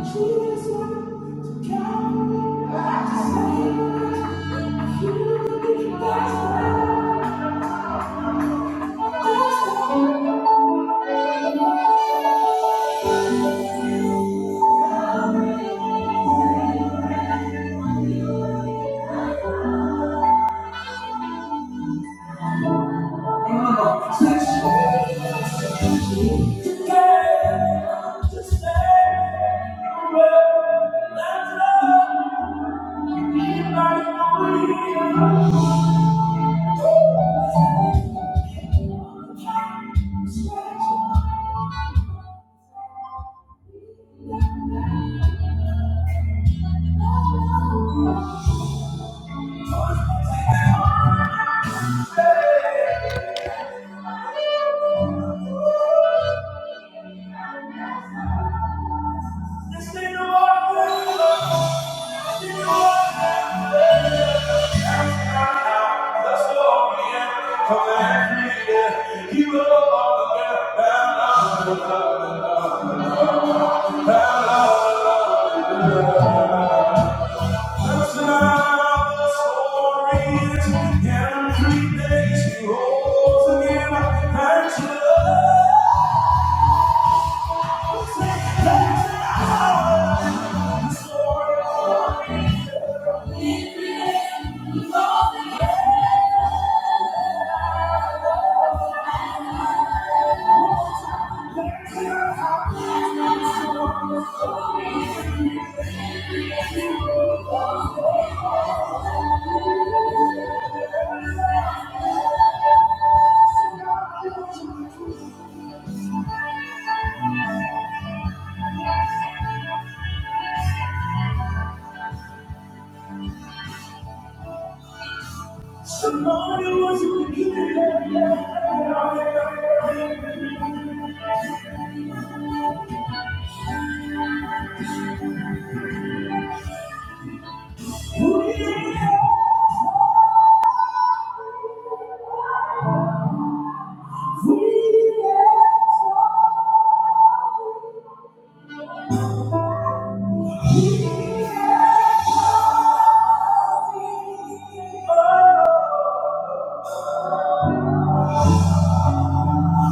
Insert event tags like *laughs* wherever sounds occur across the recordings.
Thank you. Thank you. Yeah.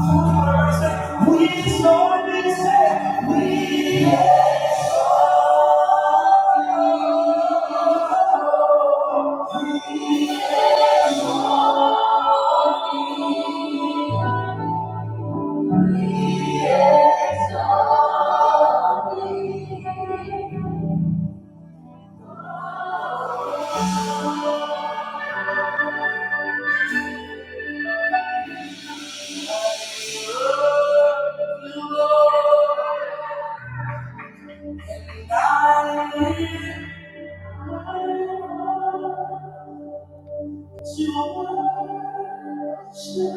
We so we say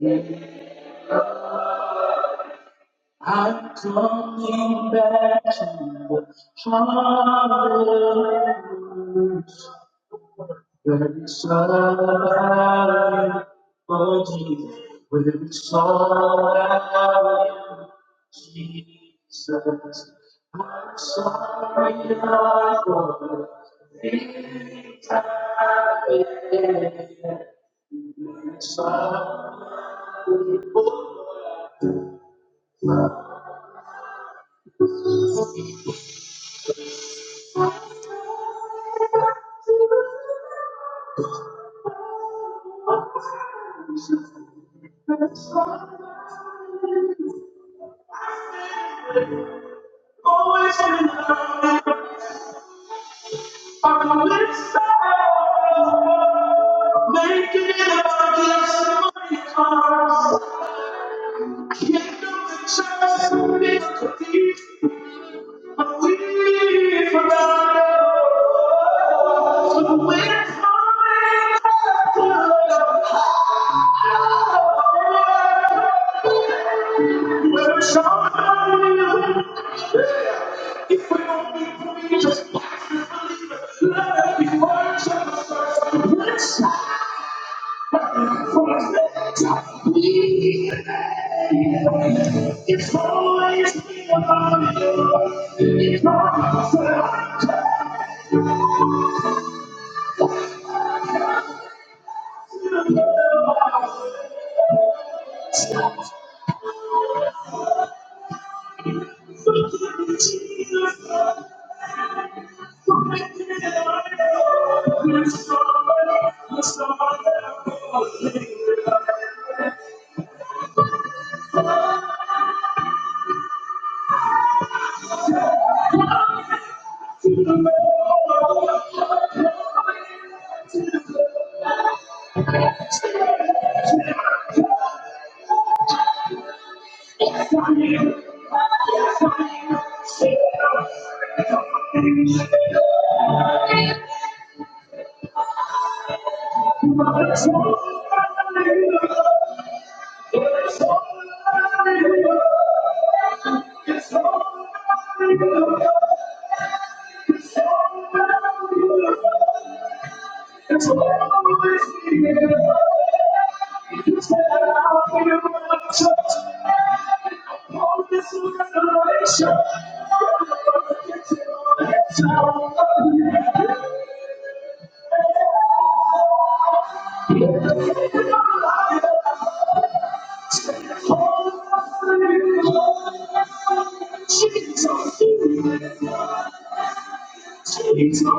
we I'm coming back to the hallelujah. Where it's all about you, oh Jesus. Where it's all about you, Jesus. I'm sorry, for the things I've done. Where it's all about you. Naked in a bucket, cars. Kingdom and church, be a thief. But we forgot to win time. We're shouting if we don't be preachers. Let it be worshipers first. It's always been about you. It's always about you. Jesus. Thank you. It's I I I You said I'll be your church. All this revelation. It's all I see. Jesus, Jesus, Jesus. All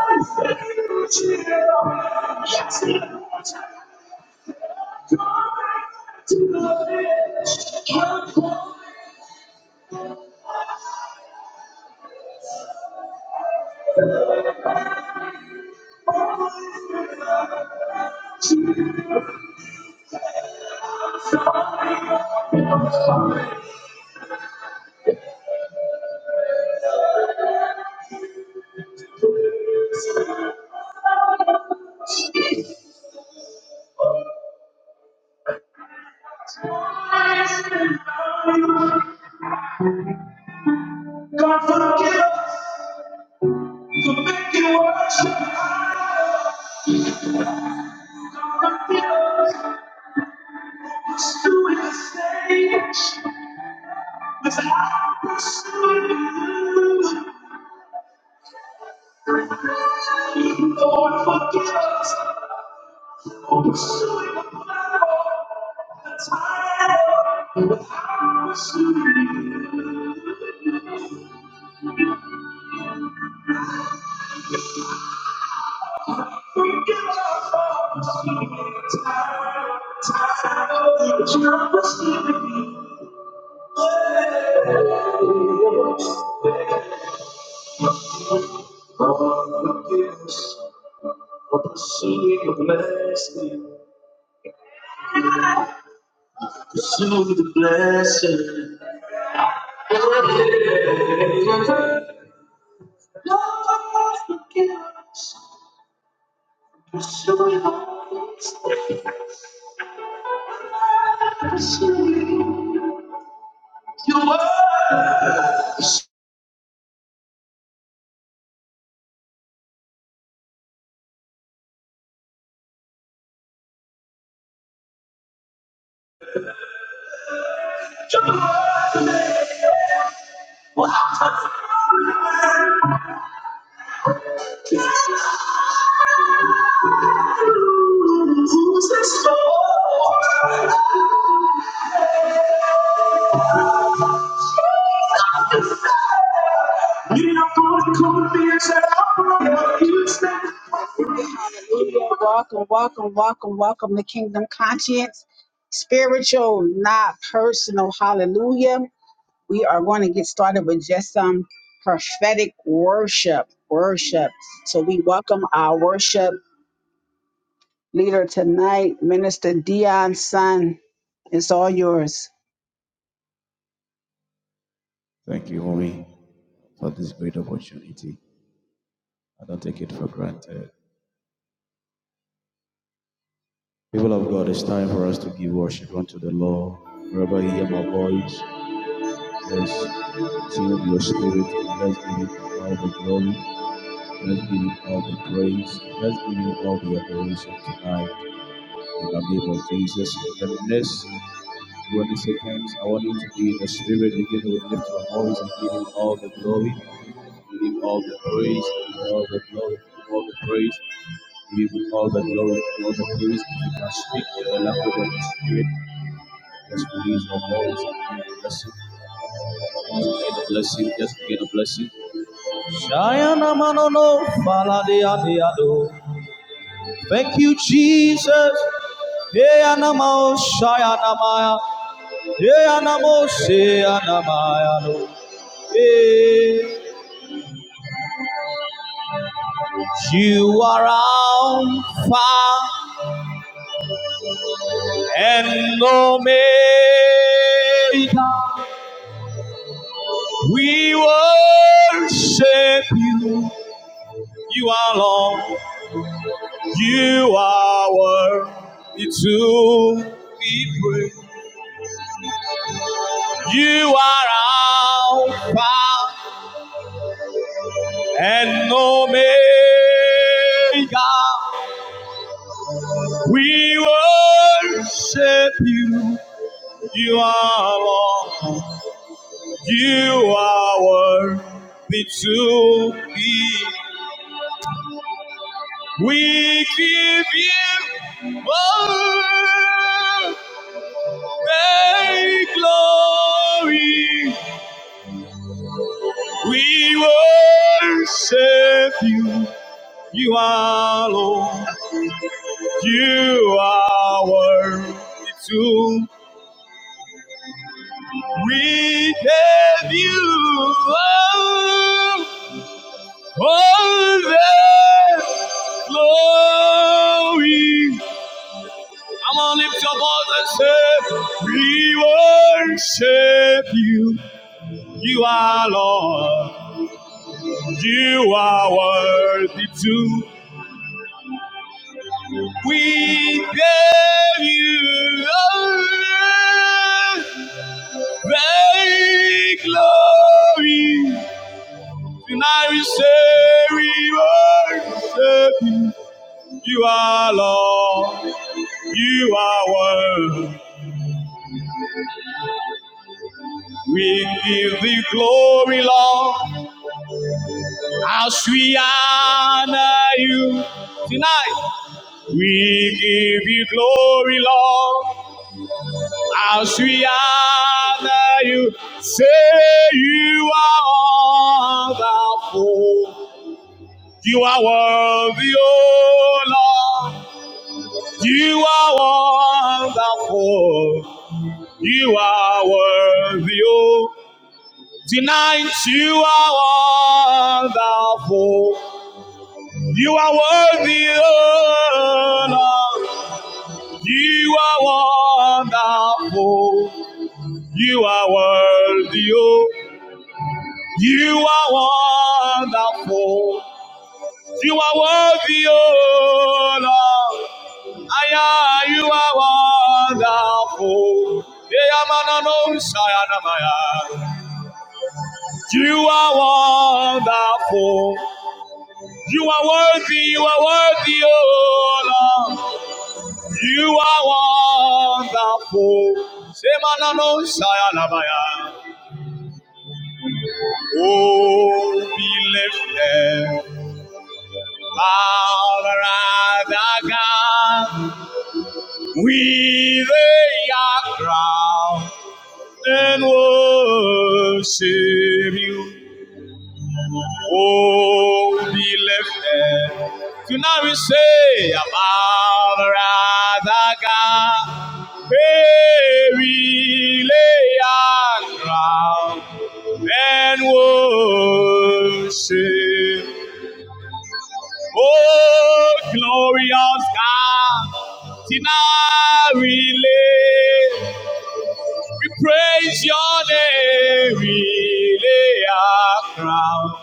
I see is you. Yes, He died to the flesh. All I see is you. God forgive us for making worship. God forgive us for pursuing the stage without pursuing you. Lord, forgive us for pursuing the platform, the title, without pursuing you. Forgive us for pursuing the title, title, without pursuing you. All the gifts of pursuing the blessing, pursuing the blessing. All the gifts Pursuing the blessing. pursuing Your word, who's this for? You didn't to come you said. Hallelujah. Welcome, welcome, welcome, welcome to Kingdom Conscience, spiritual, not personal. Hallelujah. We are going to get started with just some prophetic worship. Worship. So we welcome our worship leader tonight, Minister Dion Sun. It's all yours. Thank you, Mommy, for this great opportunity. I don't take it for granted. People of God, it's time for us to give worship unto the Lord. Wherever you hear my voice, let's sing with your spirit. Let's give him all the glory. Let's give him all the praise. Let's give him all the adoration tonight. In the name of Jesus, in the midst When I say I want you to be in the spirit begin to lift your voice and give him all the glory, give him all the praise, give him all the glory, give him all the praise, give him all the glory, give him all the praise. If you can speak in the language of the spirit, just release your voice and begin to bless him. a blessing. Just begin to bless him, just begin to bless him. Shayana manono faladia diado. Thank you, Jesus. Hey anamo shayanamaya. Hey anamo shayanamaya. You are Alpha and Omega. We worship you. You are Lord. You are worthy to be praised. You are Alpha and Omega. We worship you. You are Lord. You are worthy to be. We give you all the glory. We worship you. You are Lord. You are worthy to. We give you all All the glory. Come on, lift your voice and say, We worship you. You are Lord. You are worthy too. We give you all the glory. Tonight we say we worship you. You are Lord. You are worthy. We give the glory, Lord, as we honor you tonight. We give you glory, Lord, as we honor you. Say you are wonderful. You are worthy, oh Lord. You are wonderful. You are worthy, oh Tonight you are wonderful. You are worthy, oh Lord. You are wonderful. You are worthy, oh. You are wonderful. You are worthy, oh Lord. I am, you are wonderful. Yeah, You are wonderful. You are worthy, you are worthy, oh Lord. You are wonderful. Semanano Sayalabaya. Oh, be lifted. Our other God, we lay our crown and worship you. Oh, be lifted. To now we say, above rather God, hey, we lay our crown and worship. Oh, glorious God, to now we lay, we praise your name, we lay our crown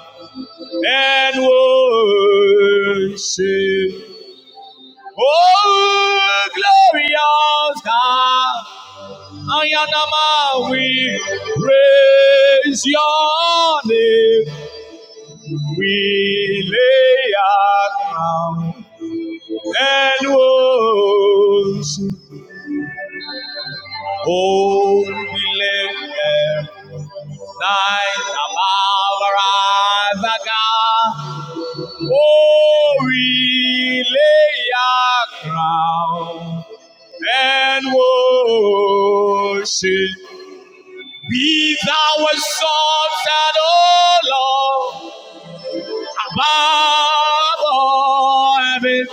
and worship. Oh, glorious God, I am a we praise your name. We lay our crown and worship. Oh, we lift up thine above our eyes, our God. Oh, we lay our crown and worship. Be thou exalted, O Lord, above all heaven.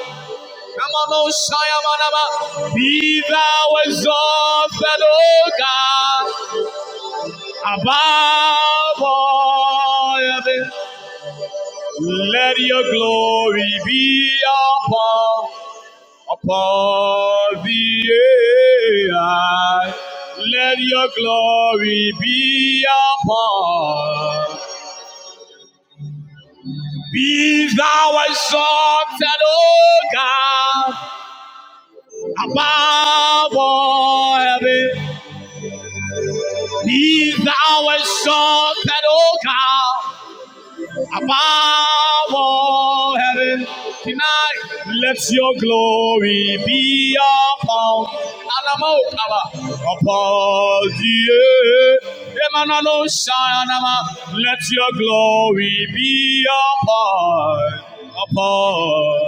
Come on, O Shayamanama. Be thou exalted, O God, above all heaven. Let your glory be upon Upon the air, let your glory be upon. Be thou exalted, O God, above all heaven. Be thou exalted, O God. Above all heaven, tonight let your glory be upon Alamoka, upon the earth. let your glory be upon, upon.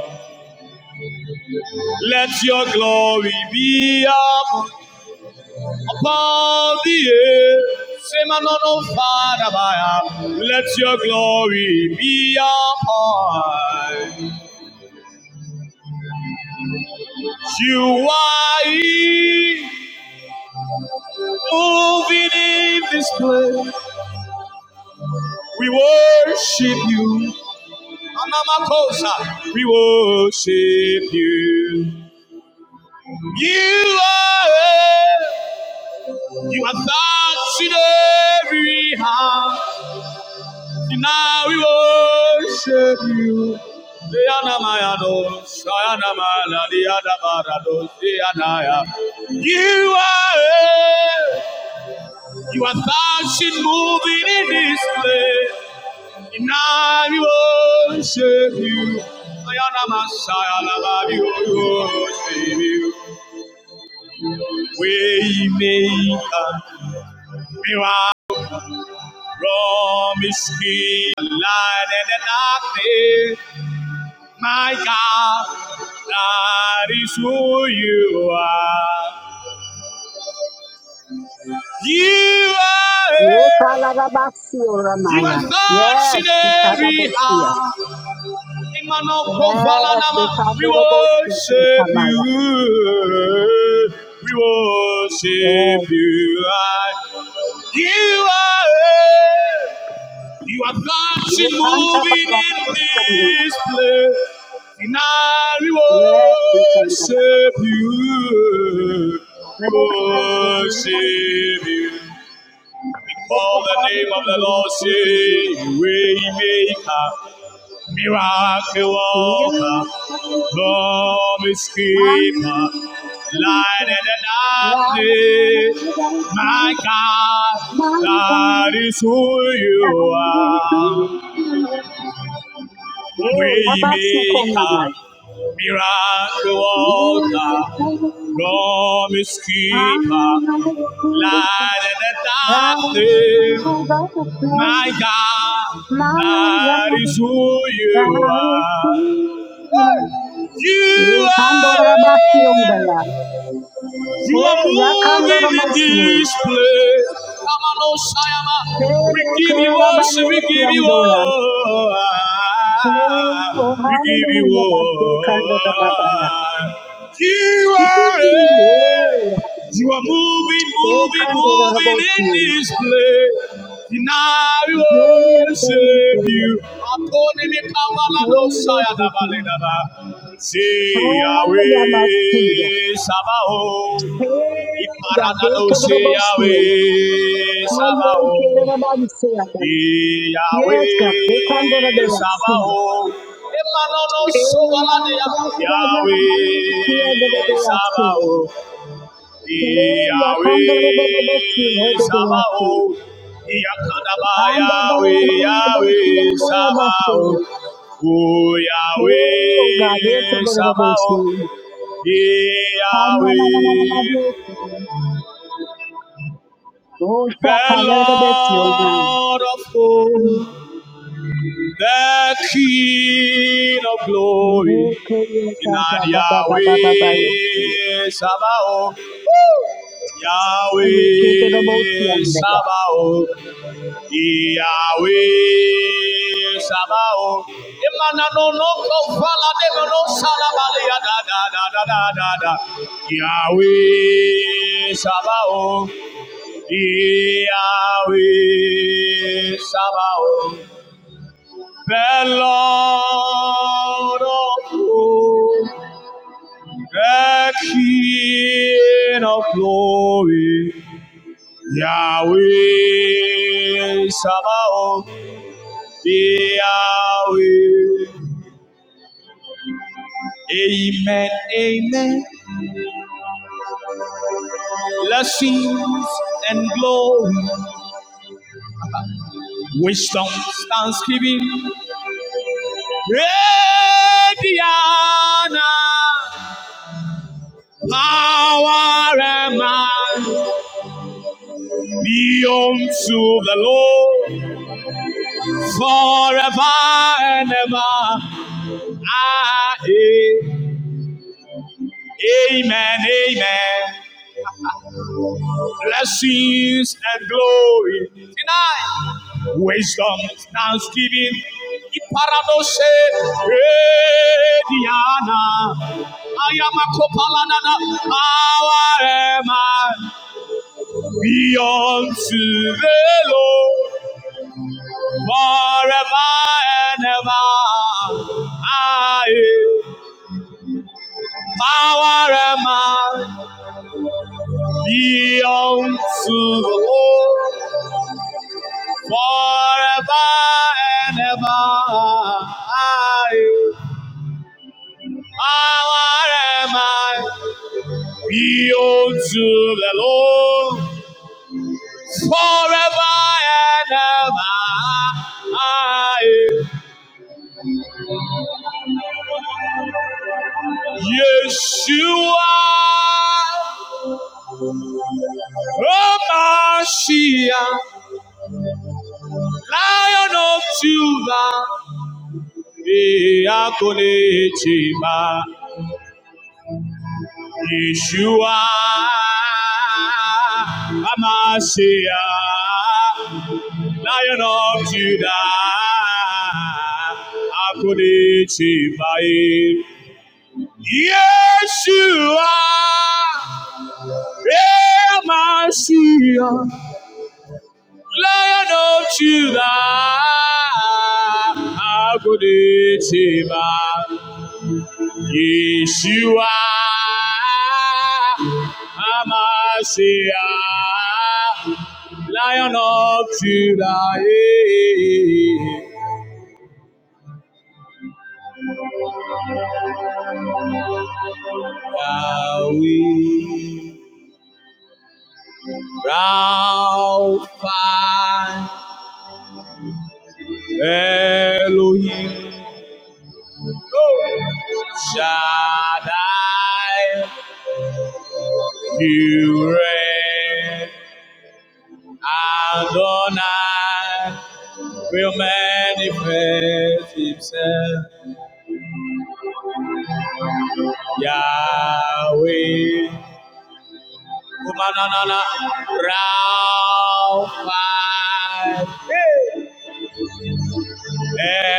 Let your glory be upon. Above the earth, same and on fire, above. let your glory be upon. You are moving in this place. We worship you. Anamakosa, we worship you. You are, you are touching every heart. Now we worship you. You are you are fashion moving in this place. Now we worship you. We worship you. We make a miracle. light in the darkness. My God, that is who you are. You are, you are such an every Yes. heart. Emmanuel Yes, Kovalanama, they can't we do the most people, worship Samaya. you. We Yes, worship you. You are. You have God, she you can't have a moving lot in of Samaya. this place. And I Yes, you can't have a worship you. lot of We Samaya. worship you. We Oh, Call the hallelujah, most people. name of the Lord, say, Waymaker, Miracle Worker, Promise Keeper, Light in the darkness, my God, that is who you are. Hey, how about some Waymaker, corn, Samaya? miracle worker, promise keeper, Yes, light in can the darkness. My God, that is who you are. You do the are. You are moving in yakandoromosiye. this place. Come on, Osayama. Eh, We give you worship. We give you yekerabariosiyondoya. all. Oh, We give you hallelujah, all. bakekandorababaya. You are Eh, it. You are moving, moving, moving yakekandorabosiye. in this place. And I Oh, yes, oh, yes, oh, worship yes. you. Upon me, Kamalado, Oh, we worship you. Sayadabale, Daba. Say, Ah, yamasuya. Yahweh, Sabaoth. Hey, God, get Iparadado, to the say, boss here. Yahweh, I ain't care Sabaoth. about the Yes, God, Yahweh, get on the day of Sabaoth. Emanono, Hey, I am about Sobalade, to go to the sea, the Yahweh, day of Sabaoth. Hey, I Yahweh come to the boss here, the day of sea. Sabaoth. Yakadaba And the day Yahweh, of sea, Yahweh and the day of Sabaoth. O Oh, God, get to Yahweh the boss Sabaoth. here. And na na na na na Yahweh. na na Oh, The Shaka, let it be your man. Lord of hosts, the King of Yes, glory, in yes, Yahweh Sabaoth. Yahweh Sabaoth. Yahweh Sabaoth, Emana no no no de no no sala balia da da da da da da Yahweh Sabaoth, Yahweh Sabaoth, The Lord of hosts, the King of glory, Yahweh Sabaoth. They are with. Amen, amen. Blessings and glory, wisdom, thanksgiving, great honor, power and might be unto the Lord forever and ever. Ah, eh. Amen, amen. blessings and glory. Tonight, wisdom, thanksgiving, iparadose, Diana. I am a copalanana, how am I? Be unto the Lord forever and ever. Aye. Power am I, be unto the Lord. forever and ever. are you. Our am I? Be unto the Lord forever and ever. are you. Yeshua. Omashia, Lion of Judah, Eakolechima, Yeshua, Amashiach, Lion of Judah, Akodichi Bai. Yeshua, Amashiach, Lion of Judah, Akodichi Yeshua Hamashiach, Lion of Judah, Yahweh, Rapha, Elohim, Shaddai, you Adonai will manifest himself. Yahweh. Kumanana Rafa.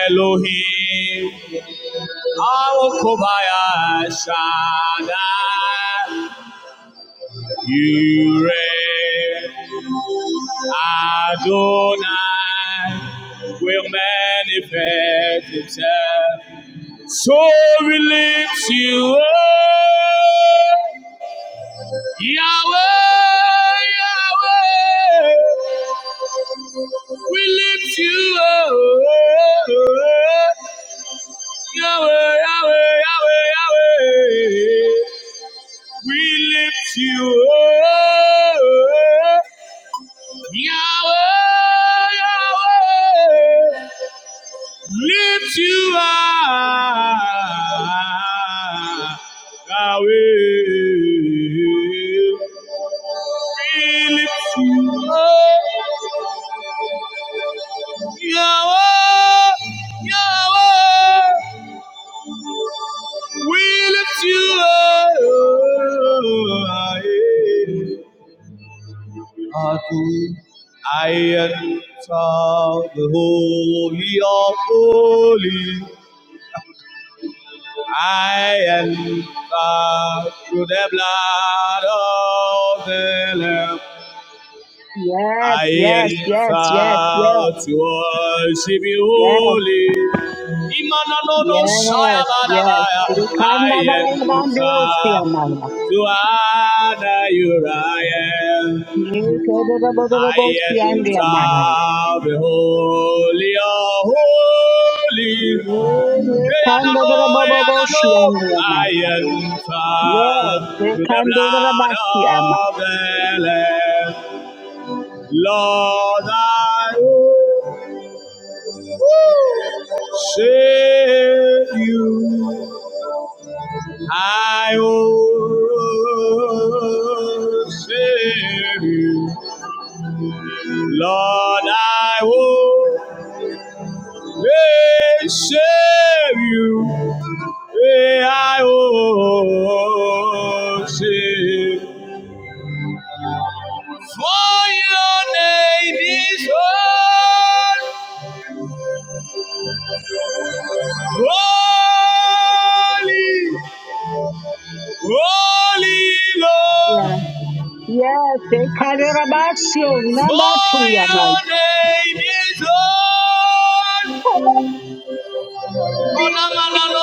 Elohim. Our Kobaya Shaddai. You reign. Adonai will manifest himself. So we lift you up, Yahweh, Yahweh. We lift you up, Yahweh, Yahweh, Yahweh, Yahweh. We lift you up, Yahweh, Yahweh. lift you up, Yahweh. We lift you up, Yahweh, Yahweh. We lift you up, Adonai. I am the holy of holies. I enter through the blood of the Lamb. I yes, yes, yes, enter to worship you, yes, holy. Imanono yes, yes. shayabadabaya. Ikanda I da da da osti enter amaya. to honor you, I am. Ikanda da da da I osti enter ande amaya. the holy of holy. Hey, Ikanda Anano, da da hey, da Anano. osti ande I amaya. enter Yes, to the ikanda da da blood basti amaya. of the Lamb. Lord, I will save you. I will save you. Lord, I will worship you. Hey, I will worship. For your name is holy, holy, holy Lord. Yes, ikanda da basti For your o name is holy. Holy, Oh, no, no, no, no,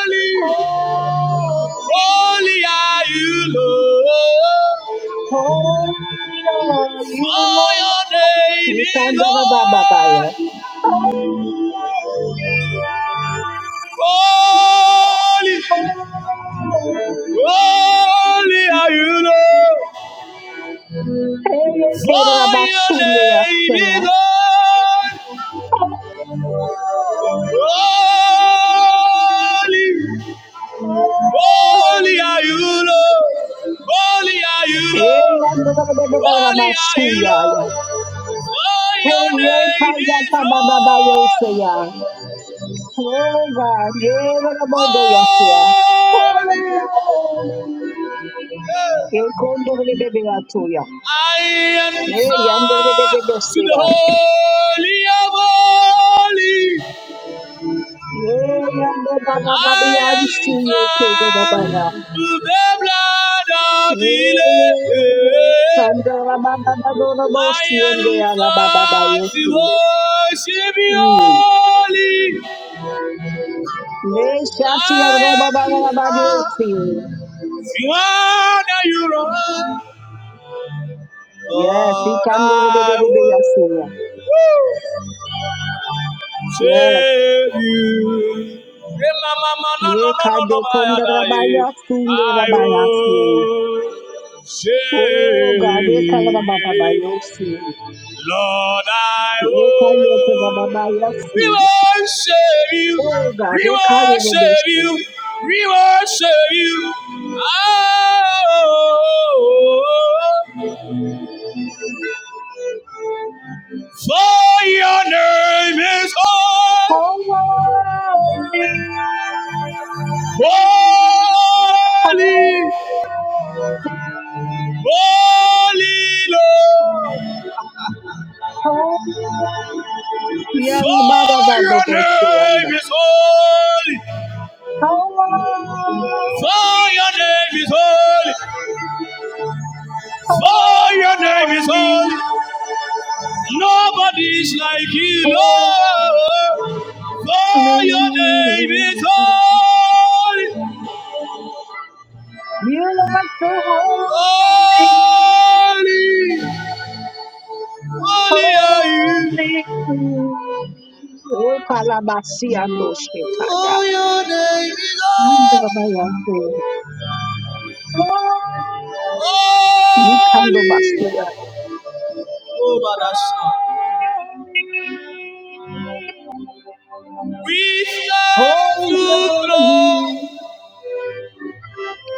holy. holy, Holy are you, Lord. holy are you, For your Lord. name You is can do the Baba Lord. Baya. Holy, Holy, holy. holy are you, Lord. Hey, yeah, okay, that I'm For your name is uh, Lord. Holy, Holy, holy are you, holy. Lord. Holy are you, Hey, Lord. Holy are you, Andorabasuya. Lord. For Hey, your name is Yekayata Bababaya. Lord. Oh God, Yerabodoyasia. Holy, Holy. Ekondorabebeyatuya. I am sure Hey, to the Andorabebebesia. Holy of Holy. Hey, I am Andorababayansuye sure to Kedabaya. the blood of Hey, the Lamb. Sandera I am Bababadorabosiende sure to Alababayosi. worship you Mm. holy. I Beshati ya roba am bara sure badesi. to honor you, Lord. Yes, he Lord, can do the I bebe will. yasuya. Woo! Yes, save you. Hey, mama, mama, no, ye no, no, kade no, my konda adai. rabaya sunde I rabaya si. will Oh, God, e kala save. baba bayo si. Lord, I E kaya te will. baba We yasi. will save you. Oh, God, We e will kaya rebe save si. you. We will save you. Oh, for your name is Holy, holy. Holy holy. Lord, Holy, for your name Yalabababababoseyanda. is holy, holy, for your name is holy, for your name is holy, holy. Nobody is like you, holy. Lord, for your name is holy. You are so holy, Holy, holy are you, holy. Oh, Kalabasi and for your name is holy. Oshikaya. Holy, you can Yikando Holy, that. oh, Badasha. holy, We have holy to are throw, you.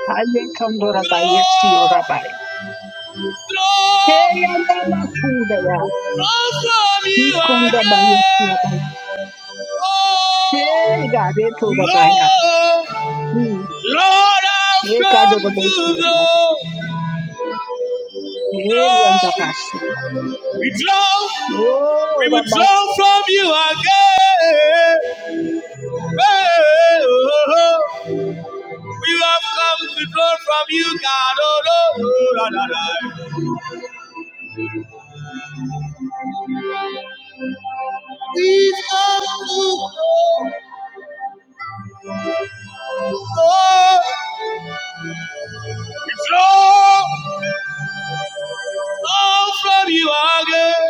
I can do that. I'm Ayekando rabaya you throw, rabaya. Hey, throw, anama kundaya. throw from you Yikanda baya siyo rabaya. again. Hey, Oh, gareto rabaya. Lord, Hmm. Lord, I've Hey, kado come rabaya to siyo rabaya. throw, Hey, yanda throw. basura. We draw, Oh, we will rabaya. draw from you again. Hey, Oh, oh, oh. we have come to draw from you, God. Oh, Lord, Lord, Lord. We come to Lord, we draw all from you again.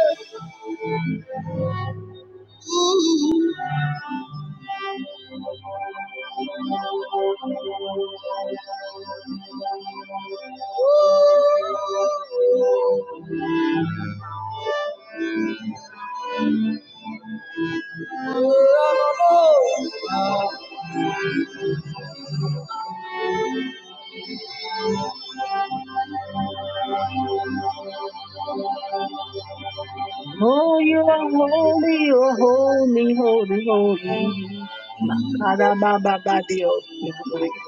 Oh, you are holy, you're holy, holy, holy. Makarabababadioskiamaya.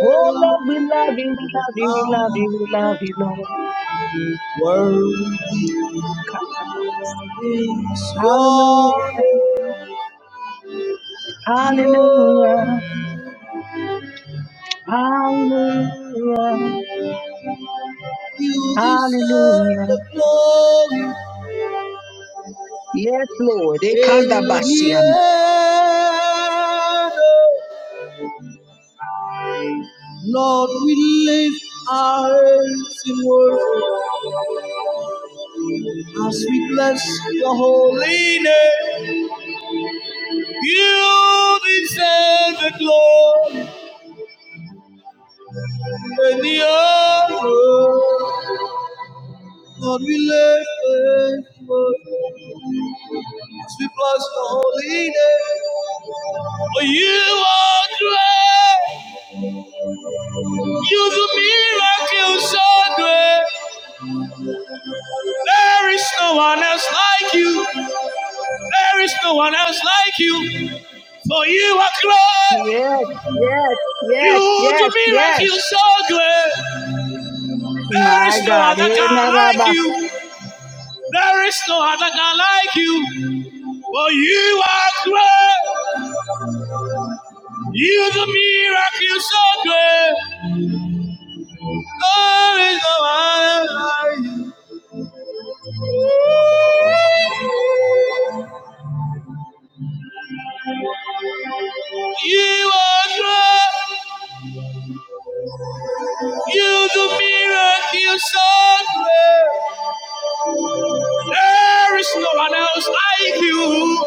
Oh, Lord, we love you, we love you, we love you, we love you, Lord. Worthy Kandamosi. is your Hallelujah, name, hallelujah, hallelujah, You deserve hallelujah. the glory Yes, Lord. in the Ekandabasiama. honor. Lord, we lift our hands in worship as we bless your holy name. You deserve the glory and the honor. Lord, we lift our hands in worship as we bless your holy name. For you are great, you do miracles so great. There is no one else like you. There is no one else like you, for you are great. Yes, yes, yes, You do yes, yes. yes. miracles so great. There My is no God. other God like Enaraba. you. There is no other God like you, for you are great. You do miracles so great. There is no other like you. You are great. You do miracles so great. There is no one else like you.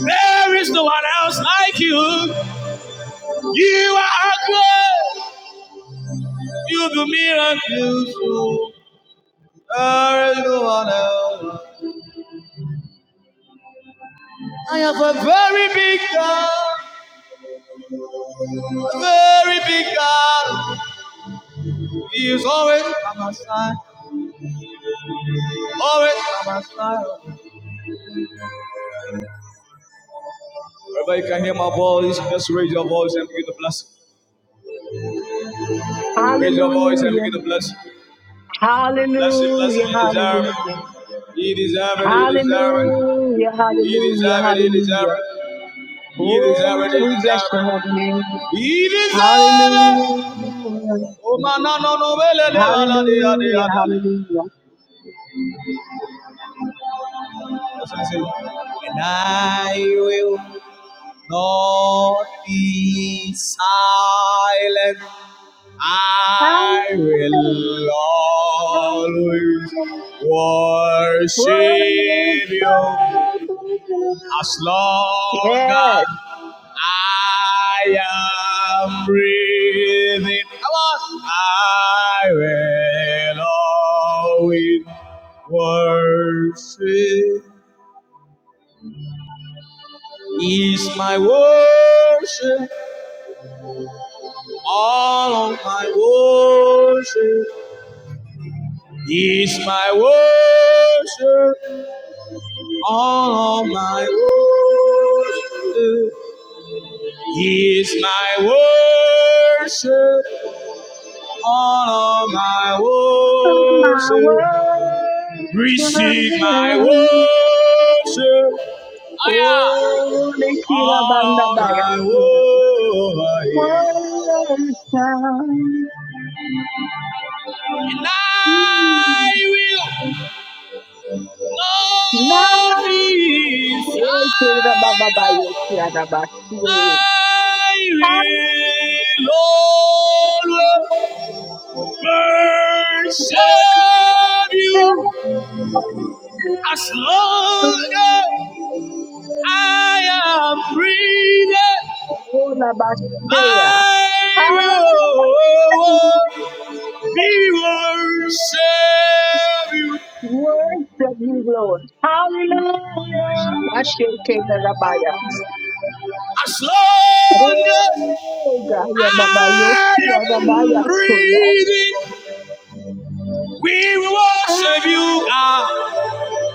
There is no one else like you. You are great. You do miracles. oh. There is no one else. I have a very big God, a very big God. He is always by my side, always by my side. Everybody can hear my voice. Just raise your voice and begin to bless. him. Raise your voice and Hallelujah. begin to bless. him. Bless him, bless him. Hallelujah, He deserve hallelujah. it. He deserve it. He deserve it. He Hallelujah, hallelujah, deserve it. He deserve hallelujah. it. You deserve it, Oh, you we bless deserve your holy name. it. Hallelujah, Oh, man, no, no, no, well, eh, eh, well, eh, eh, eh, hallelujah, eh, eh. hallelujah. And I will not be silent. I will Hallelujah, always worship worship you. you. As long Yes, as I am breathing, come on, I will always worship. Is my worship all of my worship? Is my worship all of my worship? Is my worship? all of my my worship. Receive my worship. worship. Aya. Oh, Lekira Banda All of my worship. Baya. One last time. And I will not Love. be Yes, Rababa, yes, silent. Rababa. I will always worship you as long as I am breathing. Oh, la bastea. I will be your savior. Worship you, Lord. Hallelujah. Ashake na Rabaya. As long as Hey, I Gaya Baba, you am feel Rabaya Koya. breathing, we will I worship you, God.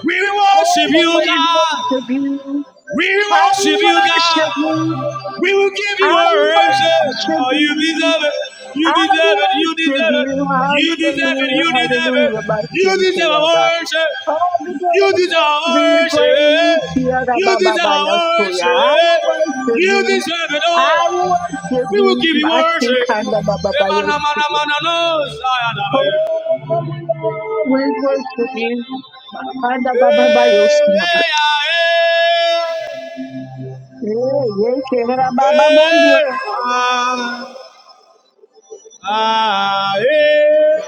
We will worship you, always God. worship you. We will I worship you, worship God. you. We will give you I our answer. worship Oh, you you. deserve it. You I deserve it. You deserve worship you. it. You deserve it. Hallelujah. You deserve it. Hallelujah. My You King deserve our Kayaba. worship. All the You deserve our glory, praise, worship. Yada You Baba deserve our Baya Soya. I will worship. worship You you. deserve it I will all. worship We will you. give you My think worship. Kanda Baba Baya Emana, mana, Soya. mana, no, sayana, baby. Oh, we always worship you. my Kanda Baba Baya Hey, Soya. hey, ah, Yeah, yeah, Kanda hey. Baba Baya Hey, ah, ah, hey.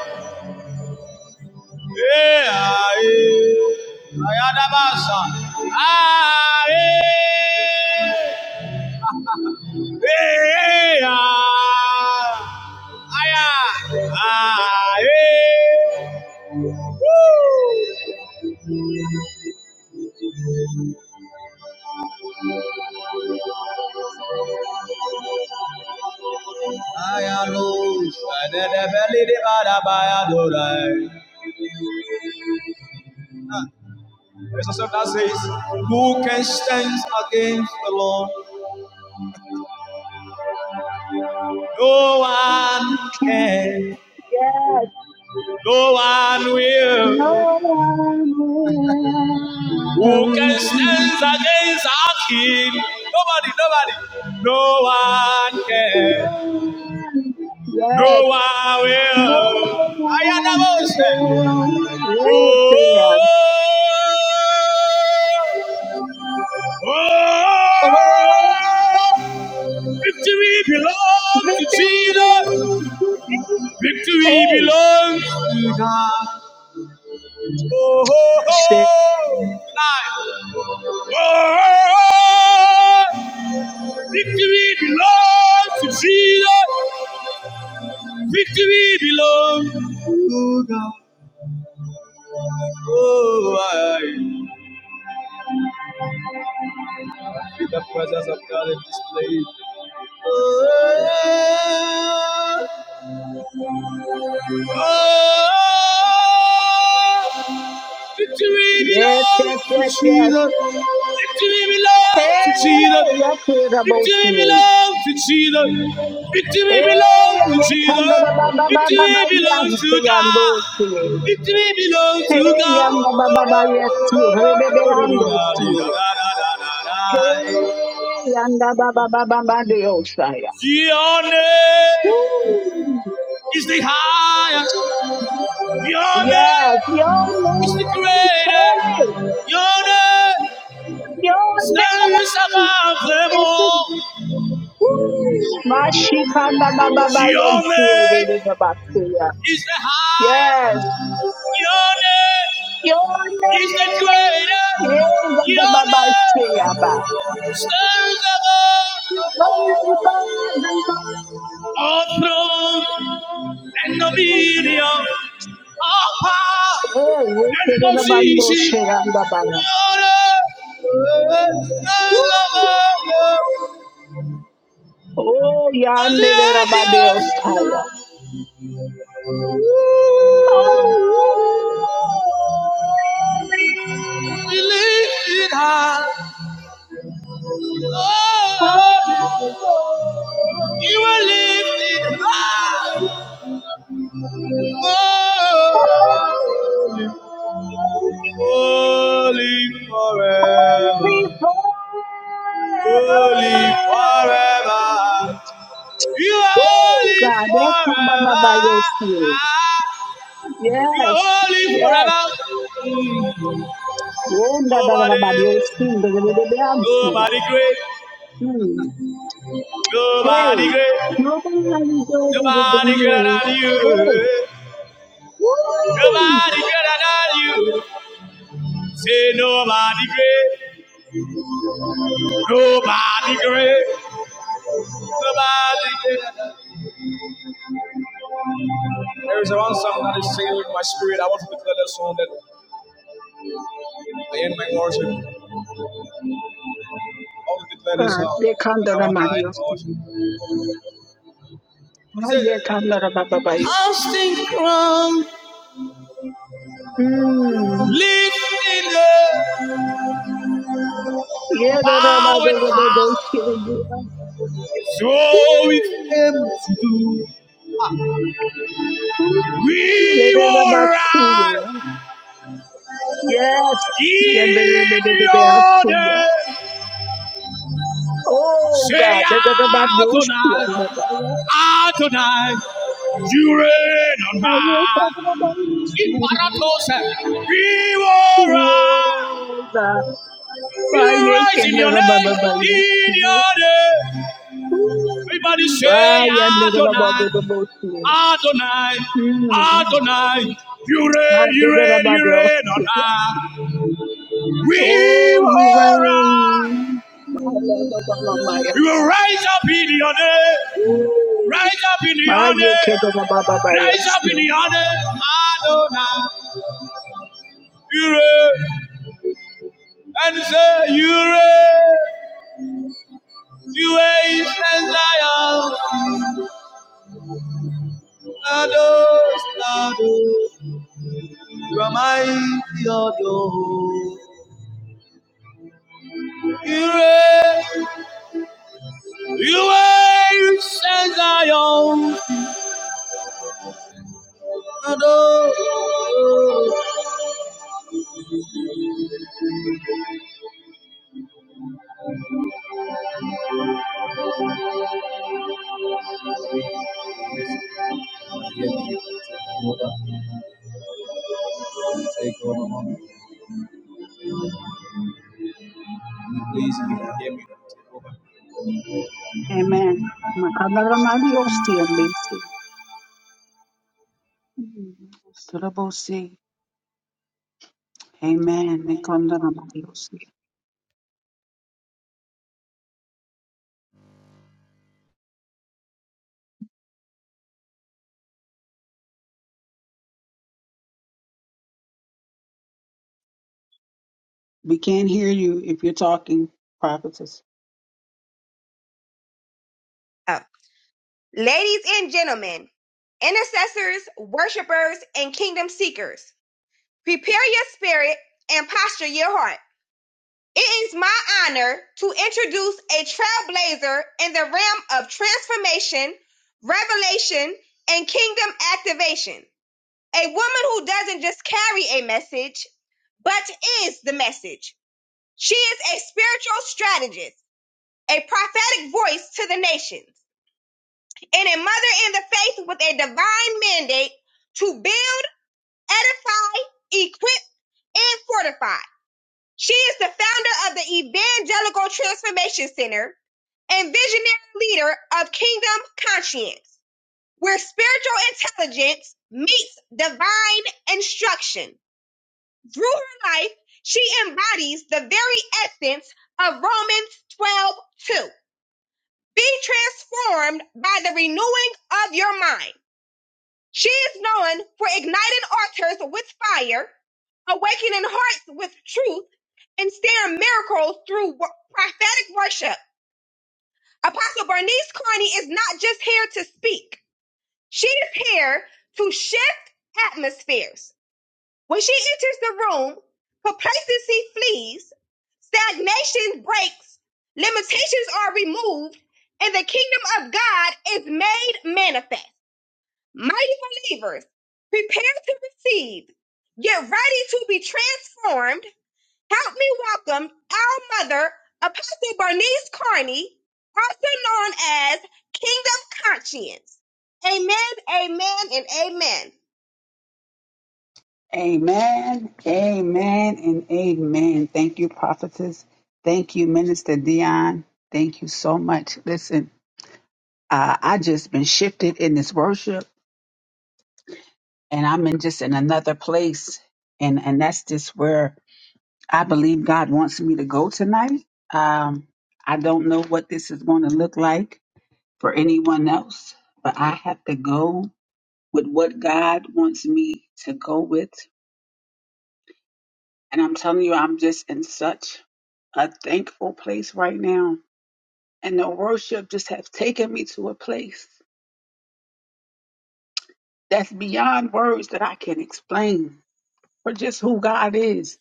There's a song that says, Who can stand against the Lord? No one Soya. can, no one will. No one will. Who can stand against our king? Nobody, nobody. No one No can. one. Yes. No one No will. I am the one most. will. Yes, Oh, they are. oh, Oh, oh. victory belongs the to Jesus. favors to Jesus. Victory Hey. belongs to God. Oh, oh, oh. Nine. Oh, oh, oh. Victory belongs to Jesus. Victory belongs to God. Oh, I feel the presence of God in this place. Oh, yeah. oh, Victory Yes, yes, yes, belongs to yes. Jesus. Victory belongs to Jesus. Hey, I care about Victory you. belongs to Jesus. Hey, Victory belongs to I come to Jesus. the ba ba ba Victory belongs Yes, to they are God. those. Victory belongs to Hey, God. yanda baba ba yesti, rebebe ando si. Hey, yanda baba baba ba de osaya. Your name Woo! is the higher. Your Yes, name your is the name, greater. hey, Your name your His name above them It's a- all. woo. Mashikanda baba ba Your yesti, rebebe name ba siya. is the Yes, highest. Your name your is the name, greatest. yeah, yanda Your baba siya name ba. stands above all throne and dominion, all power and position. Your name stands above Oh, yandere rabadeos the angels. taya. We Holy, lifted high. Oh, you were lifted high. holy, Oh, holy holy. forever. Holy forever. Holy forever. You are Woo, holy God, yes, come by, by, forever. by your spirit. You are Yes, holy forever. yes. Mm. Wonder da da da Nobody, by your spirit, da da da da da, I'm sinner. nobody great, Hmm. nobody Hey, great. nobody is older than Nobody greater you. than Hey, you. woo, Nobody greater than you. Say nobody great. Nobody great. Nobody greater There is one song that is singing with my spirit. I want to declare that song that I end my worship. I want to declare this God, they song come and da I da want by to your end my spirit. worship. He Ah, said, yeah, come da da by, by, your spirit. Constant crown, Hmm. lifting the Yeah, da da by, da bowed da by your heart. spirit. So it's Woo. him to do. Ooh, We will rise. le-de-la-ba-su-ya. Yes. In your Yeah-de-de-de-de-de-de-ya-su-ya. name, Oh say God, that that about those Adonai, Adonai, you reign on I ain't talking high. about this. In Paratos, we will rise, Whoa, God, we I will ain't rise in talking your about name, this. in your name. Everybody I say ain't talking Adonai, about this. Adonai, Hmm, Adonai, you I reign, you did it reign, about you reign on this. high. We Oh, will you rise, rain. My love, my love, my we yes. will rise up in your name. Rise up in the Aye, kero ba ba honor. ba ba Rise up yasi. in the honor. Adonai. Yure. And say, Yure. Yure is and Zion. Lados, Lados. You are mighty, O Lord. Yure. Yure is and Zion. Lados. Lados. Take over. Take over, Mama. Please, if you can hear me. take over. Amen. Makandara mali osi amazing. Turabosi. Amen. Nikandara mali osi. We can't hear you if you're talking, prophetess. Oh. Ladies and gentlemen, intercessors, worshipers, and kingdom seekers, prepare your spirit and posture your heart. It is my honor to introduce a trailblazer in the realm of transformation, revelation, and kingdom activation. A woman who doesn't just carry a message, but is the message. She is a spiritual strategist, a prophetic voice to the nations and a mother in the faith with a divine mandate to build, edify, equip, and fortify. She is the founder of the Evangelical Transformation Center and visionary leader of Kingdom Conscience, where spiritual intelligence meets divine instruction. Through her life, she embodies the very essence of Romans 12:2. Be transformed by the renewing of your mind She is known for igniting altars with fire, awakening hearts with truth, and steering miracles through wo- prophetic worship. Apostle Bernice Carney is not just here to speak. She is here to shift atmospheres. When she enters the room, complacency flees, stagnation breaks, limitations are removed, and the kingdom of God is made manifest. Mighty believers, prepare to receive. Get ready to be transformed. Help me welcome our mother, Apostle Bernice Carney, also known as Kingdom Conscience. Amen, amen, and amen. Amen. Amen and amen. Thank you, prophetess. Thank you, Minister Dion. Thank you so much. Listen, uh, I just been shifted in this worship and I'm in just in another place. And and that's just where I believe God wants me to go tonight. Um, I don't know what this is going to look like for anyone else, but I have to go with what God wants me to go with. And I'm telling you, I'm just in such a thankful place right now. And the worship just has taken me to a place that's beyond words that I can explain for just who God is,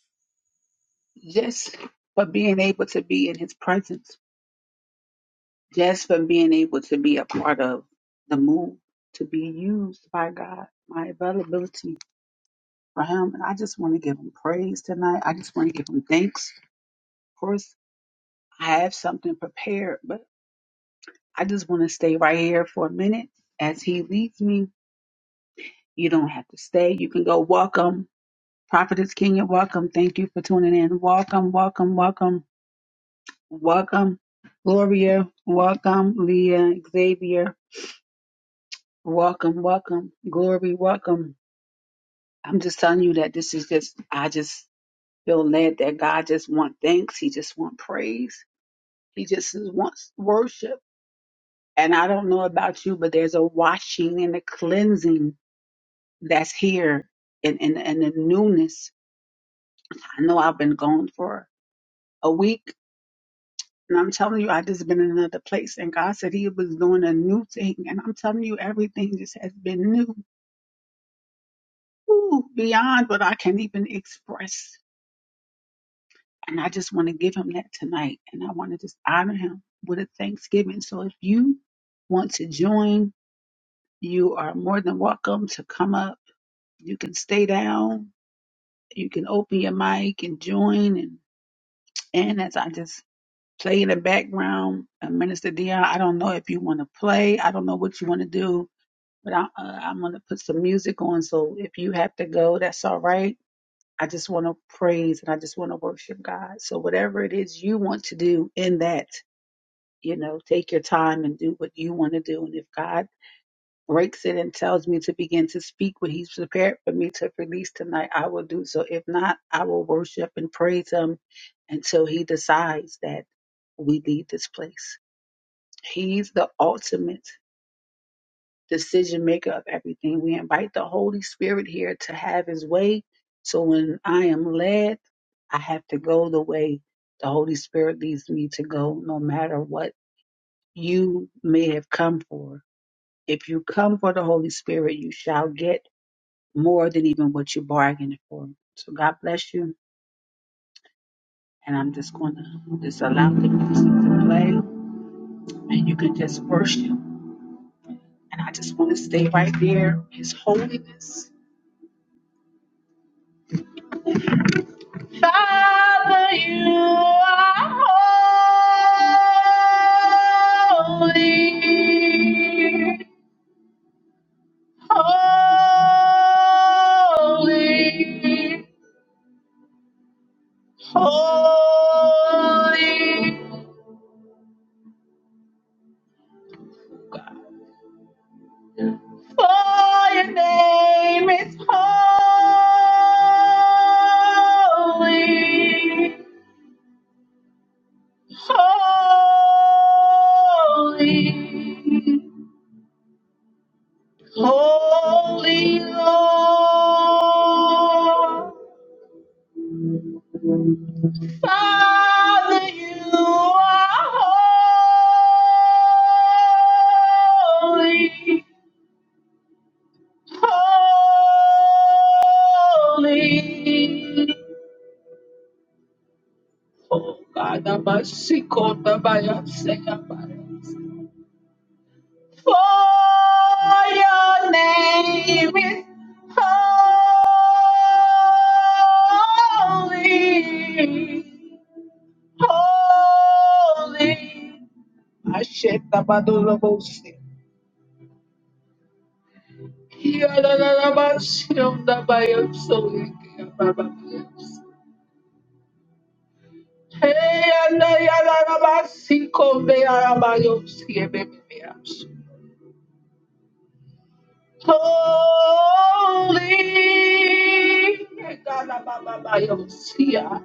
just for being able to be in his presence. just from being able to be a part of the move, to be used by God, my availability for Him. And I just want to give Him praise tonight. I just want to give Him thanks. Of course, I have something prepared, but I just want to stay right here for a minute as He leads me. You don't have to stay. You can go welcome. Prophetess Kenya, welcome. Thank you for tuning in. Welcome, welcome, welcome, welcome. Gloria, welcome. Leah, Xavier, welcome, welcome. Glory, welcome. I'm just telling you that this is just, I just feel led that God just want thanks. He just want praise. He just wants worship. And I don't know about you, but there's a washing and a cleansing that's here and in, in, in the newness. I know I've been gone for a week and I'm telling you, I just been in another place and God said he was doing a new thing. And I'm telling you, everything just has been new, Ooh, beyond what I can even express And I just want to give him that tonight. And I want to just honor him with a thanksgiving. So if you want to join, you are more than welcome to come up. You can stay down. You can open your mic and join. And, and as I just play in the background, uh, Minister Dion, I don't know if you want to play. I don't know what you want to do, but I, uh, I'm going to put some music on. So if you have to go, that's all right. I just want to praise and I just want to worship God. So whatever it is you want to do in that, you know, take your time and do what you want to do. And if God breaks it and tells me to begin to speak what He's prepared for me to release tonight, I will do so. If not, I will worship and praise Him until He decides that we leave this place. He's the ultimate decision maker of everything. We invite the Holy Spirit here to have His way. So when I am led, I have to go the way the Holy Spirit leads me to go, no matter what you may have come for If you come for the Holy Spirit, you shall get more than even what you bargained for. So God bless you. And I'm just going to just allow the music to play and you can just worship. And I just want to stay right there. His holiness. Holy, holy, holy. Father, you are holy.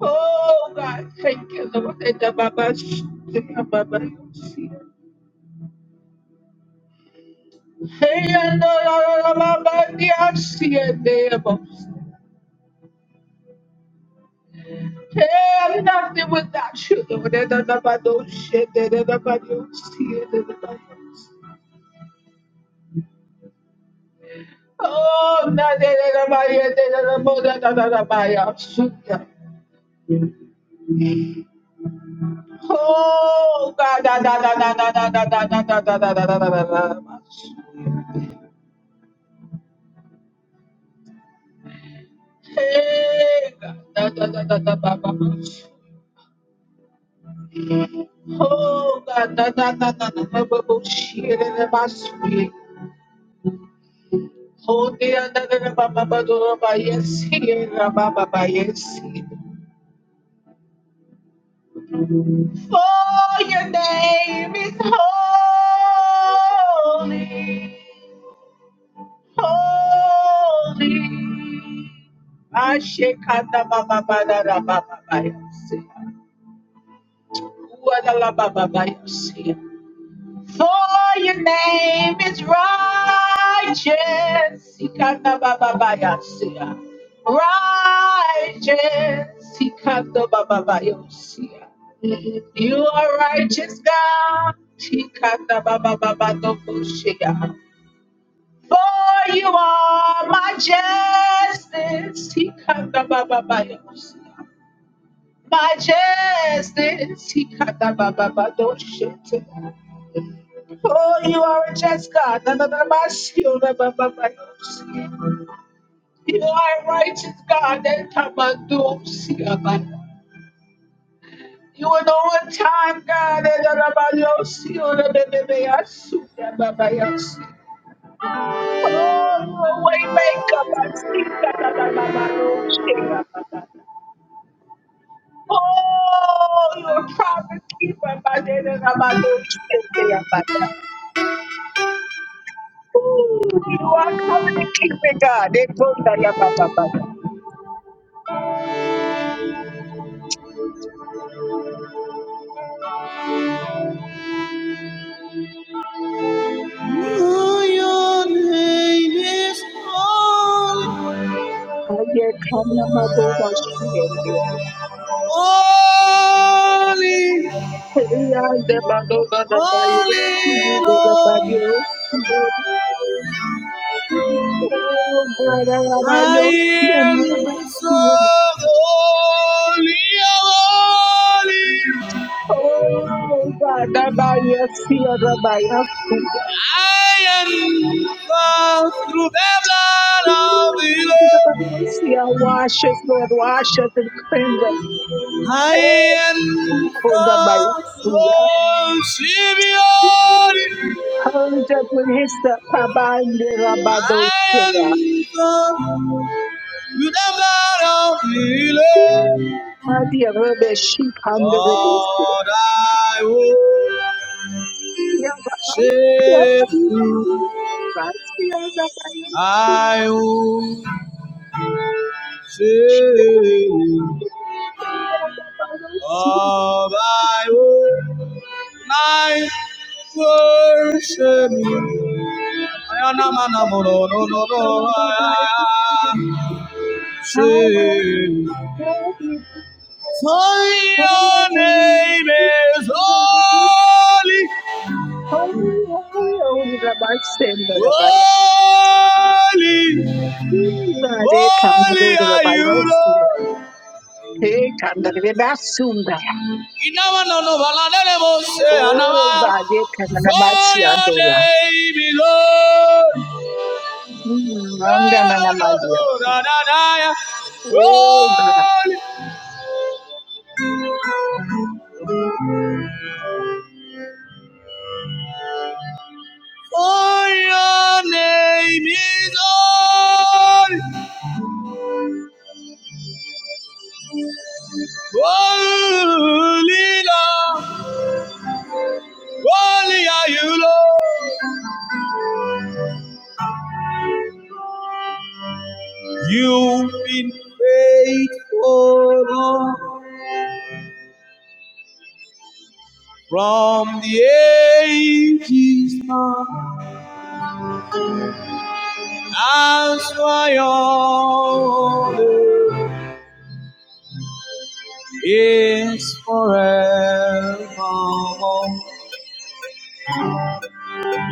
Oh God, thank you, Lord. Hey, the Baba, sh- the Baba, see. Hey, I know, la, la, la, Baba, the I see it, the Baba. Hey, I'm nothing without you, Lord. Hey, the Baba, don't shit, the the Baba, do see it, the the Baba. Oh, na, the the Baba, yeah, the the Baba, da, da, da, da, Baba, yeah, see ya. Oh, God, da, da, da, da, da, da, da, da, da, da, da, da, da, da, da, da, da, da. Hey, God, da, da, da, da, da, Baba. Oh God, na na na na na na ba bo shi re re ba su ye. Oh dear, na na na ba ba ba do ra ba yes here ra ba ba ba yes. Oh, I ba ba ba ba ba ba. Ua la la ba yes. For your name is righteous. Ikana ba ba ba yes. Righteous. Ikana ba ba ba yes. You are righteous, God. Ikana ba ba ba ba do bo shi ya. For you are my justice. He cut the baba by My justice. He cut the baba by those shit. For you are a just God. Na, na, na, my shield, na, ba, ba, ba, yo. You are a righteous God. That time I do see a man. You are the one time God. Na, na, na, ba, yo, see, oh, na, ba, ba, ba, yo, see, na, ba, ba, yo, see. Oh, you are a way maker. my seed, na, na, na, na, na, yo, see, na, ba, ba. Oh, you are a promise keeper, my dear, and I'm not doing shit there, my dear. Ooh, you are covenant keeping God. They told me, yeah, ba, ba, ba, ba. Your name is holy, I get kind of my those are shit there. holy, Hey, I get my those are the holy values. You do the Lord. values. Oh, God, I am a I yes, dear, am never so see. holy, holy. Oh, God, I am a yes, dear, I am a yes. I am the blood of Ooh, come to the Barosia. Wash us, Lord. Wash us and cleanse us. I Hey, am come to the found, Barosia. worship you, Ooh, Purge us with hyssop. Pabande I am rabadosia. come with a blood of healing. Ooh, Maria rebe sheep under the biscuit. All I Yeah, Baba. Yeah, worship you. Barosia, I worship Sure. you. Yeah, the Barosia. the All I Barosia. worship I I worship will you. I am a man, no, no, no, no. I worship you. love you For forever. your name is holy, Holy, holy, holy Rabbi, send the Rabbi. holy, Bade holy kamado are Rabbi you, Yosia. Lord. Hey, kanda Rabbi Sunda. Inama no no balanele mo se Oh, anama. bade kanda For Matsi your Adora. name is holy. Eh, Anga na no, no, no, Namalia. da, da, da, ya. Oh, God. Holy, for your name is holy, holy Lord. Holy are you, Lord. You've been faithful, Lord, from the ages past. That's why your name is forevermore.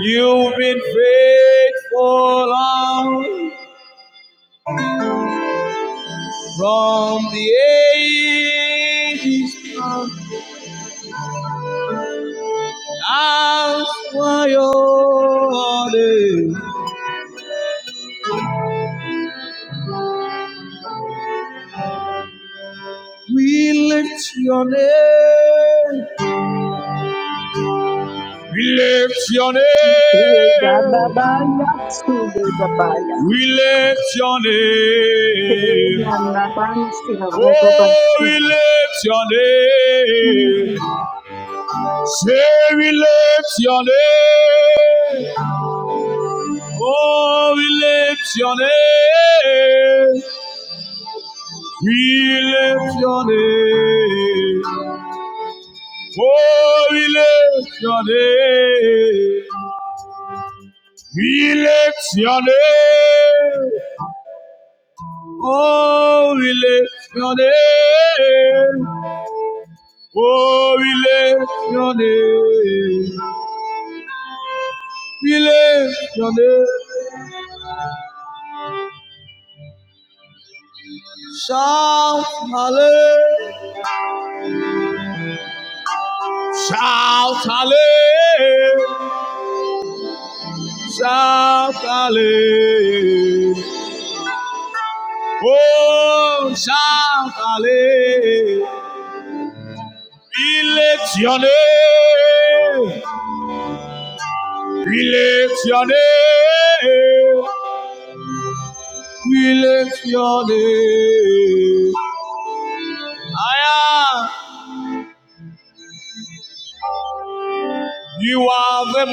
You've been faithful, Lord, from the ages past. That's why your name We lift your name. We lift your Oh, God, name. Baba, Yatsu, Baba, We lift your Yes, name. Oh, we lift your name. Say we lift your name. Oh, we lift your name. We lift your name. Oh, we lift your name. We lift your name. Oh, we lift your name. Oh, we lift your name. We lift your name. Shout hallelujah. Shout hallelujah. Shout hallelujah. Oh, shout hallelujah. We lift your name. We lift your name. We lift your name. I am. You are the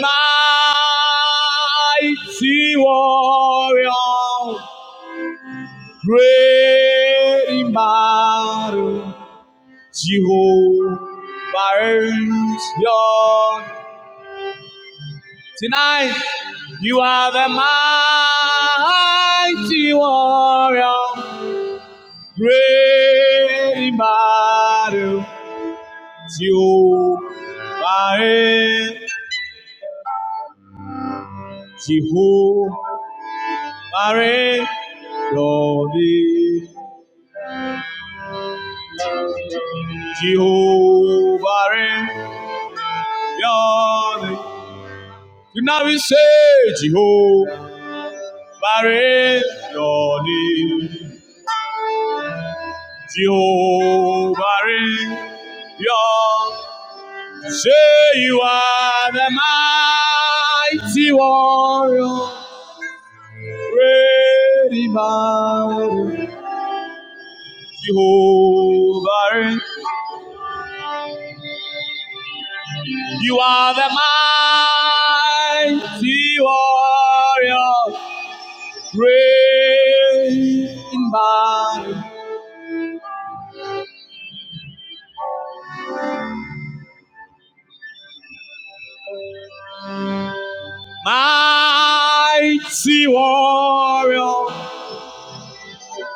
mighty warrior, great in battle. Jehovah is your name. tonight. You are the mighty warrior. Great in battle, Jehovah, Jehovah, reign. Your Jehovah, reign. Your name. Tonight we say, Jehovah, reign. Your Jehovah, reign. say you are the mighty warrior. Great man, Jehovah, you are the mighty warrior, great man, mighty warrior,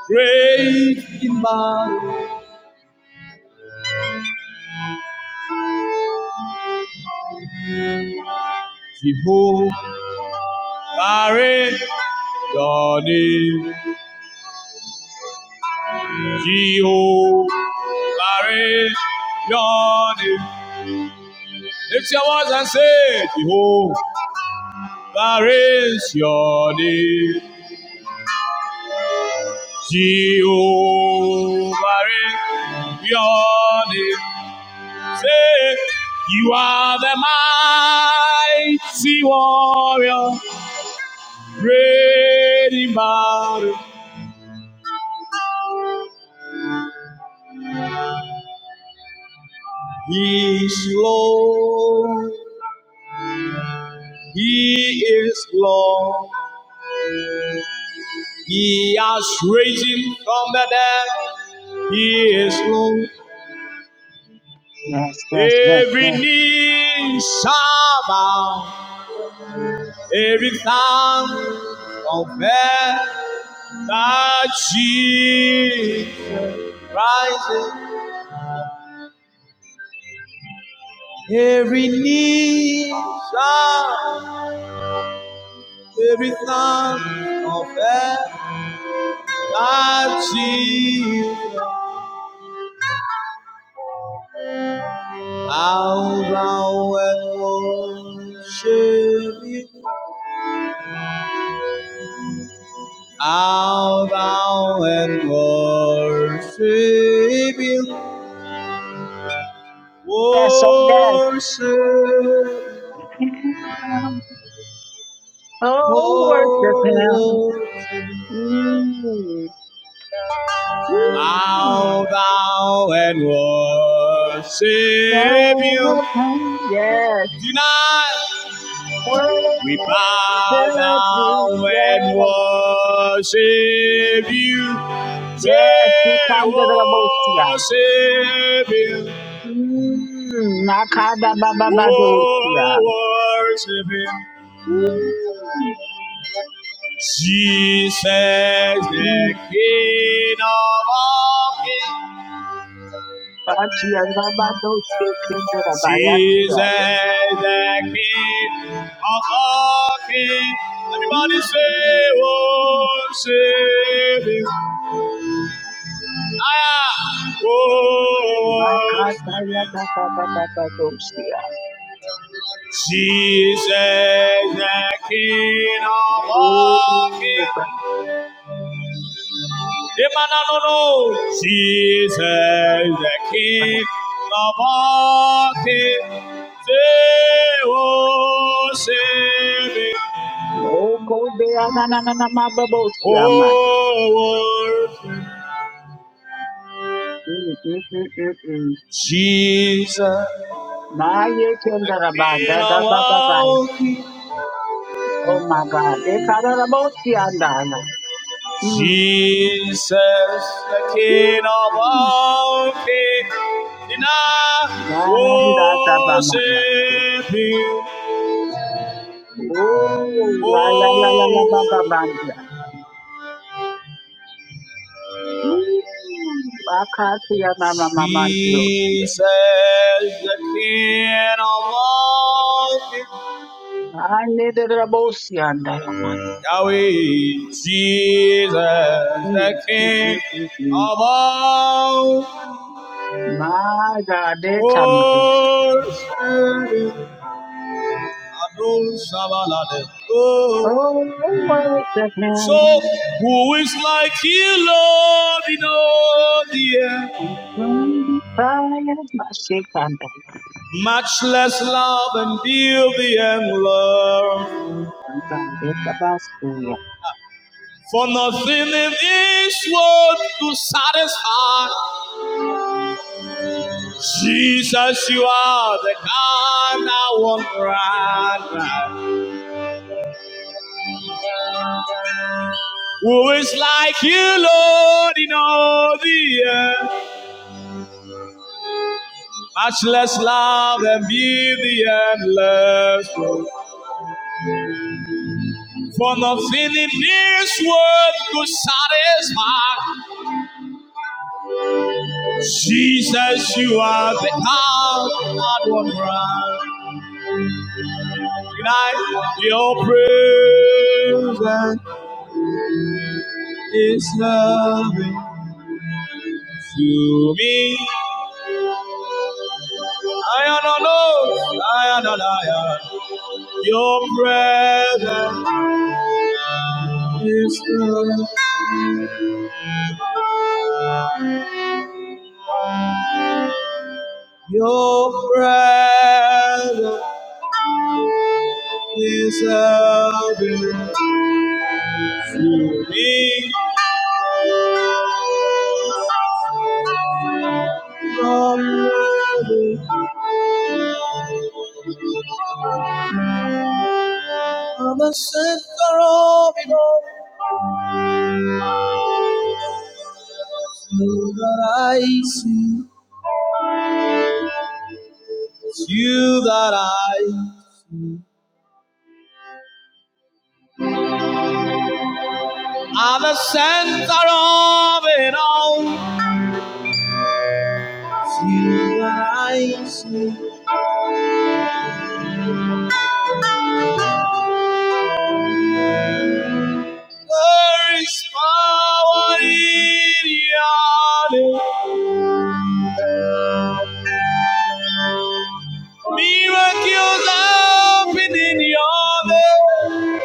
great man, Jehovah, your name, Jehovah, your name. Lift your voice and say, Jehovah is your name. Jehovah is your name. Say, you are the mighty warrior, great in battle. He is Lord. He is Lord. He has risen from the dead. He is Lord. Every knee shall bow, every tongue confess that Jesus rises. Every knee shall, every tongue confess that Jesus. How thou and worship you, how thou and worship you. oh yes. Worship, Oh, worship him. oh, worship, Mm. Mm. bow thou and worship Him. Worship him. Yes, Tonight worship we bow him. down and Yes, worship You. Say, yes, he can do the most, yeah. worship Him, Mm. Nakada baba badosia. oh, worship Him. Mm. Jesus, the Mm. King of all kings. Batia baba dosia Jesus, kinderabaya. the King of all kings. Everybody say, oh, say, Ah, oh, Makata ya kata kata katosia. Jesus, the King of all Oh, baba. kings. Emananono. Jesus, the King of all kings. Say, oh, say." Oh, kobe ananana mababosia ma. Oh, worship Mm, mm, mm, mm, mm. Jesus, Ma ye the kendara ba King of da da ba ba ba. all kings. Oh my God. They kadara bosia andana. Mm. Jesus, the King of Mm. all kings. And I Na da da ba ma ya. worship you. Oh, la la la la Oh, la ba ba ba. Ooh, bakhathi yanana mamanti yosi. Jesus, the King of all kings. Anedera bosi yanda yamai. Yahweh, Jesus, the Mm, mm, mm, King mm, mm. of all My God, they come over. worship. Oh, Oh, worship so him. who is like you, Lord, in all the earth? I'm so tired. of My shake under. Much less love and beauty and love. My God, it's a basket. For nothing in this world to satisfy. Jesus, you are the God I want right now. Who is like you, Lord, in all the earth? Much less love than be the endless For nothing in this world could satisfy. Jesus, you are the God I want right. Tonight, your presence is loving to me. I am oath, lion on lion. Your presence is good. Your presence is heaven to me. Your presence on the center of it all. You that I see, it's you that I see. are the center of it all. It's you that I see. There is power in your name. Miracles happen in your name.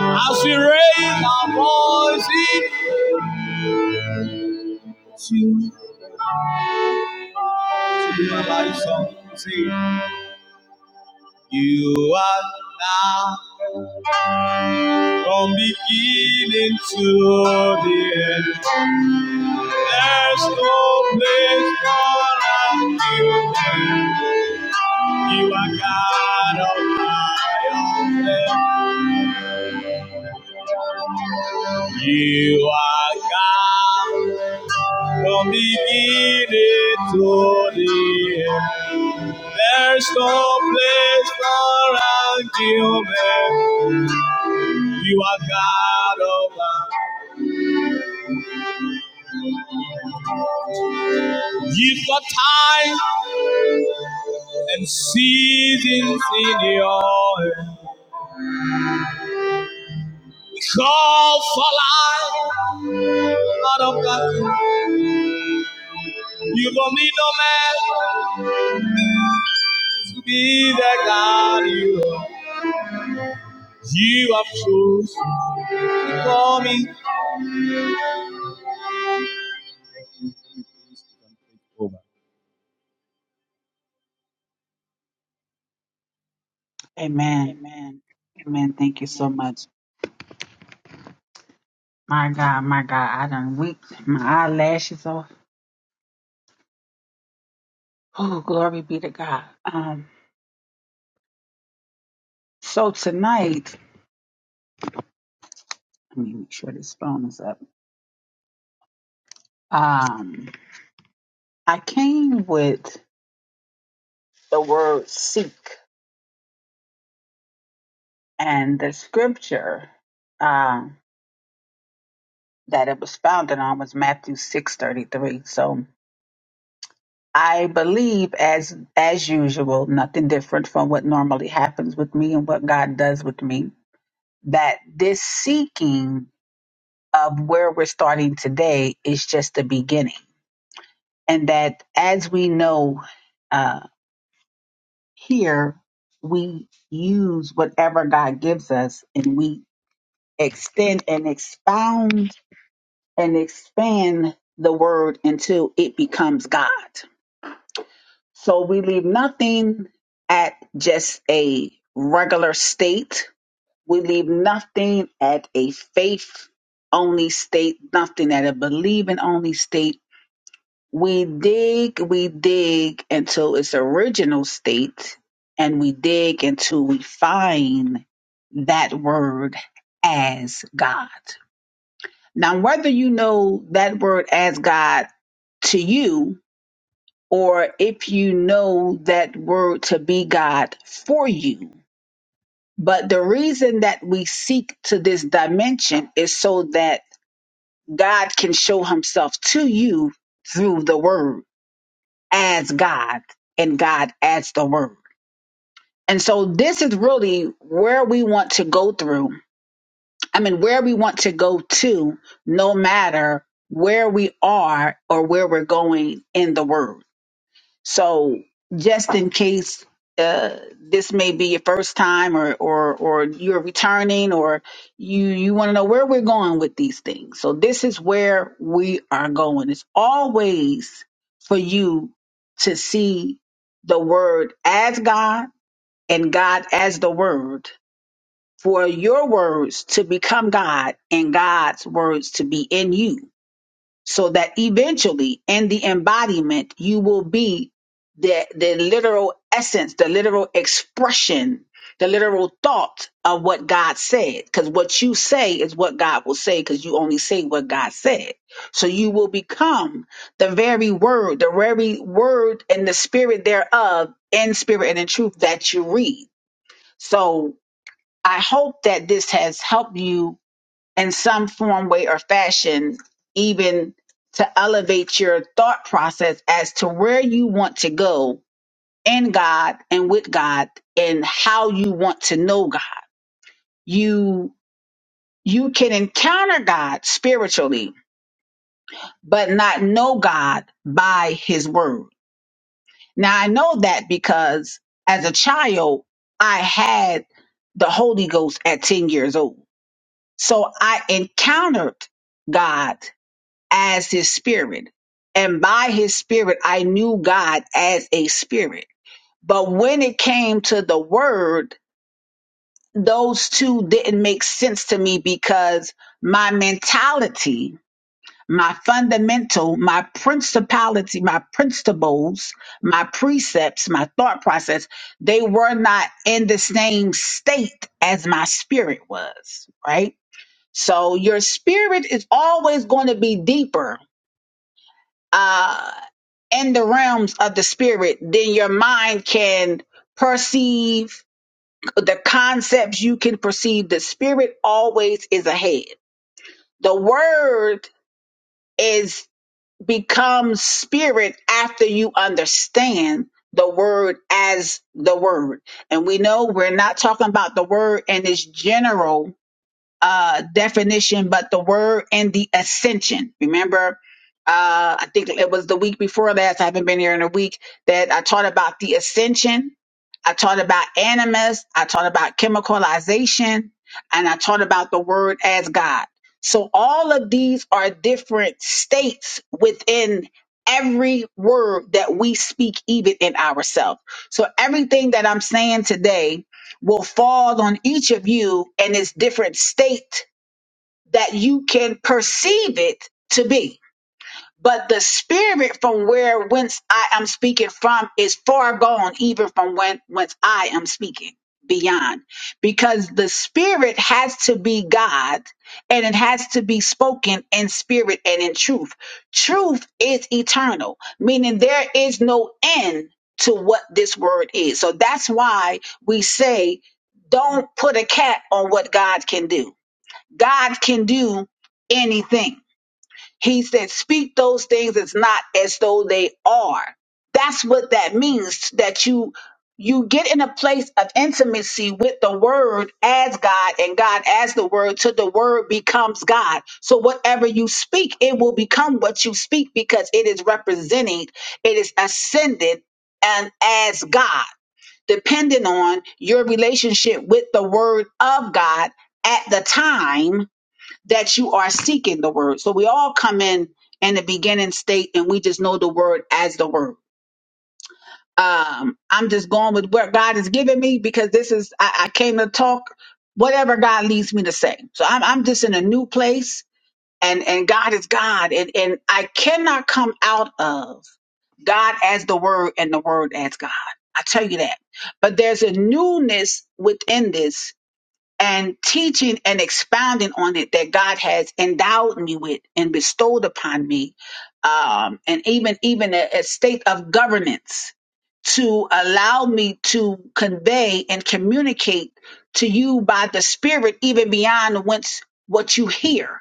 As we raise our voice in to your song, You are now from beginning to the end. There's no place for like you. You are God of my own. You are God from beginning to the end. There's no place for argument. You are God of love. You've got time and seasons in your hand. Call for life out of God. You've only no man to be the God you are. You have chosen to call me. in ten things you can think of. Amen. Amen. Thank you so much. My God, my God, I done weeped my eyelashes off. Oh, glory be to God. Um, so tonight, let me make sure this phone is up. Um, I came with the word seek, and the scripture um, that it was founded on was Matthew six thirty three. So I believe, as as usual, nothing different from what normally happens with me and what God does with me. That this seeking of where we're starting today is just the beginning, and that as we know. uh, here we use whatever God gives us and we extend and expound and expand the word until it becomes God. So we leave nothing at just a regular state. We leave nothing at a faith only state, nothing at a believing only state We dig, we dig until its original state, and we dig until we find that word as God. Now, whether you know that word as God to you, or if you know that word to be God for you, but the reason that we seek to this dimension is so that God can show himself to you through the word adds God and God adds the word. And so this is really where we want to go through. I mean, where we want to go to, no matter where we are or where we're going in the word. So just in case uh, this may be your first time or, or, or you're returning or you, you want to know where we're going with these things. So this is where we are going. It's always for you to see the word as God and God as the word for your words to become God and God's words to be in you so that eventually in the embodiment you will be the the literal essence the literal expression the literal thought of what god said because what you say is what god will say because you only say what god said so you will become the very word the very word and the spirit thereof in spirit and in truth that you read so i hope that this has helped you in some form, way, or fashion, even to elevate your thought process as to where you want to go in God and with God and how you want to know God. You you can encounter God spiritually, but not know God by his word. Now I know that because as a child, I had the Holy Ghost at 10 years old. So I encountered God as his spirit. And by his spirit, I knew God as a spirit. But when it came to the word, those two didn't make sense to me because my mentality, my fundamental, my principality, my principles, my precepts, my thought process, they were not in the same state as my spirit was, right? So your spirit is always going to be deeper uh, in the realms of the spirit, then your mind can perceive the concepts you can perceive. The spirit always is ahead. The word is becomes spirit after you understand the word as the word. And we know we're not talking about the word in its general uh, definition, but the word and the ascension. Remember, uh, I think it was the week before last. I haven't been here in a week that I taught about the ascension. I taught about animus. I taught about chemicalization and I taught about the word as God. So all of these are different states within every word that we speak, even in ourselves. So everything that I'm saying today will fall on each of you in its different state that you can perceive it to be but the spirit from where whence I am speaking from is far gone, even from when whence I am speaking beyond, because the spirit has to be God and it has to be spoken in spirit and in truth. Truth is eternal, meaning there is no end to what this word is. So that's why we say, don't put a cap on what God can do. God can do anything he said, speak those things as not as though they are. That's what that means that you you get in a place of intimacy with the word as God and God as the word till the word becomes God. So whatever you speak, it will become what you speak because it is representing, it is ascended and as God, depending on your relationship with the word of God at the time that you are seeking the word. So we all come in in the beginning state and we just know the word as the word. Um, I'm just going with what God has given me because this is, I, I came to talk whatever God leads me to say. So I'm, I'm just in a new place and, and God is God. And, and I cannot come out of God as the word and the word as God. I tell you that. But there's a newness within this and teaching and expounding on it that God has endowed me with and bestowed upon me, um, and even even a, a state of governance to allow me to convey and communicate to you by the Spirit, even beyond whence what you hear,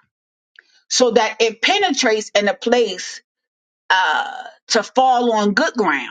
so that it penetrates in a place uh, to fall on good ground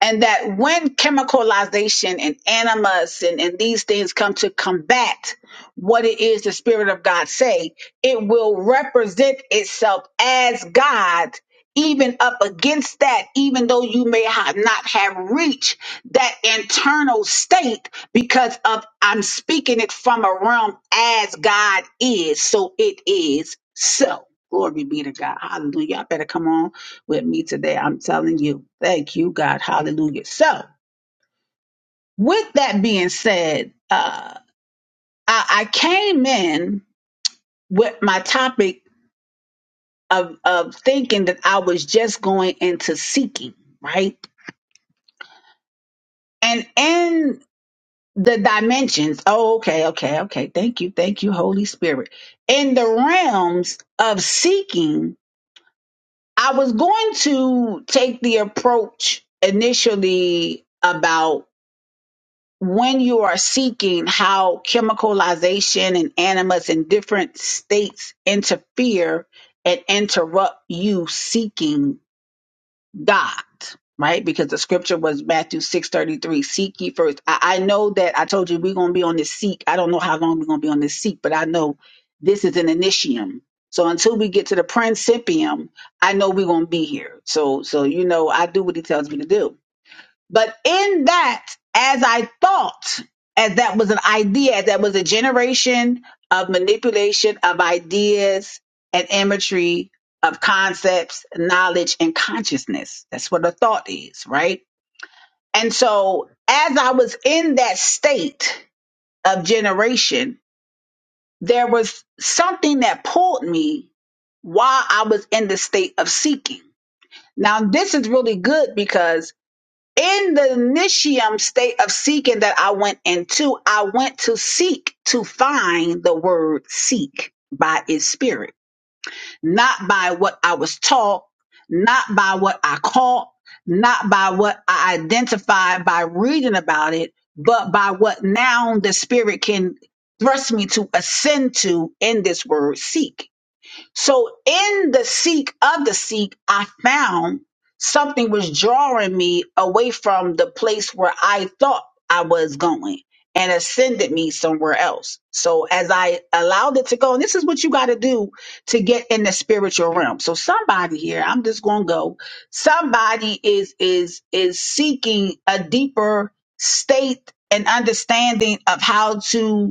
and that when chemicalization and animus and, and these things come to combat what it is the spirit of god say it will represent itself as god even up against that even though you may have not have reached that internal state because of i'm speaking it from a realm as god is so it is so glory be to god hallelujah I better come on with me today. I'm telling you, thank you, God. Hallelujah. So, with that being said, uh, I, I came in with my topic of, of thinking that I was just going into seeking, right? And in the dimensions, oh, okay, okay, okay. Thank you, thank you, Holy Spirit. In the realms of seeking, I was going to take the approach initially about when you are seeking how chemicalization and animus in different states interfere and interrupt you seeking God, right? Because the scripture was Matthew 6:33, seek ye first. I, I know that I told you we're gonna be on this seek. I don't know how long we're gonna be on this seek, but I know this is an initium. So until we get to the principium, I know we're gonna be here. So so you know I do what he tells me to do. But in that, as I thought, as that was an idea, as that was a generation of manipulation of ideas and imagery of concepts, knowledge, and consciousness. That's what a thought is, right? And so as I was in that state of generation, there was something that pulled me while I was in the state of seeking. Now, this is really good because in the initium state of seeking that I went into, I went to seek to find the word seek by its spirit, not by what I was taught, not by what I caught, not by what I identified by reading about it, but by what now the spirit can thrust me to ascend to in this word seek. So in the seek of the seek, I found something was drawing me away from the place where I thought I was going and ascended me somewhere else. So as I allowed it to go, and this is what you got to do to get in the spiritual realm. So somebody here, I'm just going to go. Somebody is, is, is seeking a deeper state and understanding of how to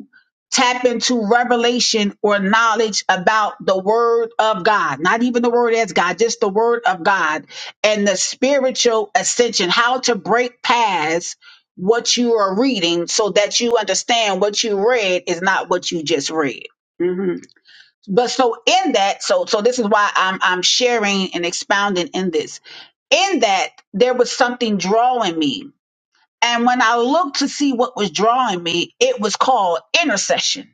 tap into revelation or knowledge about the word of God, not even the word as God, just the word of God and the spiritual ascension, how to break past what you are reading so that you understand what you read is not what you just read. hmm But so in that, so so this is why I'm I'm sharing and expounding in this. In that there was something drawing me. And when I looked to see what was drawing me, it was called intercession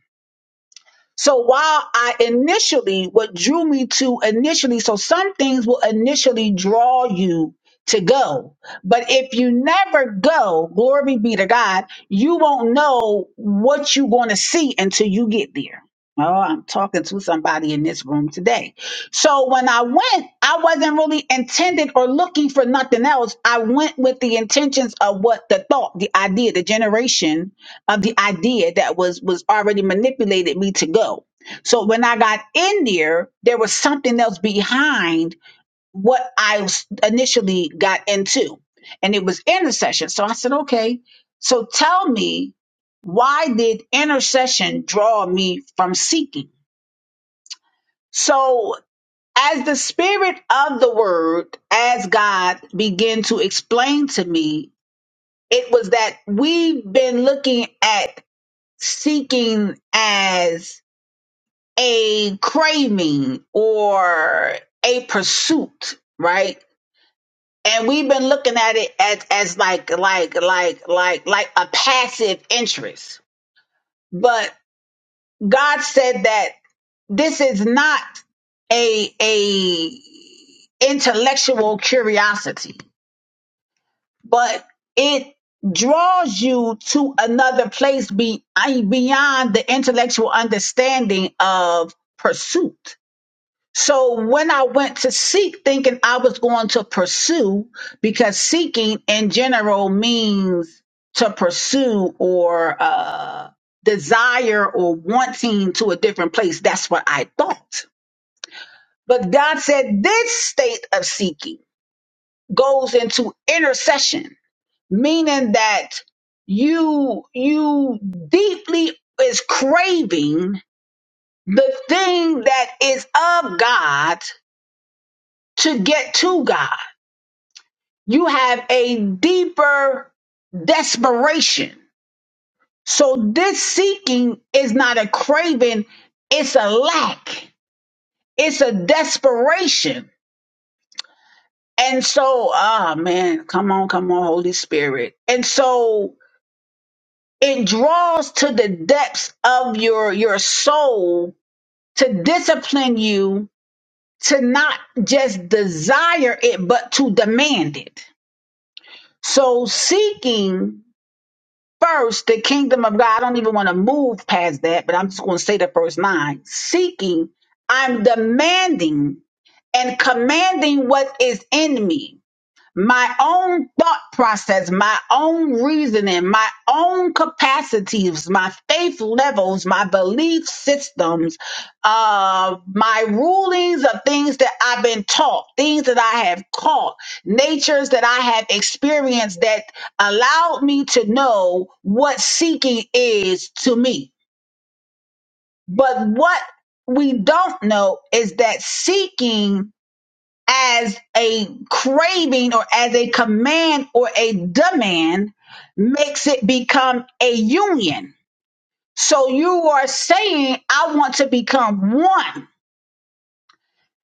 so while I initially, what drew me to initially, so some things will initially draw you to go. But if you never go, glory be to God, you won't know what you're going to see until you get there. Oh, I'm talking to somebody in this room today. So when I went, I wasn't really intended or looking for nothing else. I went with the intentions of what the thought, the idea, the generation of the idea that was was already manipulated me to go so when I got in there, there was something else behind what I was- initially got into, and it was intercession. So I said, okay, so tell me why did intercession draw me from seeking? So as the spirit of the word, as God began to explain to me, it was that we've been looking at seeking as a craving or a pursuit, right? And we've been looking at it as, as like, like, like, like, like a passive interest. But God said that this is not a, a intellectual curiosity, but it draws you to another place be, beyond the intellectual understanding of pursuit So when I went to seek, thinking I was going to pursue, because seeking in general means to pursue or uh, desire or wanting to a different place. That's what I thought. But God said this state of seeking goes into intercession, meaning that you you deeply is craving the thing that is of God to get to God. you have a deeper desperation. So this seeking is not a craving, it's a lack. It's a desperation. And so, ah man, come on, come on, Holy Spirit. And so it draws to the depths of your your soul to discipline you to not just desire it but to demand it. So seeking First, the kingdom of God, I don't even want to move past that, but I'm just going to say the first line seeking, I'm demanding and commanding what is in me my own thought process, my own reasoning, my own capacities, my faith levels, my belief systems, uh, my rulings of things that I've been taught, things that I have caught, natures that I have experienced that allowed me to know what seeking is to me. But what we don't know is that seeking as a craving or as a command or a demand makes it become a union. So you are saying, I want to become one.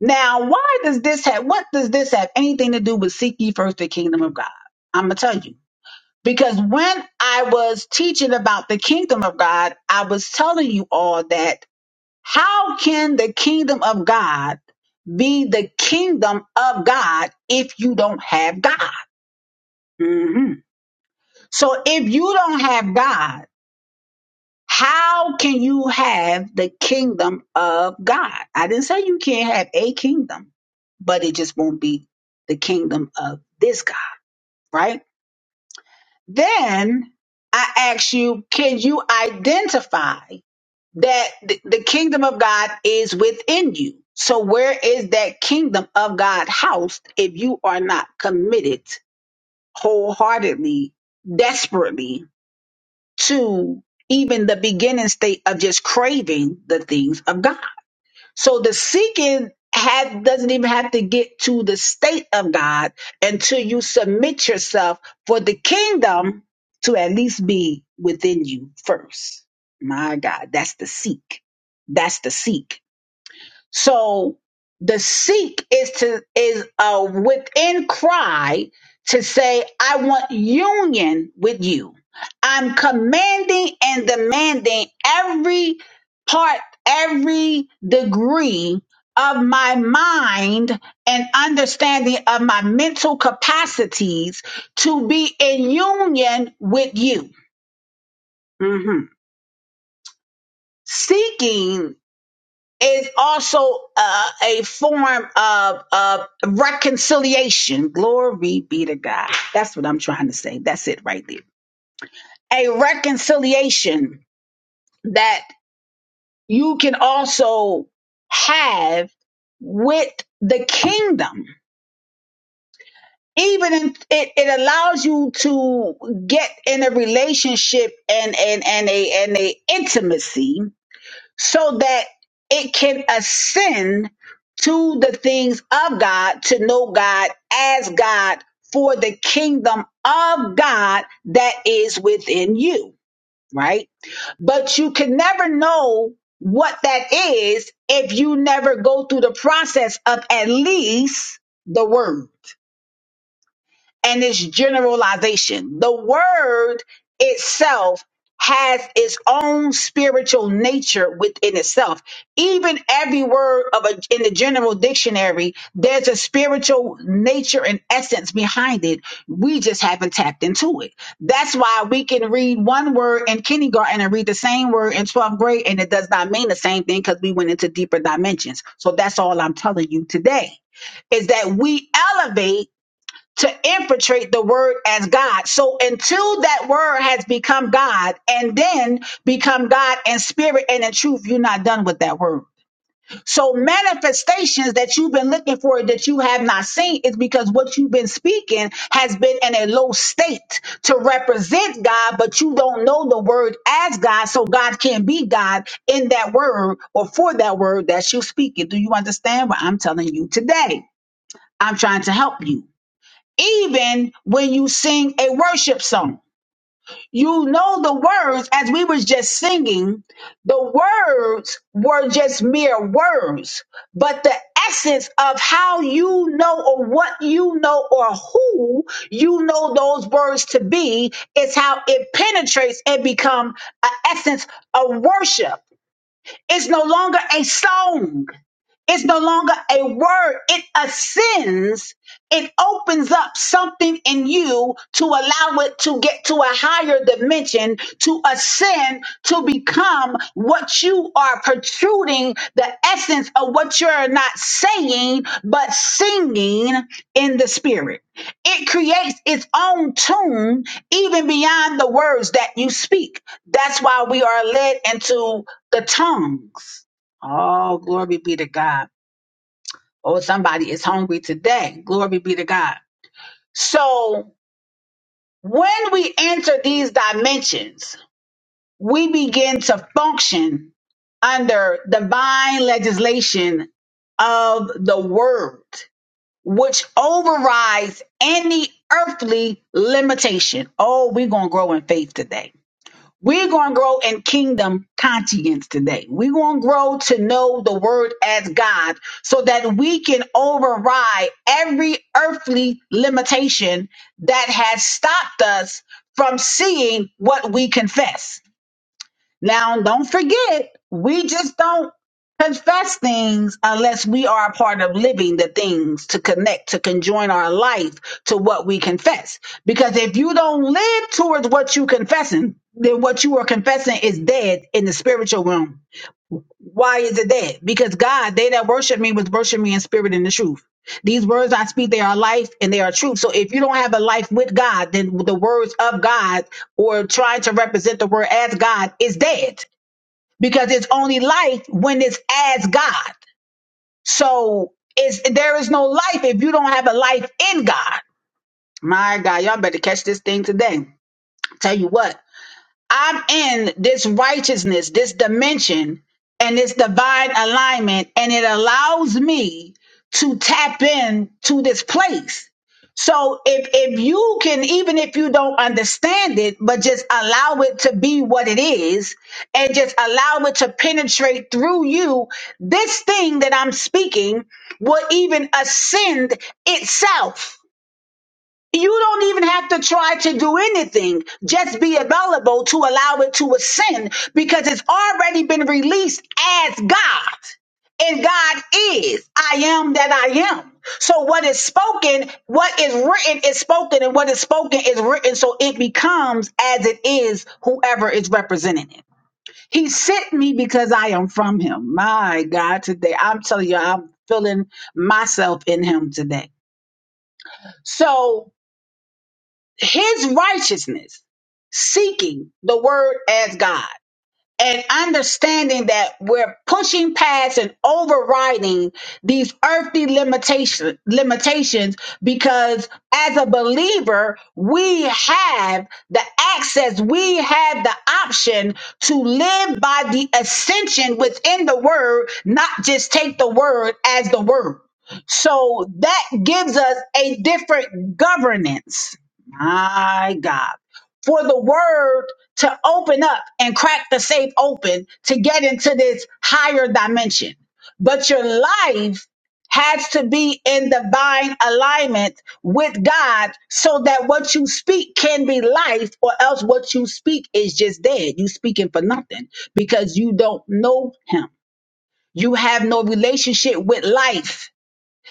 Now, why does this have, what does this have anything to do with seek ye first the kingdom of God? I'm going to tell you. Because when I was teaching about the kingdom of God, I was telling you all that how can the kingdom of God be the kingdom of God if you don't have God? Mhm. So if you don't have God, how can you have the kingdom of God? I didn't say you can't have a kingdom, but it just won't be the kingdom of this God, right? Then I ask you, can you identify? that th- the kingdom of God is within you. So where is that kingdom of God housed if you are not committed wholeheartedly, desperately to even the beginning state of just craving the things of God? So the seeking had, doesn't even have to get to the state of God until you submit yourself for the kingdom to at least be within you first. My God, that's the seek. That's the seek. So the seek is to is a within cry to say, I want union with you. I'm commanding and demanding every part, every degree of my mind and understanding of my mental capacities to be in union with you. Mhm. Seeking is also uh, a form of, of reconciliation. Glory be to God. That's what I'm trying to say. That's it right there. A reconciliation that you can also have with the kingdom. Even in, it, it allows you to get in a relationship and and and a and a intimacy so that it can ascend to the things of God, to know God as God for the kingdom of God that is within you, right? But you can never know what that is if you never go through the process of at least the word and its generalization. The word itself has its own spiritual nature within itself. Even every word of a, in the general dictionary, there's a spiritual nature and essence behind it. We just haven't tapped into it. That's why we can read one word in kindergarten and read the same word in 12th grade, and it does not mean the same thing because we went into deeper dimensions. So that's all I'm telling you today is that we elevate to infiltrate the word as God. So until that word has become God and then become God in spirit and in truth, you're not done with that word. So manifestations that you've been looking for that you have not seen is because what you've been speaking has been in a low state to represent God, but you don't know the word as God. So God can be God in that word or for that word that you speak it. Do you understand what I'm telling you today? I'm trying to help you even when you sing a worship song. You know the words as we were just singing, the words were just mere words, but the essence of how you know or what you know or who you know those words to be is how it penetrates and become an essence of worship. It's no longer a song. It's no longer a word. It ascends. It opens up something in you to allow it to get to a higher dimension, to ascend, to become what you are protruding, the essence of what you're not saying, but singing in the spirit. It creates its own tune, even beyond the words that you speak. That's why we are led into the tongues. Oh, glory be to God. Oh, somebody is hungry today. Glory be to God. So when we enter these dimensions, we begin to function under divine legislation of the word, which overrides any earthly limitation. Oh, we're going to grow in faith today. We're going to grow in kingdom conscience today. We're going to grow to know the word as God so that we can override every earthly limitation that has stopped us from seeing what we confess. Now, don't forget, we just don't confess things unless we are a part of living the things to connect, to conjoin our life to what we confess. Because if you don't live towards what you confessing, then what you are confessing is dead in the spiritual realm. Why is it dead? Because God, they that worship me was worship me in spirit and the truth. These words I speak, they are life and they are truth. So if you don't have a life with God, then the words of God or trying to represent the word as God is dead because it's only life when it's as God. So it's there is no life if you don't have a life in God. My God, y'all better catch this thing today. Tell you what, I'm in this righteousness, this dimension, and this divine alignment, and it allows me to tap in to this place. So if if you can, even if you don't understand it, but just allow it to be what it is, and just allow it to penetrate through you, this thing that I'm speaking will even ascend itself. You don't even have to try to do anything. Just be available to allow it to ascend because it's already been released as God. And God is. I am that I am. So what is spoken, what is written is spoken, and what is spoken is written. So it becomes as it is whoever is representing it. He sent me because I am from him. My God, today. I'm telling you, I'm feeling myself in him today. So his righteousness, seeking the word as God and understanding that we're pushing past and overriding these earthly limitation, limitations because as a believer, we have the access, we have the option to live by the ascension within the word, not just take the word as the word. So that gives us a different governance. My God for the word to open up and crack the safe open to get into this higher dimension. But your life has to be in divine alignment with God so that what you speak can be life, or else what you speak is just dead. You speaking for nothing because you don't know him. You have no relationship with life.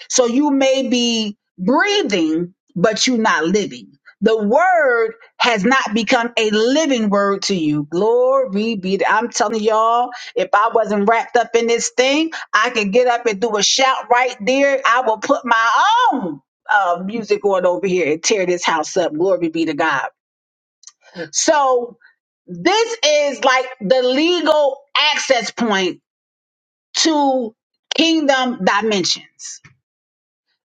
So you may be breathing, but you're not living. The word has not become a living word to you. Glory be to I'm telling y'all, if I wasn't wrapped up in this thing, I could get up and do a shout right there. I will put my own uh, music on over here and tear this house up. Glory be to God. So this is like the legal access point to kingdom dimensions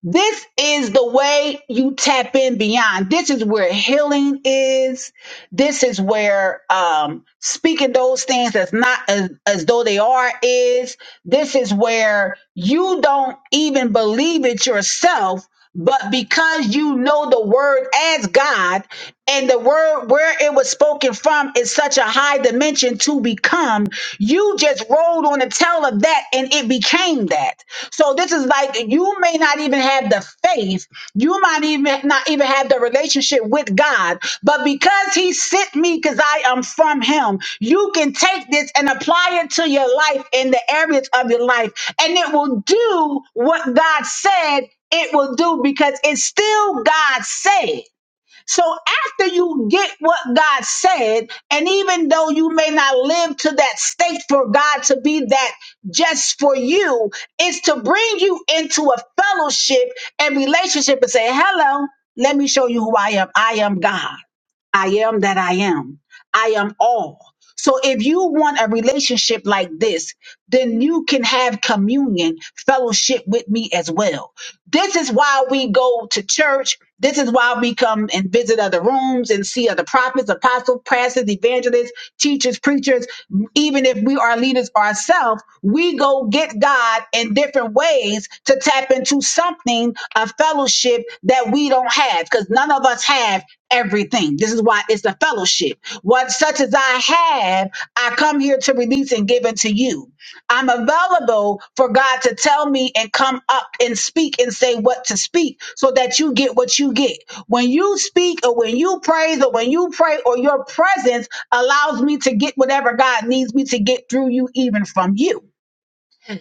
this is the way you tap in beyond. This is where healing is. This is where um, speaking those things that's not as, as though they are is. This is where you don't even believe it yourself but because you know the word as God and the word where it was spoken from is such a high dimension to become, you just rolled on the tail of that and it became that. So this is like you may not even have the faith, you might even not even have the relationship with God, but because He sent me, because I am from Him, you can take this and apply it to your life in the areas of your life, and it will do what God said it will do because it's still God said. So after you get what God said, and even though you may not live to that state for God to be that just for you, it's to bring you into a fellowship and relationship and say, hello, let me show you who I am. I am God. I am that I am. I am all. So if you want a relationship like this, then you can have communion, fellowship with me as well. This is why we go to church. This is why we come and visit other rooms and see other prophets, apostles, pastors, evangelists, teachers, preachers. Even if we are leaders ourselves, we go get God in different ways to tap into something, a fellowship that we don't have because none of us have everything. This is why it's the fellowship. What such as I have, I come here to release and give unto you. I'm available for God to tell me and come up and speak and say what to speak so that you get what you get. When you speak or when you praise or when you pray or your presence allows me to get whatever God needs me to get through you, even from you.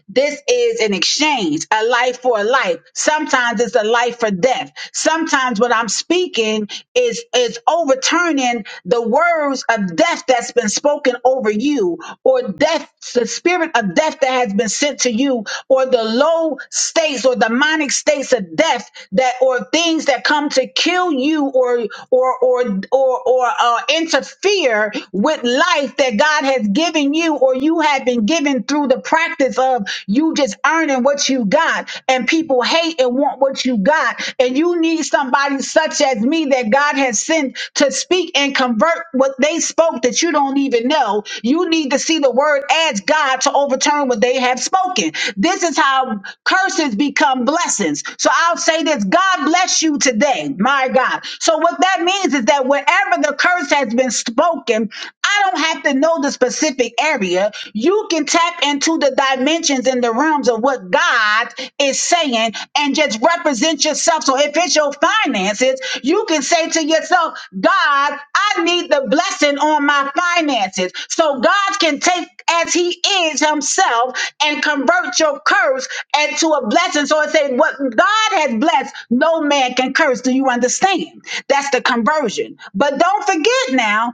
This is an exchange, a life for a life. Sometimes it's a life for death. Sometimes what I'm speaking is is overturning the words of death that's been spoken over you, or death, the spirit of death that has been sent to you, or the low states or demonic states of death that or things that come to kill you or or or or or, or uh, interfere with life life that God has given you or you have been given through the practice of you just earning what you got and people hate and want what you got. And you need somebody such as me that God has sent to speak and convert what they spoke that you don't even know. You need to see the word as God to overturn what they have spoken. This is how curses become blessings. So I'll say this God bless you today, my God. So when what that means is that wherever the curse has been spoken, I don't have to know the specific area. You can tap into the dimensions and the realms of what God is saying and just represent yourself. So if it's your finances, you can say to yourself, God, I need the blessing on my finances. So God can take as he is himself and convert your curse into a blessing. So it says, what God has blessed, no man can curse. Do you understand? That's the conversion. But don't forget now,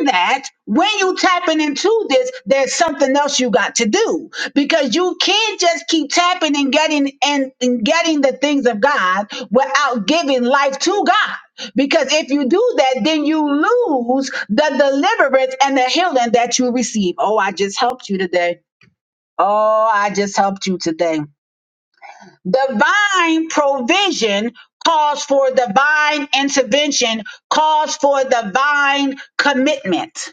in that, when you tapping into this, there's something else you got to do because you can't just keep tapping and getting and, and getting the things of God without giving life to God. Because if you do that, then you lose the deliverance and the healing that you receive. Oh, I just helped you today. Oh, I just helped you today. Divine provision calls for divine intervention, calls for divine commitment.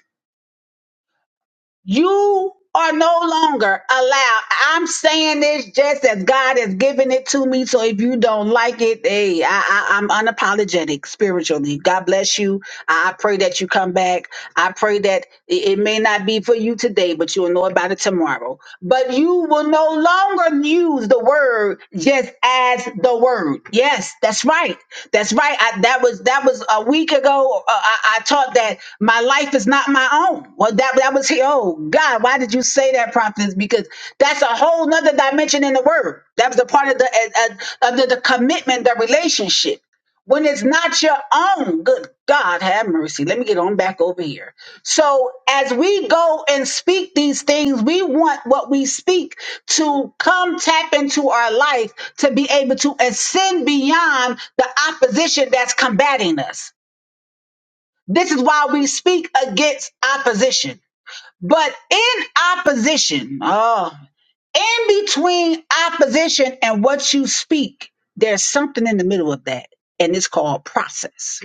You are no longer allowed. I'm saying this just as God has given it to me. So if you don't like it, hey, I, I, I'm unapologetic spiritually. God bless you. I, I pray that you come back. I pray that it, it may not be for you today, but you'll know about it tomorrow. But you will no longer, you use the word just as the word. Yes, that's right. That's right. I, that was that was a week ago. Uh, I, I taught that my life is not my own. Well, that that was here. oh God, why did you say that, prophet? Because that's a whole nother dimension in the word. That was a part of the uh, uh, of the, the commitment, the relationship when it's not your own. Good God, have mercy. Let me get on back over here. So, as we go and speak these things, we want what we speak to come tap into our life to be able to ascend beyond the opposition that's combating us. This is why we speak against opposition. But in opposition, oh, in between opposition and what you speak, there's something in the middle of that, and it's called process.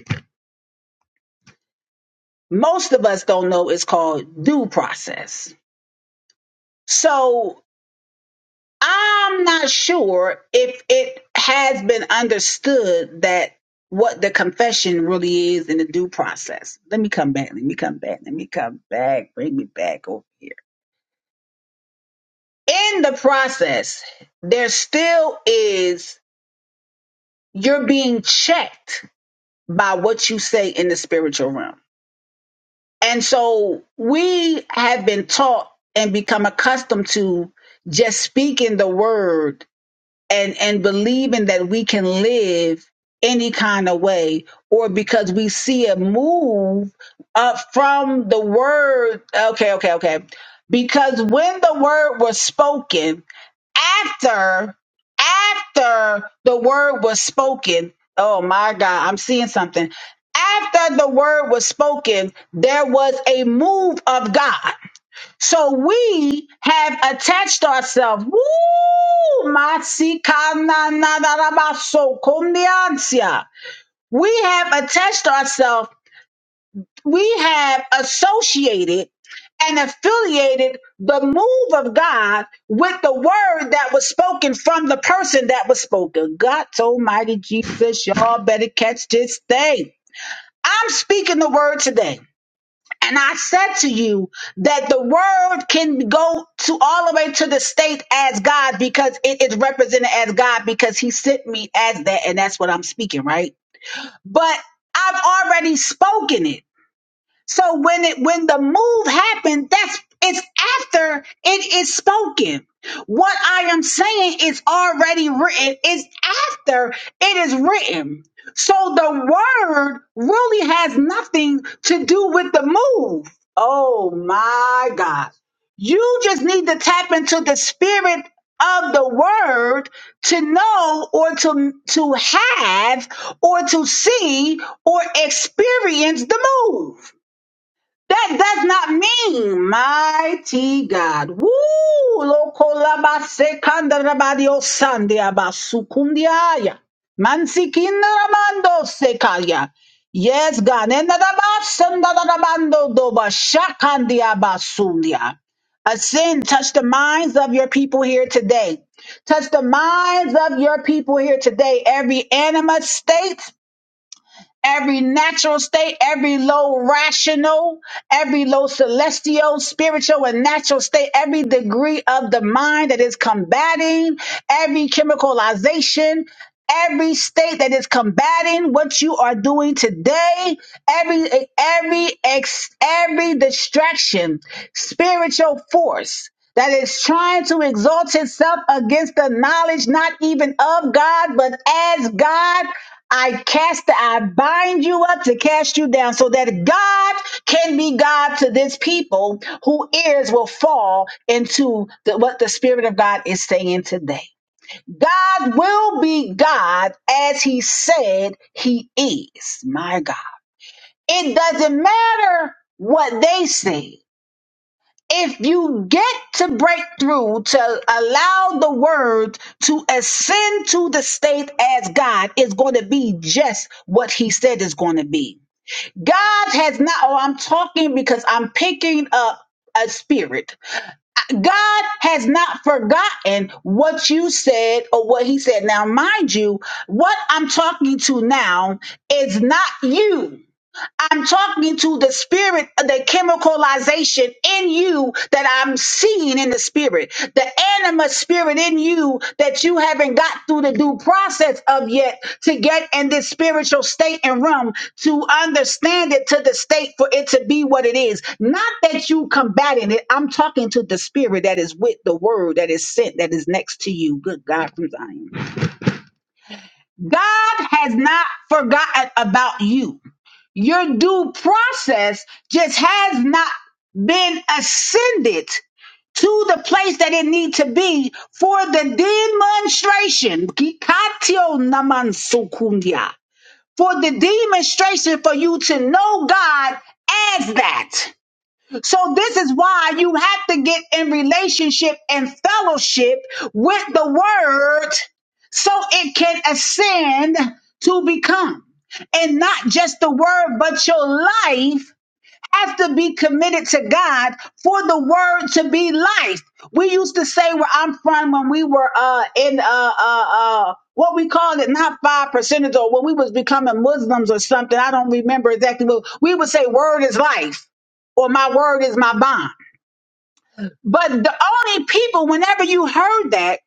most of us don't know is called due process. So I'm not sure if it has been understood that what the confession really is in the due process. Let me come back. Let me come back. Let me come back. Bring me back over here. In the process, there still is, you're being checked by what you say in the spiritual realm. And so we have been taught and become accustomed to just speaking the word and and believing that we can live any kind of way or because we see a move up from the word okay okay okay because when the word was spoken after after the word was spoken oh my god i'm seeing something after the word was spoken there was a move of god so we have attached ourselves. Woo! Masikananarabaso, We have attached ourselves. We have associated and affiliated the move of God with the word that was spoken from the person that was spoken. God Almighty Jesus, y'all better catch this thing. I'm speaking the word today. And I said to you that the word can go to all the way to the state as God because it is represented as God because he sent me as that. And that's what I'm speaking, right? But I've already spoken it. So when it when the move happened, that's it's after it is spoken. What I am saying is already written. It's after it is written. So the word really has nothing to do with the move. Oh my God. You just need to tap into the spirit of the word to know or to to have or to see or experience the move. That does not mean mighty God. Woo! Lokolabasekandarabadio sandiabasukundiaya. Mansikindaramando sekaya. Yes, God. Enadabasandarabando dobashakandiabasundia. Ascend, touch the minds of your people here today. Touch the minds of your people here today. Every animate state every natural state, every low rational, every low celestial, spiritual, and natural state, every degree of the mind that is combating, every chemicalization, every state that is combating what you are doing today, every every ex, every distraction, spiritual force that is trying to exalt itself against the knowledge not even of God, but as God. I cast, I bind you up to cast you down so that God can be God to this people who ears will fall into the, what the Spirit of God is saying today. God will be God as he said he is. My God. It doesn't matter what they said if you get to breakthrough to allow the word to ascend to the state as God, it's going to be just what he said it's going to be. God has not, oh, I'm talking because I'm picking up a spirit. God has not forgotten what you said or what he said. Now, mind you, what I'm talking to now is not you. I'm talking to the spirit, the chemicalization in you that I'm seeing in the spirit, the anima spirit in you that you haven't got through the due process of yet to get in this spiritual state and realm to understand it to the state for it to be what it is. Not that you combating it. I'm talking to the spirit that is with the word that is sent, that is next to you. Good God from Zion. God has not forgotten about you. Your due process just has not been ascended to the place that it need to be for the demonstration. Kikatio naman sukundia. For the demonstration for you to know God as that. So this is why you have to get in relationship and fellowship with the word so it can ascend to become. And not just the word, but your life have to be committed to God for the word to be life. We used to say where I'm from when we were uh in uh uh uh what we called it, not five percenters or when we was becoming Muslims or something. I don't remember exactly what we would say word is life or my word is my bond. But the only people, whenever you heard that,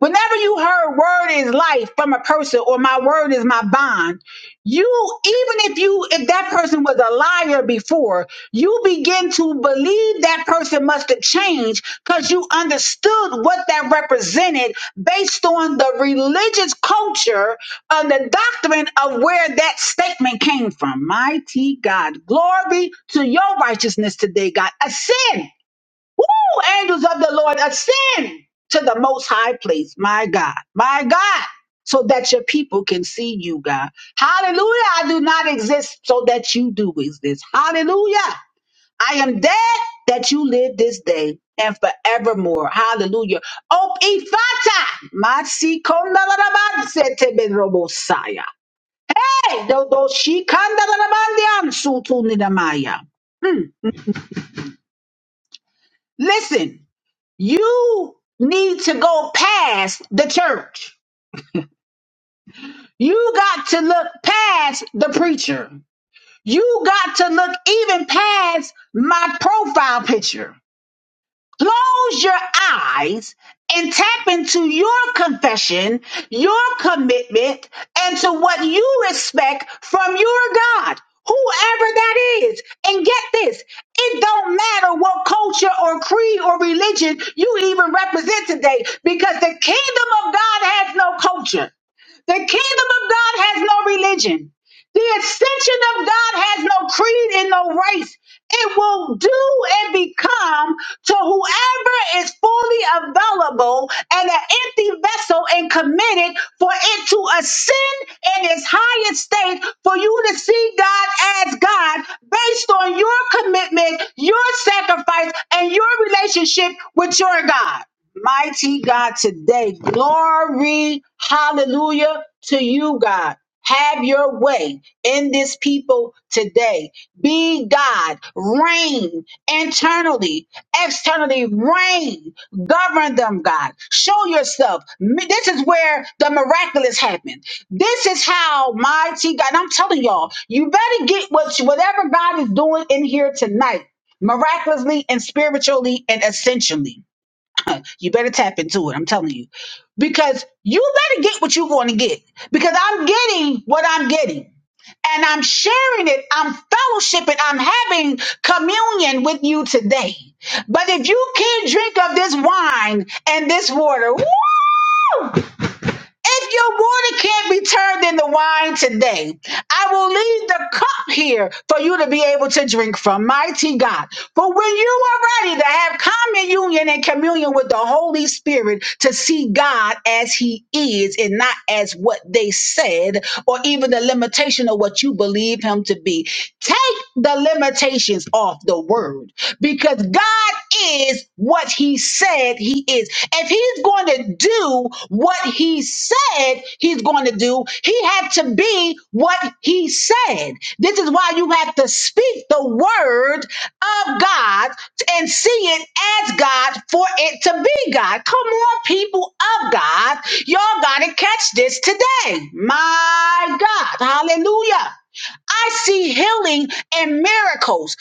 whenever you heard word is life from a person or my word is my bond, you, even if you, if that person was a liar before, you begin to believe that person must have changed because you understood what that represented based on the religious culture and the doctrine of where that statement came from. Mighty God, glory to your righteousness today, God. Ascend. Woo! Angels of the Lord, ascend to the most high place. My God, my God, so that your people can see you, God. Hallelujah. I do not exist so that you do exist. Hallelujah. I am dead that you live this day and forevermore. Hallelujah. Op ifata. Masikondalarabandsetebedrobosaya. Hey, dodo shikandalarabandyansutunidamaya. Listen. You need to go past the church. You got to look past the preacher. You got to look even past my profile picture. Close your eyes and tap into your confession, your commitment, and to what you respect from your God, whoever that is. And get this it don't matter what culture or creed or religion you even represent today because the kingdom of God has no culture, the kingdom of God has no religion. The extension of God has no creed and no race. It will do and become to whoever is fully available and an empty vessel and committed for it to ascend in its highest state for you to see God as God based on your commitment, your sacrifice, and your relationship with your God. Mighty God, today, glory, hallelujah to you, God. Have your way in this people today. Be God, reign internally, externally, reign, govern them, God. Show yourself. Mi- This is where the miraculous happened. This is how mighty God, and I'm telling y'all, you better get what you, whatever God is doing in here tonight, miraculously and spiritually and essentially. *laughs* you better tap into it. I'm telling you. Because you better get what you're going to get. Because I'm getting what I'm getting. And I'm sharing it. I'm fellowshipping. I'm having communion with you today. But if you can't drink of this wine and this water, woo! If your water can't be turned into wine today, I will leave the cup here for you to be able to drink from. Mighty God. But when you are ready to have common union and communion with the Holy Spirit to see God as He is and not as what they said or even the limitation of what you believe Him to be, take the limitations off the word because God is what he said he is. If he's going to do what he said he's going to do, he had to be what he said. This is why you have to speak the word of God and see it as God for it to be God. Come on, people of God. Y'all got to catch this today. My God. Hallelujah. I see healing and miracles.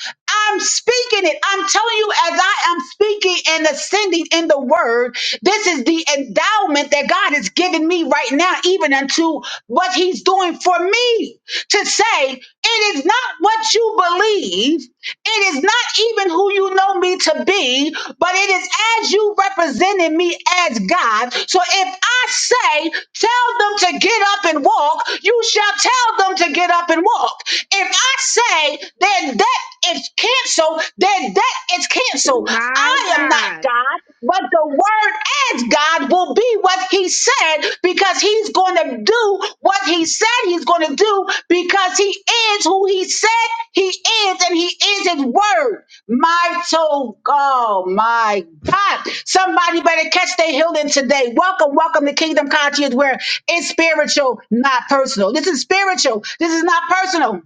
I'm speaking it. I'm telling you, as I am speaking and ascending in the word, this is the endowment that God has given me right now, even unto what He's doing for me. To say, it is not what you believe, it is not even who you know me to be to be, but it is as you representing me as God. So if I say, tell them to get up and walk, you shall tell them to get up and walk. If I say, then that is canceled, then that is canceled. My I am not God. God, but the word as God will be what he says said because he's going to do what he said he's going to do because he is who he said he is and he is his word. My soul, oh my God. Somebody better catch their healing today. Welcome, welcome to Kingdom Conscious where it's spiritual, not personal. This is spiritual. This is not personal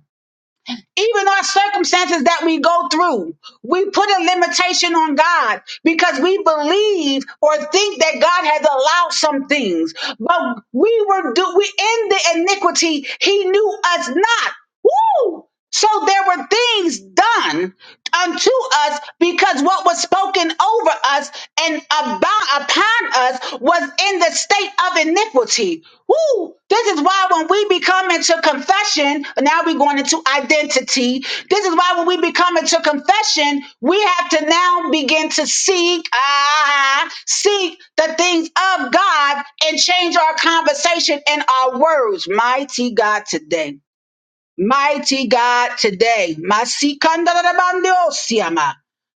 even our circumstances that we go through, we put a limitation on God because we believe or think that God has allowed some things. But we were do we in the iniquity, he knew us not. Woo! So there were things done unto us because what was spoken over us and about law upon us was in the state of iniquity. Woo! This is why when we become into confession, now we're going into identity. This is why when we become into confession, we have to now begin to seek, ah, seek the things of God and change our conversation and our words. Mighty God today. Mighty God, today, Masikandarabandosiyama.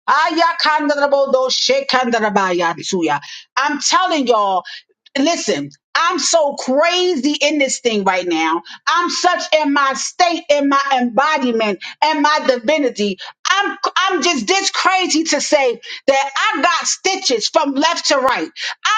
Ayakandarabodoshekandarabayatsuya. I'm telling y'all, listen, I'm so crazy in this thing right now. I'm such in my state, in my embodiment, and my divinity. I'm I'm just this crazy to say that I got stitches from left to right.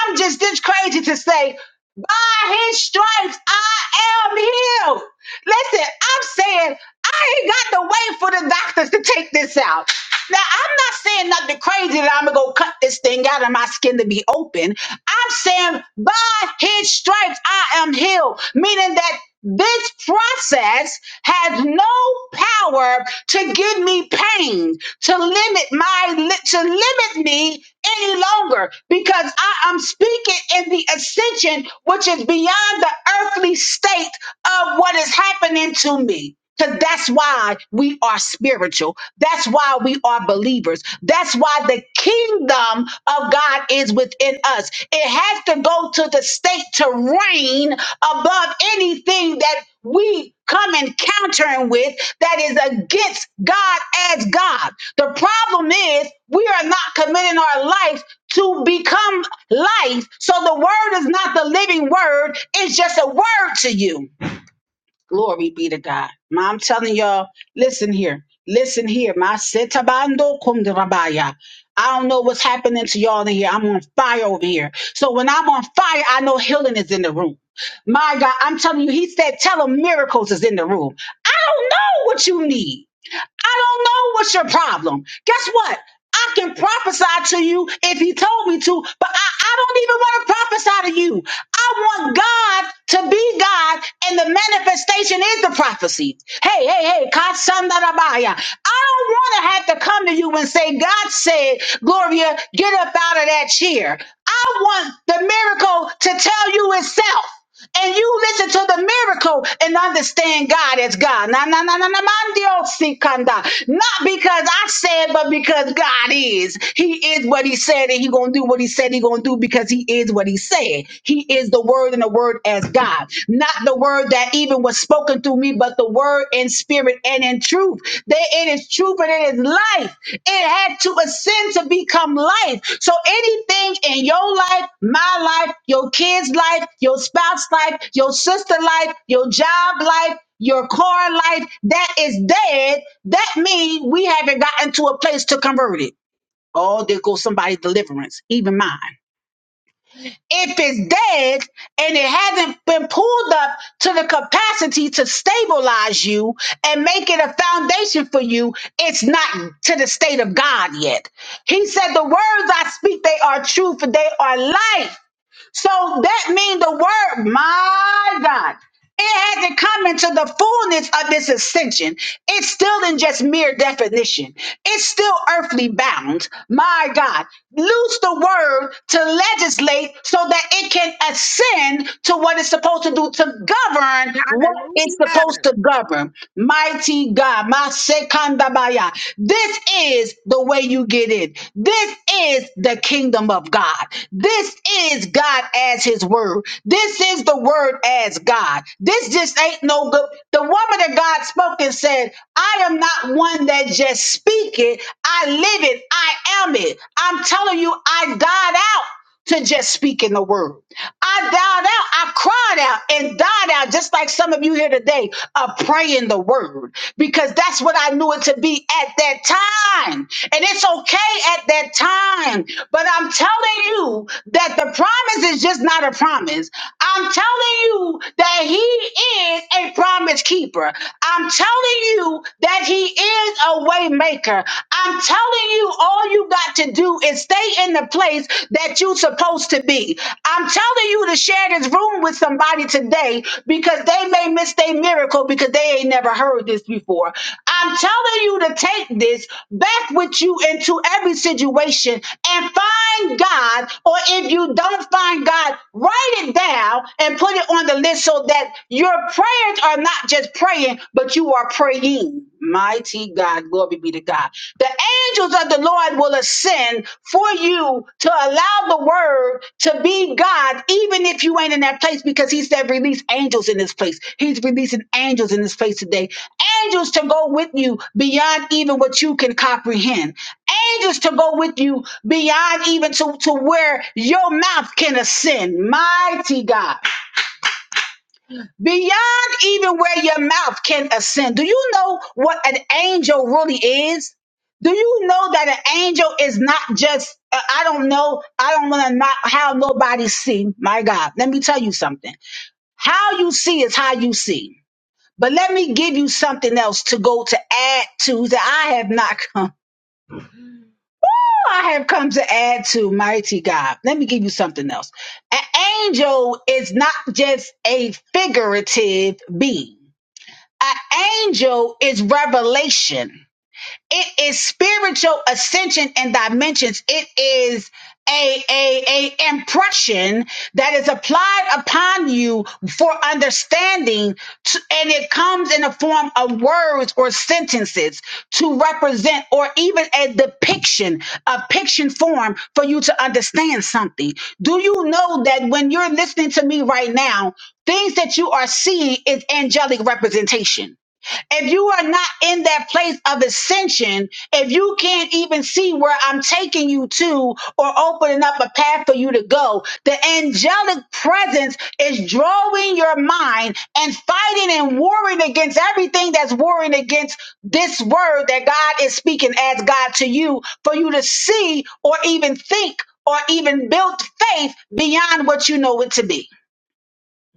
I'm just this crazy to say. By his stripes, I am healed. Listen, I'm saying I ain't got to wait for the doctors to take this out. Now, I'm not saying nothing crazy that I'm going to go cut this thing out of my skin to be open. I'm saying by his stripes, I am healed, meaning that this process has no power to give me pain, to limit my to limit me any longer because I am speaking in the ascension which is beyond the earthly state of what is happening to me. Because that's why we are spiritual. That's why we are believers. That's why the kingdom of God is within us. It has to go to the state to reign above anything that we come encountering with that is against God as God. The problem is we are not committing our life to become life. So the word is not the living word, it's just a word to you. Glory be to God. Ma, I'm telling y'all, listen here. Listen here. Ma setabando kum de rabaya. I don't know what's happening to y'all in here. I'm on fire over here. So when I'm on fire, I know healing is in the room. My God, I'm telling you, he said, tell him miracles is in the room. I don't know what you need. I don't know what's your problem. Guess what? I can prophesy to you if he told me to, but I, I don't even want to prophesy to you. I want God to be God and the manifestation is the prophecy. Hey, hey, hey, Katsandarabaya. I don't want to have to come to you and say, God said, Gloria, get up out of that chair. I want the miracle to tell you itself and you listen to the miracle and understand God as God. Na na na na na mandio sikanda. Not because I said, but because God is. He is what He said, and He gonna do what He said He gonna do because He is what He said. He is the Word, and the Word as God, not the Word that even was spoken through me, but the Word in spirit spirit and in truth. That it is truth and it is life. It had to ascend to become life. So anything in your life, my life, your kids' life, your spouse life, your sister life, your job life, your car life that is dead, that means we haven't gotten to a place to convert it. Oh, there goes somebody's deliverance, even mine if it's dead and it hasn't been pulled up to the capacity to stabilize you and make it a foundation for you, it's not to the state of God yet. He said, The words I speak, they are true, for they are life so that means the word, my God, it hasn't come into the fullness of its ascension. It's still in just mere definition. It's still earthly bound. My God, loose the word to legislate so that it can ascend to what it's supposed to do to govern what it's Hallelujah. supposed to govern. Mighty God, my sekandabaya. This is the way you get in. This is the kingdom of God. This is God as his word. This is the word as God. This just ain't no good. The woman that God spoke and said, I am not one that just speak it. I live it. I am it. I'm telling you, I died out to just speaking the word. I dialed out, I cried out and died out, just like some of you here today are praying the word, because that's what I knew it to be at that time. And it's okay at that time. But I'm telling you that the promise is just not a promise. I'm telling you that he is a promise keeper. I'm telling you that he is a way maker. I'm. I'm telling you, all you got to do is stay in the place that you're supposed to be. I'm telling you to share this room with somebody today because they may miss their miracle because they ain't never heard this before. I'm telling you to take this back with you into every situation and find God, or if you don't find God, write it down and put it on the list so that your prayers are not just praying, but you are praying. Mighty God, glory be to God. The angels of the Lord will ascend for you to allow the word to be God, even if you ain't in that place, because He said, release angels in this place. He's releasing angels in this place today. Angels to go with you beyond even what you can comprehend. Angels to go with you beyond even to, to where your mouth can ascend. Mighty God beyond even where your mouth can ascend. Do you know what an angel really is? Do you know that an angel is not just, uh, I don't know, I don't want to not how nobody see. My God, let me tell you something. How you see is how you see. But let me give you something else to go to add to that I have not come. *laughs* I have come to add to mighty God. Let me give you something else. An angel is not just a figurative being. An angel is revelation. It is spiritual ascension and dimensions. It is a, a, a impression that is applied upon you for understanding t- and it comes in the form of words or sentences to represent or even a depiction a picture form for you to understand something do you know that when you're listening to me right now things that you are seeing is angelic representation if you are not in that place of ascension, if you can't even see where I'm taking you to or opening up a path for you to go, the angelic presence is drawing your mind and fighting and warring against everything that's warring against this word that God is speaking as God to you for you to see or even think or even build faith beyond what you know it to be.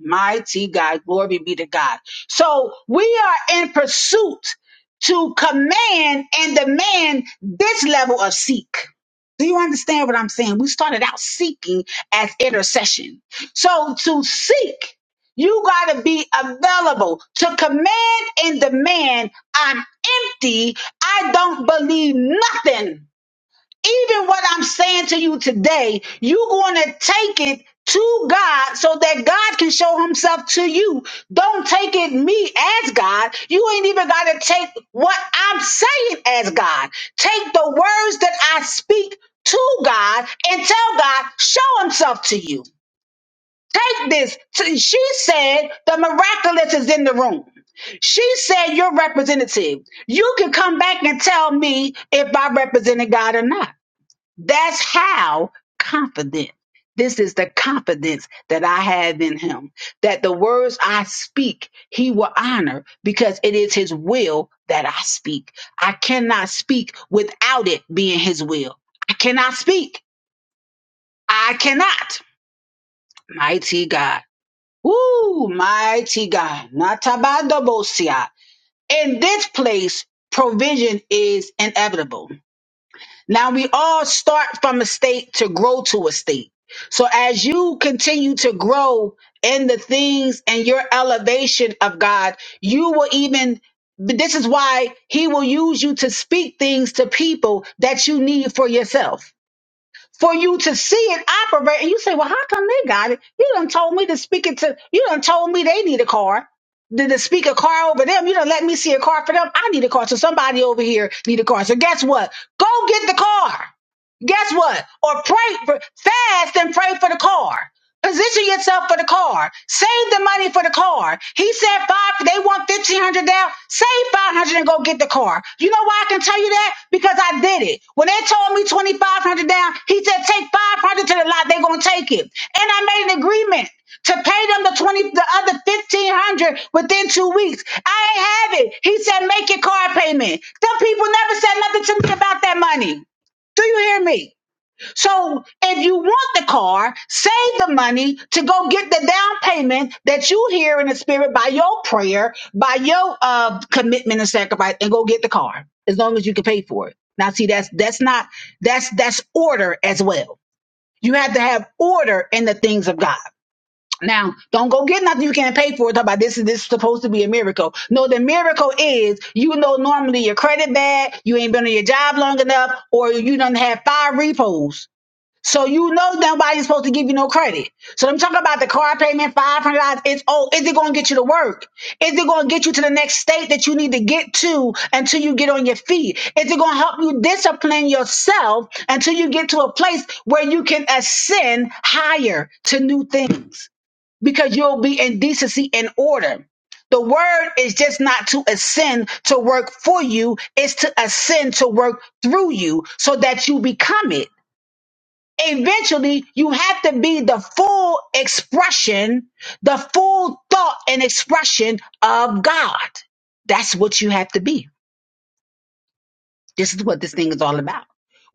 Mighty God, glory be to God. So we are in pursuit to command and demand this level of seek. Do you understand what I'm saying? We started out seeking as intercession. So to seek, you got to be available to command and demand. I'm empty. I don't believe nothing even what I'm saying to you today, you're going to take it to God so that God can show himself to you. Don't take it me as God. You ain't even got to take what I'm saying as God. Take the words that I speak to God and tell God, show himself to you. Take this. T- She said the miraculous is in the room. She said, Your representative, you can come back and tell me if I represented God or not. That's how confident. This is the confidence that I have in him that the words I speak, he will honor because it is his will that I speak. I cannot speak without it being his will. I cannot speak. I cannot. Mighty God. Woo, mighty God. Natabandabosia. In this place, provision is inevitable Now we all start from a state to grow to a state. So as you continue to grow in the things and your elevation of God, you will even this is why he will use you to speak things to people that you need for yourself. For you to see it operate, and you say, Well, how come they got it? You done told me to speak it to you done told me they need a car. To, to speak a car over them. You done let me see a car for them. I need a car. So somebody over here need a car. So guess what? Go get the car guess what? Or pray for fast and pray for the car. Position yourself for the car. Save the money for the car. He said five. They want fifteen hundred down. Save five hundred and go get the car. You know why I can tell you that? Because I did it. When they told me twenty five hundred down, he said take five hundred to the lot. They're gonna take it. And I made an agreement to pay them the twenty, the other fifteen hundred within two weeks. I ain't have it. He said make your car payment. Them people never said nothing to me about that money. Do you hear me? So if you want the car, save the money to go get the down payment that you hear in the spirit by your prayer, by your uh, commitment and sacrifice, and go get the car as long as you can pay for it. Now, see, that's that's not that's that's order as well. You have to have order in the things of God. Now, don't go get nothing you can't pay for. Talk about this is this is supposed to be a miracle. No, the miracle is you know normally your credit bad, you ain't been on your job long enough, or you don't have five repos so you know nobody's supposed to give you no credit. So I'm talking about the car payment, five hundred dollars. It's oh, is it going to get you to work? Is it going to get you to the next state that you need to get to until you get on your feet? Is it going to help you discipline yourself until you get to a place where you can ascend higher to new things? Because you'll be in decency and order. The word is just not to ascend to work for you; it's to ascend to work through you, so that you become it eventually you have to be the full expression, the full thought and expression of God. That's what you have to be. This is what this thing is all about.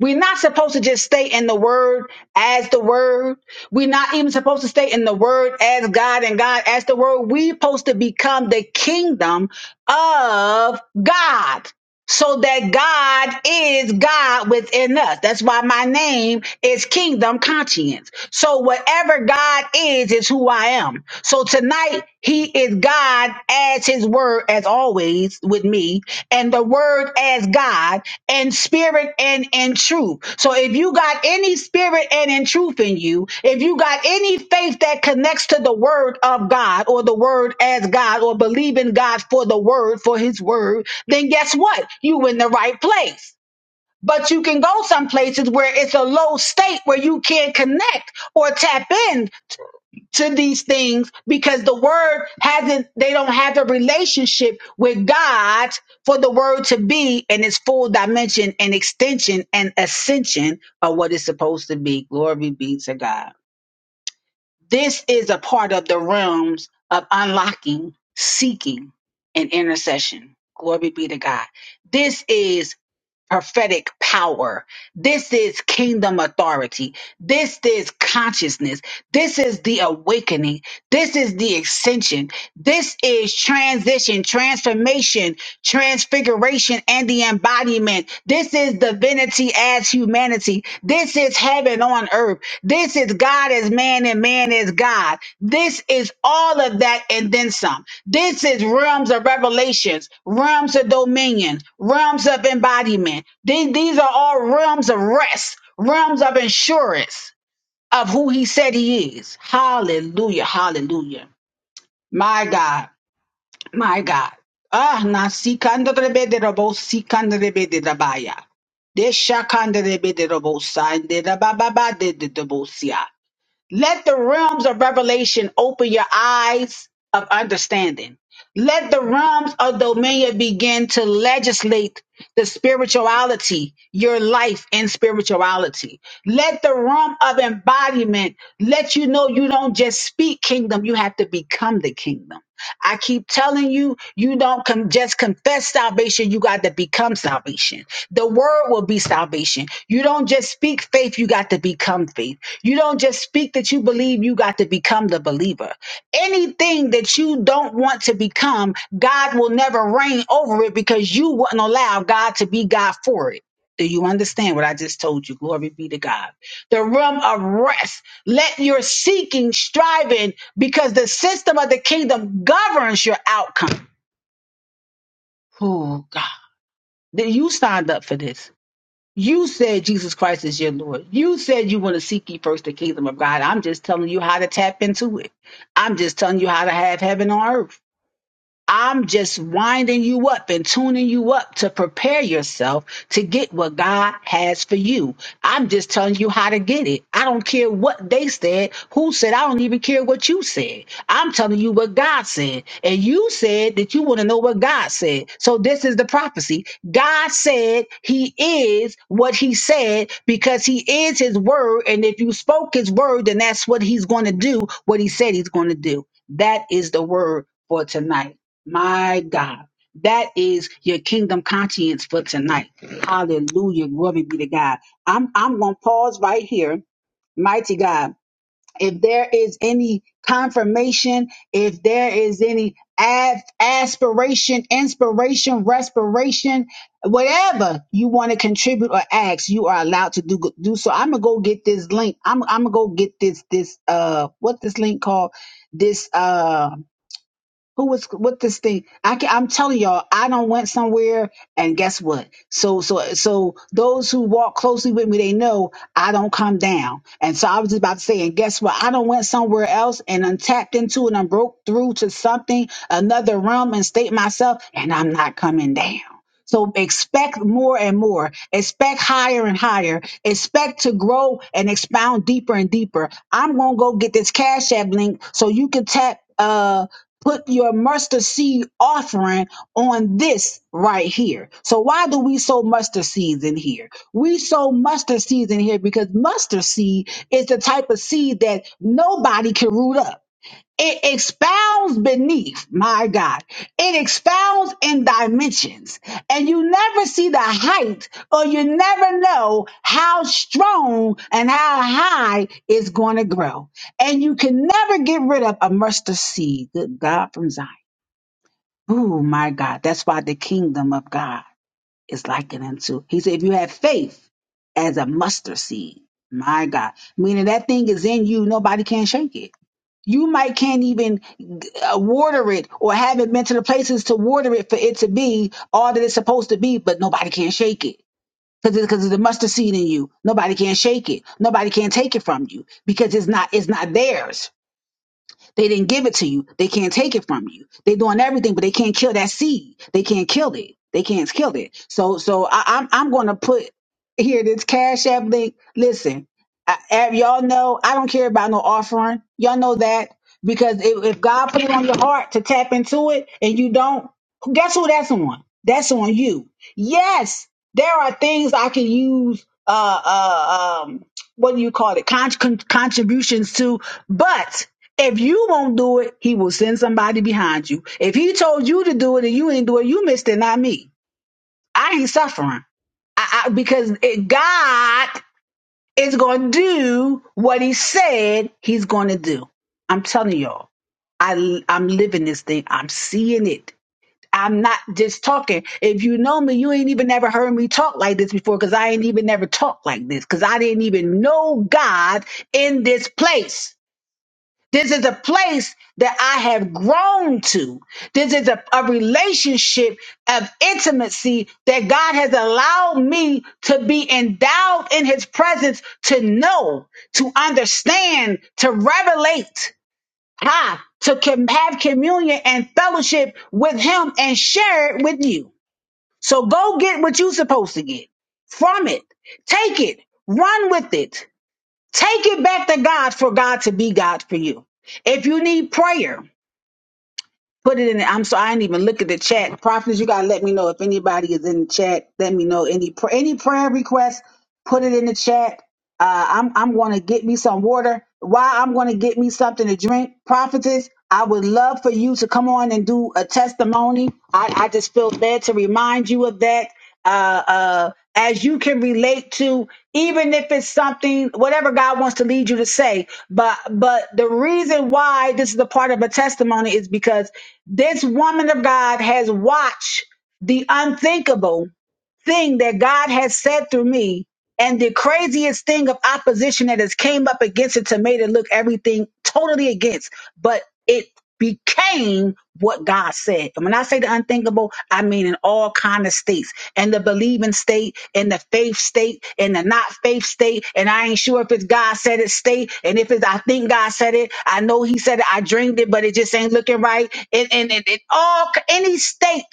We're not supposed to just stay in the word as the word. We're not even supposed to stay in the word as God and God as the word. We're supposed to become the kingdom of God so that God is God within us. That's why my name is Kingdom Conscience. So whatever God is, is who I am. So tonight, He is God as His Word, as always, with me, and the Word as God. God and spirit and in truth. So if you got any spirit and in truth in you, if you got any faith that connects to the word of God or the word as God or believe in God for the word, for his word, then guess what? You in the right place. But you can go some places where it's a low state where you can't connect or tap in to these things because the word hasn't, they don't have a relationship with God for the word to be in its full dimension and extension and ascension of what it's supposed to be. Glory be to God. This is a part of the realms of unlocking, seeking, and intercession. Glory be to God. This is prophetic power. This is kingdom authority. This is consciousness. This is the awakening. This is the ascension. This is transition, transformation, transfiguration, and the embodiment. This is divinity as humanity. This this is heaven on earth. This is God as man and man as God. This is all of that and then some. This is realms of revelations, realms of dominion, realms of embodiment. Then these are all realms of rest, realms of assurance of who he said he is. Hallelujah. Hallelujah. My God. My God. Ah, na sikanda rebe de robo sikanda rebe de rabaya. De shakanda rebe de robo sign de rabababa de de dobosia. Let the realms of revelation open your eyes of understanding. Let the realms of dominion begin to legislate the spirituality, your life in spirituality. Let the realm of embodiment let you know you don't just speak kingdom, you have to become the kingdom. I keep telling you, you don't com- just confess salvation, you got to become salvation. The word will be salvation. You don't just speak faith, you got to become faith. You don't just speak that you believe, you got to become the believer. Anything that you don't want to become, God will never reign over it because you wouldn't allow God to be God for it. Do you understand what I just told you? Glory be to God. The realm of rest. Let your seeking, striving, because the system of the kingdom governs your outcome. Oh, God. Then You signed up for this. You said Jesus Christ is your Lord. You said you want to seek ye first the kingdom of God. I'm just telling you how to tap into it. I'm just telling you how to have heaven on earth. I'm just winding you up and tuning you up to prepare yourself to get what God has for you. I'm just telling you how to get it. I don't care what they said, who said, I don't even care what you said. I'm telling you what God said. And you said that you want to know what God said. So this is the prophecy. God said he is what he said because he is his word. And if you spoke his word, then that's what he's going to do, what he said he's going to do. That is the word for tonight. My God. That is your kingdom conscience for tonight. Hallelujah. Glory be to God. I'm I'm gonna pause right here. Mighty God. If there is any confirmation, if there is any ad- aspiration, inspiration, respiration, whatever you want to contribute or ask, you are allowed to do do so. I'm gonna go get this link. I'm I'm gonna go get this this uh what this link called? This uh who was with this thing? I can, I'm telling y'all, I don't went somewhere, and guess what? So, so, so those who walk closely with me, they know I don't come down. And so I was just about to say, and guess what? I don't went somewhere else, and I'm tapped into, and I broke through to something, another realm, and state myself, and I'm not coming down. So expect more and more, expect higher and higher, expect to grow and expound deeper and deeper. I'm going to go get this Cash App link so you can tap, uh, put your mustard seed offering on this right here. So why do we sow mustard seeds in here? We sow mustard seeds in here because mustard seed is the type of seed that nobody can root up. It expounds beneath, my God. It expounds in dimensions. And you never see the height or you never know how strong and how high it's going to grow. And you can never get rid of a mustard seed. Good God from Zion. Ooh, my God. That's why the kingdom of God is likened unto. He said, if you have faith as a mustard seed, my God, meaning that thing is in you, nobody can shake it you might can't even uh, water it or haven't been to the places to water it for it to be all that it's supposed to be, but nobody can shake it because because of the mustard seed in you. Nobody can shake it. Nobody can take it from you because it's not it's not theirs. They didn't give it to you. They can't take it from you. They're doing everything, but they can't kill that seed. They can't kill it. They can't kill it. So so I, I'm I'm going to put here this cash app link listen I, I- y'all know i don't care about no offering y'all know that because if, if god put it on your heart to tap into it and you don't guess who that's on that's on you yes there are things i can use uh uh um what do you call it con- con- contributions to but if you won't do it, he will send somebody behind you. If he told you to do it and you ain't do it, you missed it, not me. I ain't suffering. I, I, because it, God is going to do what He said He's going to do. I'm telling y'all, I, I'm living this thing. I'm seeing it. I'm not just talking. If you know me, you ain't even never heard me talk like this before because I ain't even never talked like this because I didn't even know God in this place. This is a place that I have grown to. This is a, a relationship of intimacy that God has allowed me to be endowed in his presence to know, to understand, to revelate, ha, to com- have communion and fellowship with him and share it with you. So go get what you're supposed to get from it. Take it. Run with it Take it back to God for God to be God for you. If you need prayer, put it in. The, I'm sorry, I didn't even look at the chat. Prophets, you gotta let me know if anybody is in the chat. Let me know any pr- any prayer requests. Put it in the chat. Uh, I'm I'm gonna get me some water. Why I'm gonna get me something to drink. Prophetess, I would love for you to come on and do a testimony. I, I just feel bad to remind you of that uh, uh, as you can relate to, even if it's something, whatever God wants to lead you to say. But, but the reason why this is a part of a testimony is because this woman of God has watched the unthinkable thing that God has said through me and the craziest thing of opposition that has came up against it to made it look everything totally against, but it became what God said. And when I say the unthinkable, I mean in all kind of states. And the believing state, and the faith state, and the not faith state, and I ain't sure if it's God said it state, and if it's I think God said it, I know he said it, I dreamed it, but it just ain't looking right. And and, and, and all any state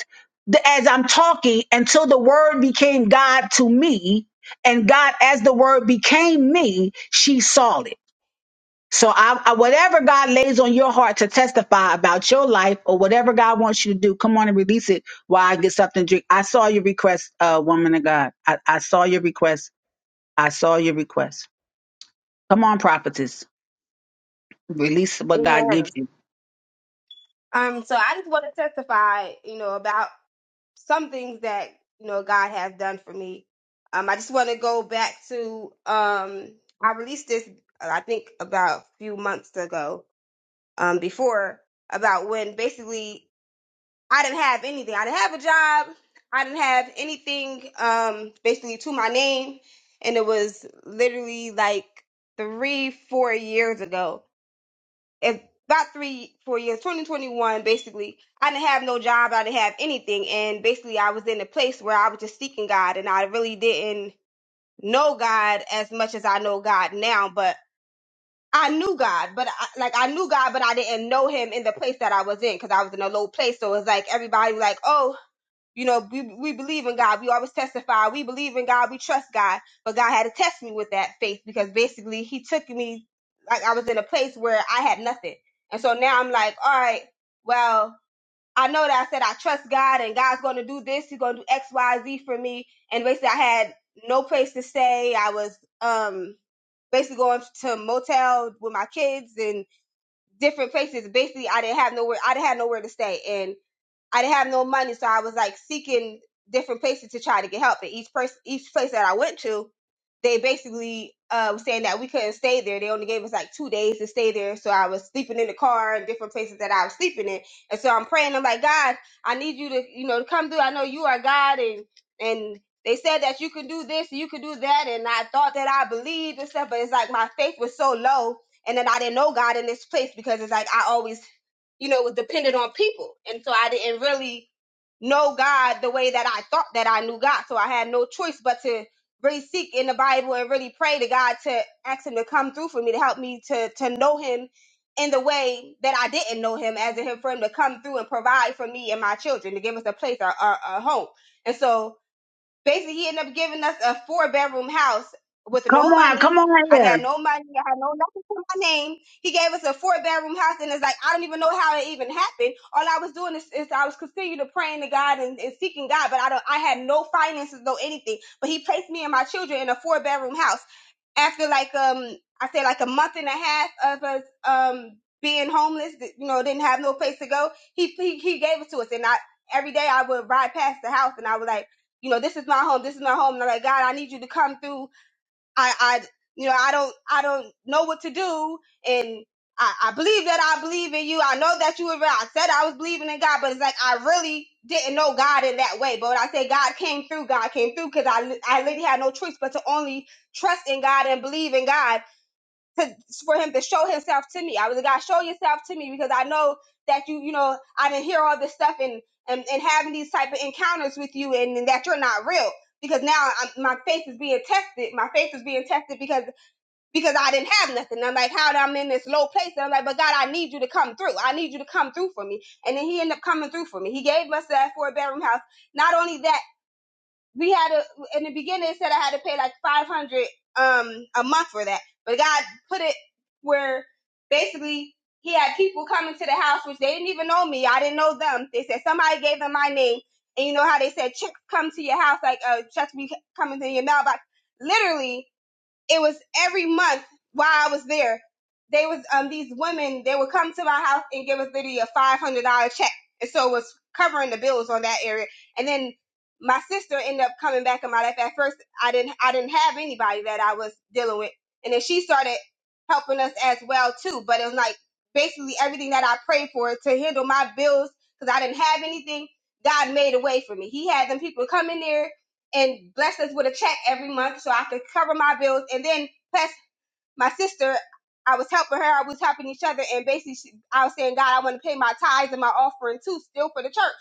the- as I'm talking until the word became God to me, and God, as the word became me, she saw it. So I, I whatever God lays on your heart to testify about your life or whatever God wants you to do, come on and release it while I get something to drink. I saw your request, uh, woman of God. I, I saw your request. I saw your request. Come on, prophetess. Release what God Amen. gives you. Um, so I just want to testify, you know, about some things that you know God has done for me. Um, I just want to go back to um, I released this uh, I think about a few months ago um, before about when basically I didn't have anything. I didn't have a job. I didn't have anything um, basically to my name, and it was literally like three, four years ago if about three, four years, 2021, basically, I didn't have no job. I didn't have anything. And basically, I was in a place where I was just seeking God and I really didn't know God as much as I know God now. But I knew God, but I, like I knew God, but I didn't know him in the place that I was in because I was in a low place. So it was like everybody was like, oh, you know, we, we believe in God. We always testify. We believe in God. We trust God. But God had to test me with that faith because basically he took me like I was in a place where I had nothing. And so now I'm like, all right, well, I know that I said I trust God and God's going to do this. He's going to do X, Y, Z for me. And basically I had no place to stay. I was, um, basically going to a motel with my kids and different places. Basically I didn't have nowhere, I didn't have nowhere to stay. and. I didn't have no money, so I was like seeking different places to try to get help. And each person, each place that I went to, they basically uh, was saying that we couldn't stay there. They only gave us like two days to stay there. So I was sleeping in the car and different places that I was sleeping in. And so I'm praying. I'm like, God, I need you to, you know, to come through. I know you are God, and and they said that you can do this, you can do that, and I thought that I believed and stuff. But it's like my faith was so low, and then I didn't know God in this place because it's like I always you know, it was dependent on people. And so I didn't really know God the way that I thought that I knew God. So I had no choice but to really seek in the Bible and really pray to God to ask him to come through for me, to help me to to know him in the way that I didn't know him, as in him for him to come through and provide for me and my children, to give us a place, a, a, a home. And so basically he ended up giving us a four bedroom house with Come no on, come money. on I'd had here. no money. I had no nothing to my name. He gave us a four bedroom house, and it's like I don't even know how it even happened. All I was doing is, is I was continuing to praying to God and, and seeking God, but I don't. I had no finances, no anything. But He placed me and my children in a four bedroom house after like um I say like a month and a half of us um being homeless, you know, didn't have no place to go. He he, he gave it to us, and I every day I would ride past the house, and I was like, you know, this is my home, this is my home, and I'm like, God, I need you to come through I, I, you know, I don't, I don't know what to do. And I, I believe that I believe in you. I know that you were, I said I was believing in God, but it's like, I really didn't know God in that way. But when I say God came through, God came through because I, I literally had no choice but to only trust in God and believe in God to for him to show himself to me. I was like, God, show yourself to me because I know that you, you know, I didn't hear all this stuff and and, and having these type of encounters with you and, and that you're not real because now I'm, my faith is being tested. My faith is being tested because because I didn't have nothing. I'm like, how I'm in this low place, and I'm like, but God, I need you to come through. I need you to come through for me. And then He ended up coming through for me. He gave us that four bedroom house. Not only that we had a in the beginning it said I had to pay like five hundred um a month for that, but God put it where basically He had people coming to the house which they didn't even know me. I didn't know them. They said somebody gave them my name, and you know how they said checks come to your house like uh checks be coming to your mailbox. Literally, it was every month while I was there, they was um these women they would come to my house and give us literally a five hundred dollar check, and so it was covering the bills on that area. And then my sister ended up coming back in my life. At first, I didn't I didn't have anybody that I was dealing with, and then she started helping us as well too. But it was like basically everything that I prayed for to handle my bills because I didn't have anything. God made a way for me. He had them people come in there and blessed us with a check every month so I could cover my bills. And then plus my sister, I was helping her. I was helping each other, and basically she, I was saying, God, I want to pay my tithes and my offering too, still for the church.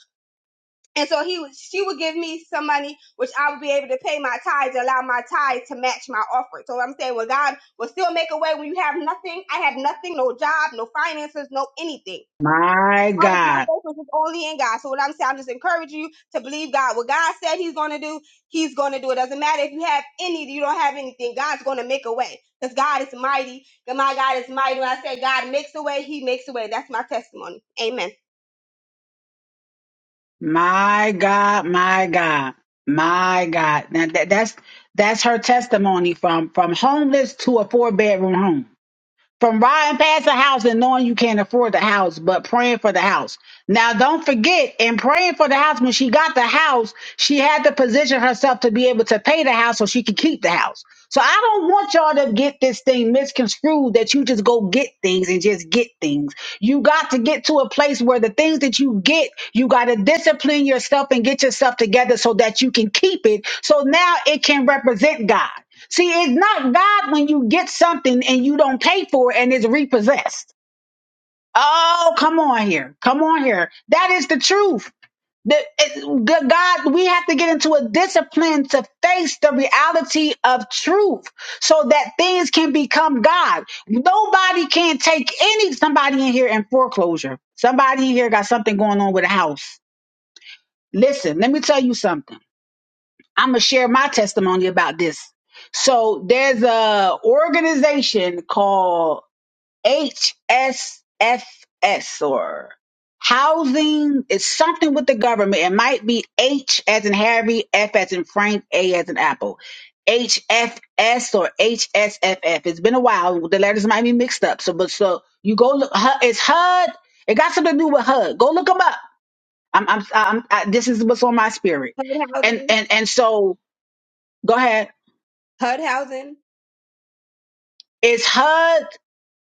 And so he was, she would give me some money, which I would be able to pay my tithes, allow my tithes to match my offering. So I'm saying, well, God will still make a way when you have nothing. I had nothing, no job, no finances, no anything. My I was, my God. faith was just only in God. So what I'm saying, I'm just encouraging you to believe God. What God said He's going to do, He's going to do. It doesn't matter if you have any, you don't have anything. God's going to make a way because God is mighty. And my God is mighty. When I say God makes a way, He makes a way. That's my testimony. Amen. My God, my God, my God. Now that, that's that's her testimony from from homeless to a four bedroom home from riding past the house and knowing you can't afford the house, but praying for the house. Now, don't forget, in praying for the house, when she got the house, she had to position herself to be able to pay the house so she could keep the house. So I don't want y'all to get this thing misconstrued that you just go get things and just get things. You got to get to a place where the things that you get, you got to discipline yourself and get yourself together so that you can keep it. So now it can represent God. See, it's not God when you get something and you don't pay for it and it's repossessed. Oh, come on here. Come on here. That is the truth. The, it- the God, we have to get into a discipline to face the reality of truth so that things can become God. Nobody can take any somebody in here in foreclosure. Somebody in here got something going on with a house. Listen, let me tell you something. I'm gonna share my testimony about this. So there's a organization called HSFS or Housing. It's something with the government. It might be H as in Harry, F as in Frank, A as in Apple. HFS or HSFF. It's been a while. The letters might be mixed up. So, but so you go look. Hu- It's HUD. It got something to do with HUD. Go look them up. I'm. I'm. I'm I, this is what's on my spirit. And Hudhausen, and and so Go ahead. Hudhausen, It's HUD.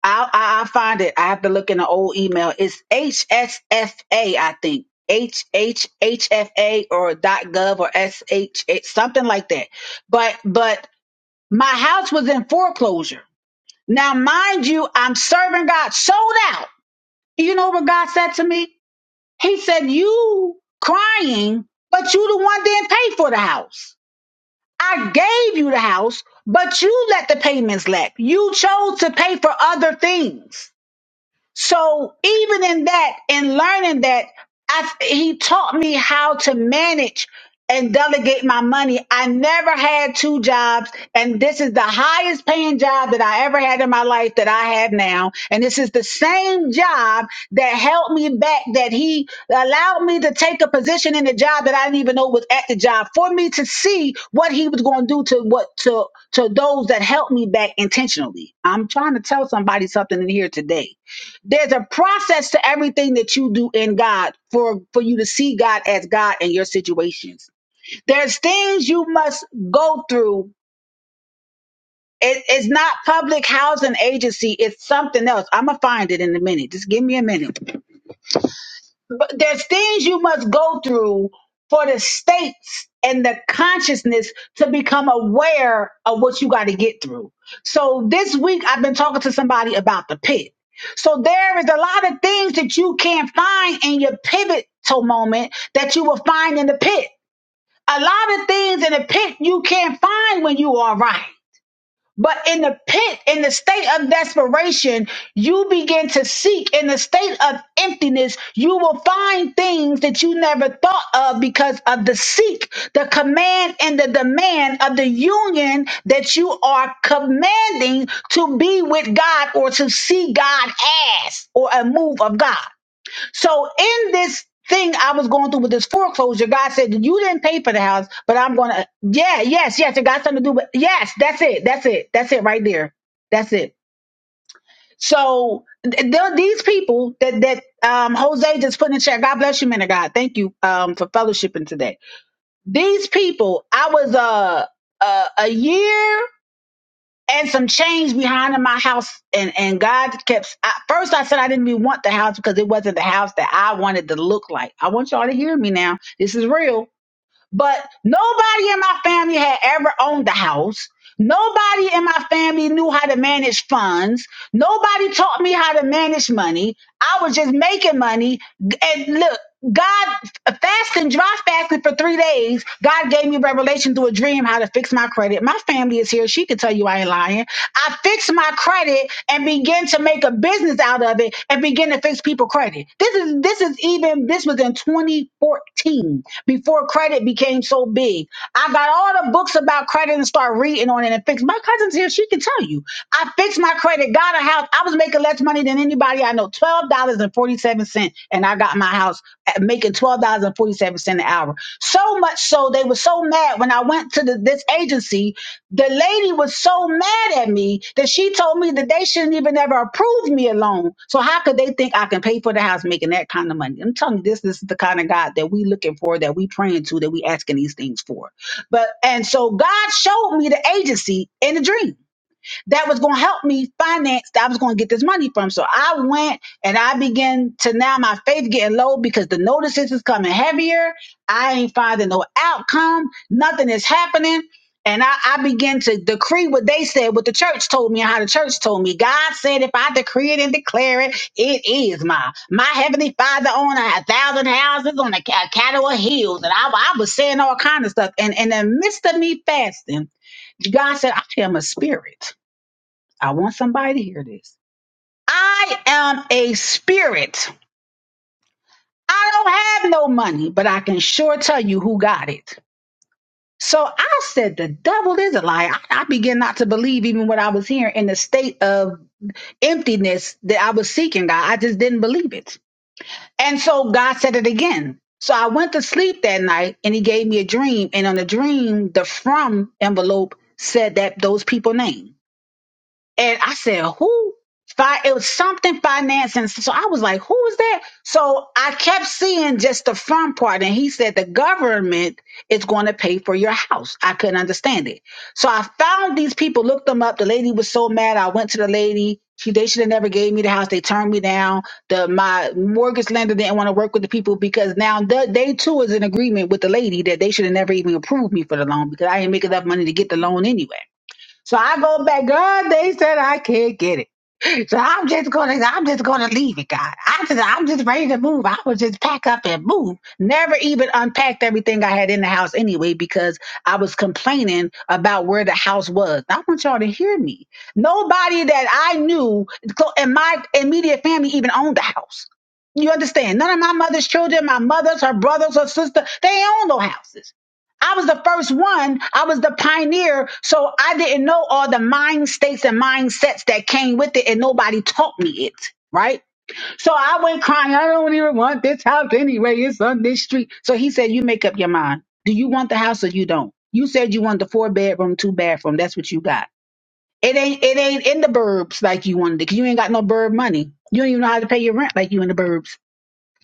I'll, I- will i will find it. I have to look in the old email. It's HSFA, I think. HHHFA or .gov or SH, something like that. But, but my house was in foreclosure. Now, mind you, I'm serving God sold out. You know what God said to me? He said, you crying, but you the one didn't pay for the house. I gave you the house, but you let the payments lapse. You chose to pay for other things. So even in that, in learning that, I, he taught me how to manage and delegate my money. I never had two jobs, and this is the highest paying job that I ever had in my life that I have now. And this is the same job that held me back, that he allowed me to take a position in the job that I didn't even know was at the job for me to see what he was going to do to what to to those that helped me back intentionally. I'm trying to tell somebody something in here today there's a process to everything that you do in God for for you to see God as God in your situations. There's things you must go through. It- it's not public housing agency. It's something else. I'm gonna find it in a minute. Just give me a minute but there's things you must go through for the states and the consciousness to become aware of what you got to get through. So this week I've been talking to somebody about the pit. So there is a lot of things that you can't find in your pivotal moment that you will find in the pit. A lot of things in the pit you can't find when you are right. But in the pit, in the state of desperation, you begin to seek. In the state of emptiness, you will find things that you never thought of because of the seek, the command and the demand of the union that you are commanding to be with God or to see God as or a move of God. So in this thing I was going through with this foreclosure, God said, You didn't pay for the house, but I'm gonna Yeah, yes, yes, it got something to do with yes, that's it, that's it, that's it right there. That's it. So th- there are these people that that um Jose just put in the chat. God bless you, man of God. Thank you um for fellowshipping today. These people, I was uh uh, a year and some change behind in my house. And and God kept. At first, I said I didn't even want the house because it wasn't the house that I wanted to look like. I want y'all to hear me now. This is real but nobody in my family had ever owned a house. Nobody in my family knew how to manage funds. Nobody taught me how to manage money. I was just making money. And look, God fasting, dry fasting for three days. God gave me revelation through a dream how to fix my credit. My family is here. She can tell you I ain't lying. I fix my credit and begin to make a business out of it and begin to fix people credit. This is this is even this was in 2014 before credit became so big. I got all the books about credit and start reading on it and fix. My cousin's here; she can tell you. I fixed my credit, got a house. I was making less money than anybody I know, twelve dollars and forty seven cents cent, and I got my house at making twelve dollars and forty seven cent an hour. So much so they were so mad when I went to the, this agency. The lady was so mad at me that she told me that they shouldn't even ever approve me a loan. So how could they think I can pay for the house making that kind of money? I'm telling you, this this is the kind of God that we looking for, that we praying to, that we asking these things for. But and so God showed me the agency in the dream that was going to help me finance that I was going to get this money from. So I went and I began to now my faith getting low because the notices is coming heavier. I ain't finding no outcome. Nothing is happening. And I, I began to decree what they said, what the church told me, and how the church told me. God said, if I decree it and declare it, it is mine. My heavenly Father owned a thousand houses on a, ca- a cattle of hills, and I, I was saying all kind of stuff. And and in the midst of me fasting, God said, I am a spirit. I want somebody to hear this. I am a spirit. I don't have no money, but I can sure tell you who got it. So I said, the devil is a liar. I, I began not to believe even what I was hearing in the state of emptiness that I was seeking, God. I just didn't believe it. And so God said it again. So I went to sleep that night and he gave me a dream. And on the dream, the from envelope said that those people name. And I said, who? Fi- It was something financing. So I was like, who is that? So I kept seeing just the front part. And he said, the government is going to pay for your house. I couldn't understand it. So I found these people, looked them up. The lady was so mad. I went to the lady. She, they should have never gave me the house. They turned me down. The my mortgage lender didn't want to work with the people because now the, they too is in agreement with the lady that they should have never even approved me for the loan because I didn't make enough money to get the loan anyway. So I go back, God, they said I can't get it. So I'm just gonna, I'm just gonna leave it, God. I just, I'm just ready to move. I would just pack up and move. Never even unpacked everything I had in the house anyway because I was complaining about where the house was. I want y'all to hear me. Nobody that I knew clo- in my immediate family even owned the house. You understand? None of my mother's children, my mother's, her brothers, her sister, they own no houses. I was the first one. I was the pioneer. So I didn't know all the mind states and mindsets that came with it, and nobody taught me it. Right. So I went crying. I don't even want this house anyway. It's on this street. So he said, You make up your mind. Do you want the house or you don't? You said you want the four bedroom, two bathroom. That's what you got. It ain't it ain't in the burbs like you wanted it, 'cause you ain't got no burb money. You don't even know how to pay your rent like you in the burbs.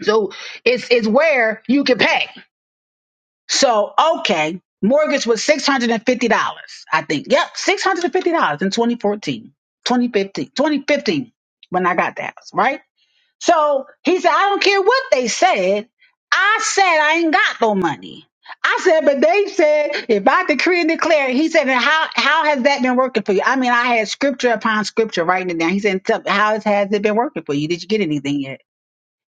So it's it's where you can pay. So, okay, mortgage was $650, I think. Yep, $650 in 2014, 2015, 2015 when I got the house, right? So he said, I don't care what they said. I said, I ain't got no money. I said, but they said, if I decree and declare, he said, and how, how has that been working for you? I mean, I had scripture upon scripture writing it down. He said, tell- how has it been working for you? Did you get anything yet?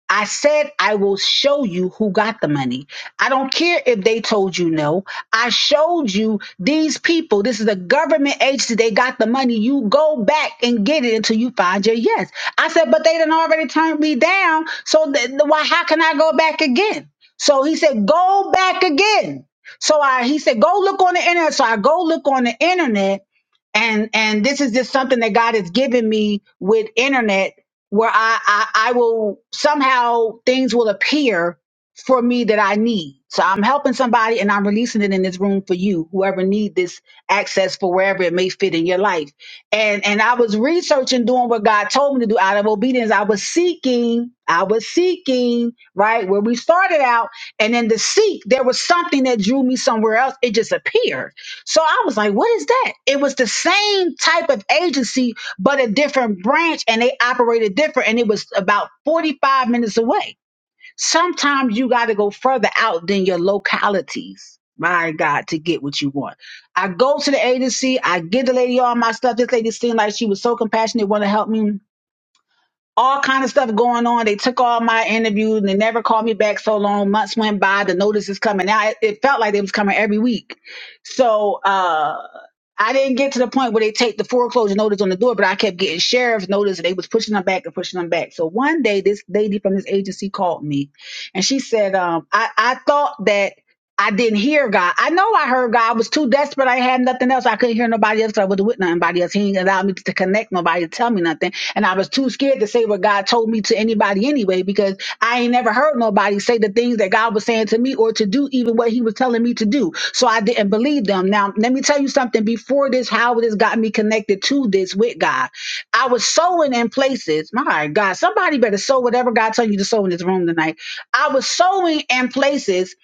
I said I will show you who got the money. I don't care if they told you no. I showed you these people. This is a government agency. They got the money. You go back and get it until you find your yes. I said, but they done already turned me down. So th- th- why? How can I go back again? So he said, go back again. So I, he said, go look on the internet. So I go look on the internet and and this is just something that God has given me with internet where I, I I will somehow things will appear for me that I need. So I'm helping somebody and I'm releasing it in this room for you, whoever need this access for wherever it may fit in your life. And and I was researching doing what God told me to do out of obedience. I was seeking, I was seeking, right? Where we started out and then to seek, there was something that drew me somewhere else. It just appeared. So I was like, what is that? It was the same type of agency but a different branch and they operated different and it was about 45 minutes away. Sometimes you got to go further out than your localities. My God, to get what you want. I go to the agency. I get the lady all my stuff. This lady seemed like she was so compassionate, want to help me all kind of stuff going on. They took all my interviews and they never called me back so long. Months went by. The notices coming out. It, it felt like they was coming every week. So uh I didn't get to the point where they take the foreclosure notice on the door, but I kept getting sheriff's notice and they was pushing them back and pushing them back. So one day this lady from this agency called me and she said, um, I, I thought that I didn't hear God. I know I heard God. I was too desperate. I had nothing else. I couldn't hear nobody else. I wasn't with nobody else. He didn't allow me to connect nobody to tell me nothing. And I was too scared to say what God told me to anybody anyway, because I ain't never heard nobody say the things that God was saying to me or to do even what he was telling me to do. So I didn't believe them. Now, let me tell you something before this, how this got me connected to this with God. I was sowing in places. My God, somebody better sow whatever God tell you to sow in this room tonight. I was sowing in places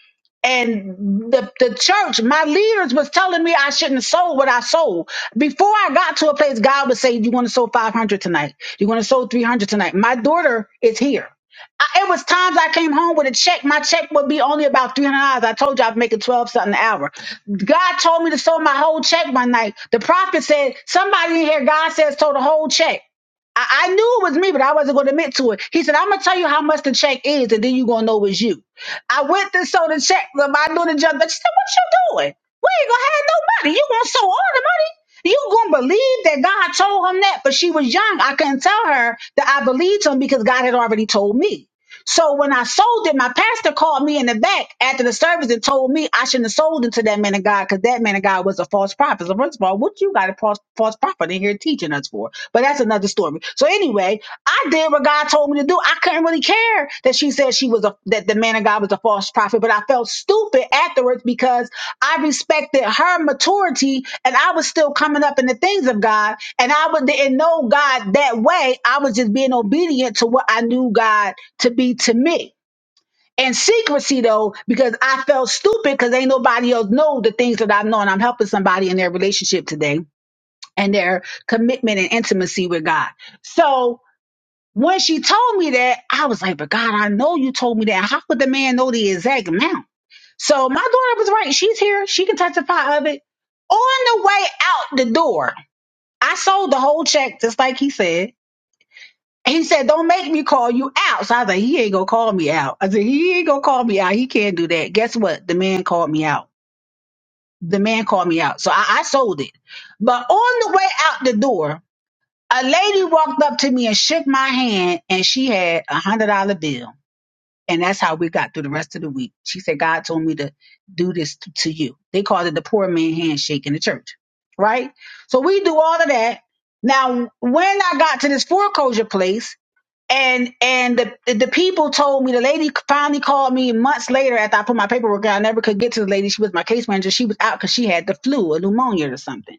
and the, the church, my leaders was telling me I shouldn't sow what I sold. Before I got to a place, God would say, you want to sow 500 tonight. you want to sow 300 tonight. My daughter is here. I, it was times I came home with a check. My check would be only about $300. I told you I'd make it 12 something an hour. God told me to sow my whole check one night. The prophet said, somebody in here, God says, sow the whole check. I, I knew it was me, but I wasn't going to admit to it. He said, I'm going to tell you how much the check is, and then you're going to know it's you. I went and sold the check. but I knew the judge, but she said, What you doing? We ain't going to have no money. You going to sew all the money? You going to believe that God told him that? But she was young. I couldn't tell her that I believed him because God had already told me. So when I sold it, my pastor called me in the back after the service and told me I shouldn't have sold it to that man of God because that man of God was a false prophet. So first of all, what you got a false, false prophet in here teaching us for? But that's another story. So anyway, I did what God told me to do. I couldn't really care that she. She said she was a that the man of God was a false prophet, but I felt stupid afterwards because I respected her maturity and I was still coming up in the things of God and I would didn't know God that way. I was just being obedient to what I knew God to be to me. And secrecy though, because I felt stupid because ain't nobody else know the things that I know and I'm helping somebody in their relationship today and their commitment and intimacy with God. So when she told me that, I was like, but God, I know you told me that. How could the man know the exact amount? So my daughter was right. She's here. She can testify of it. On the way out the door, I sold the whole check just like he said. He said, Don't make me call you out. So I was like, He ain't gonna call me out. I said, He ain't gonna call me out. He can't do that. Guess what? The man called me out. The man called me out. So I, I sold it. But on the way out the door, a lady walked up to me and shook my hand and she had a one hundred dollar bill. And that's how we got through the rest of the week. She said, God told me to do this t- to you. They called it the poor man handshake in the church, right? So we do all of that. Now, when I got to this foreclosure place, and and the the the people told me the lady finally called me months later after I put my paperwork out. I never could get to the lady. She was my case manager. She was out because she had the flu, or pneumonia, or something.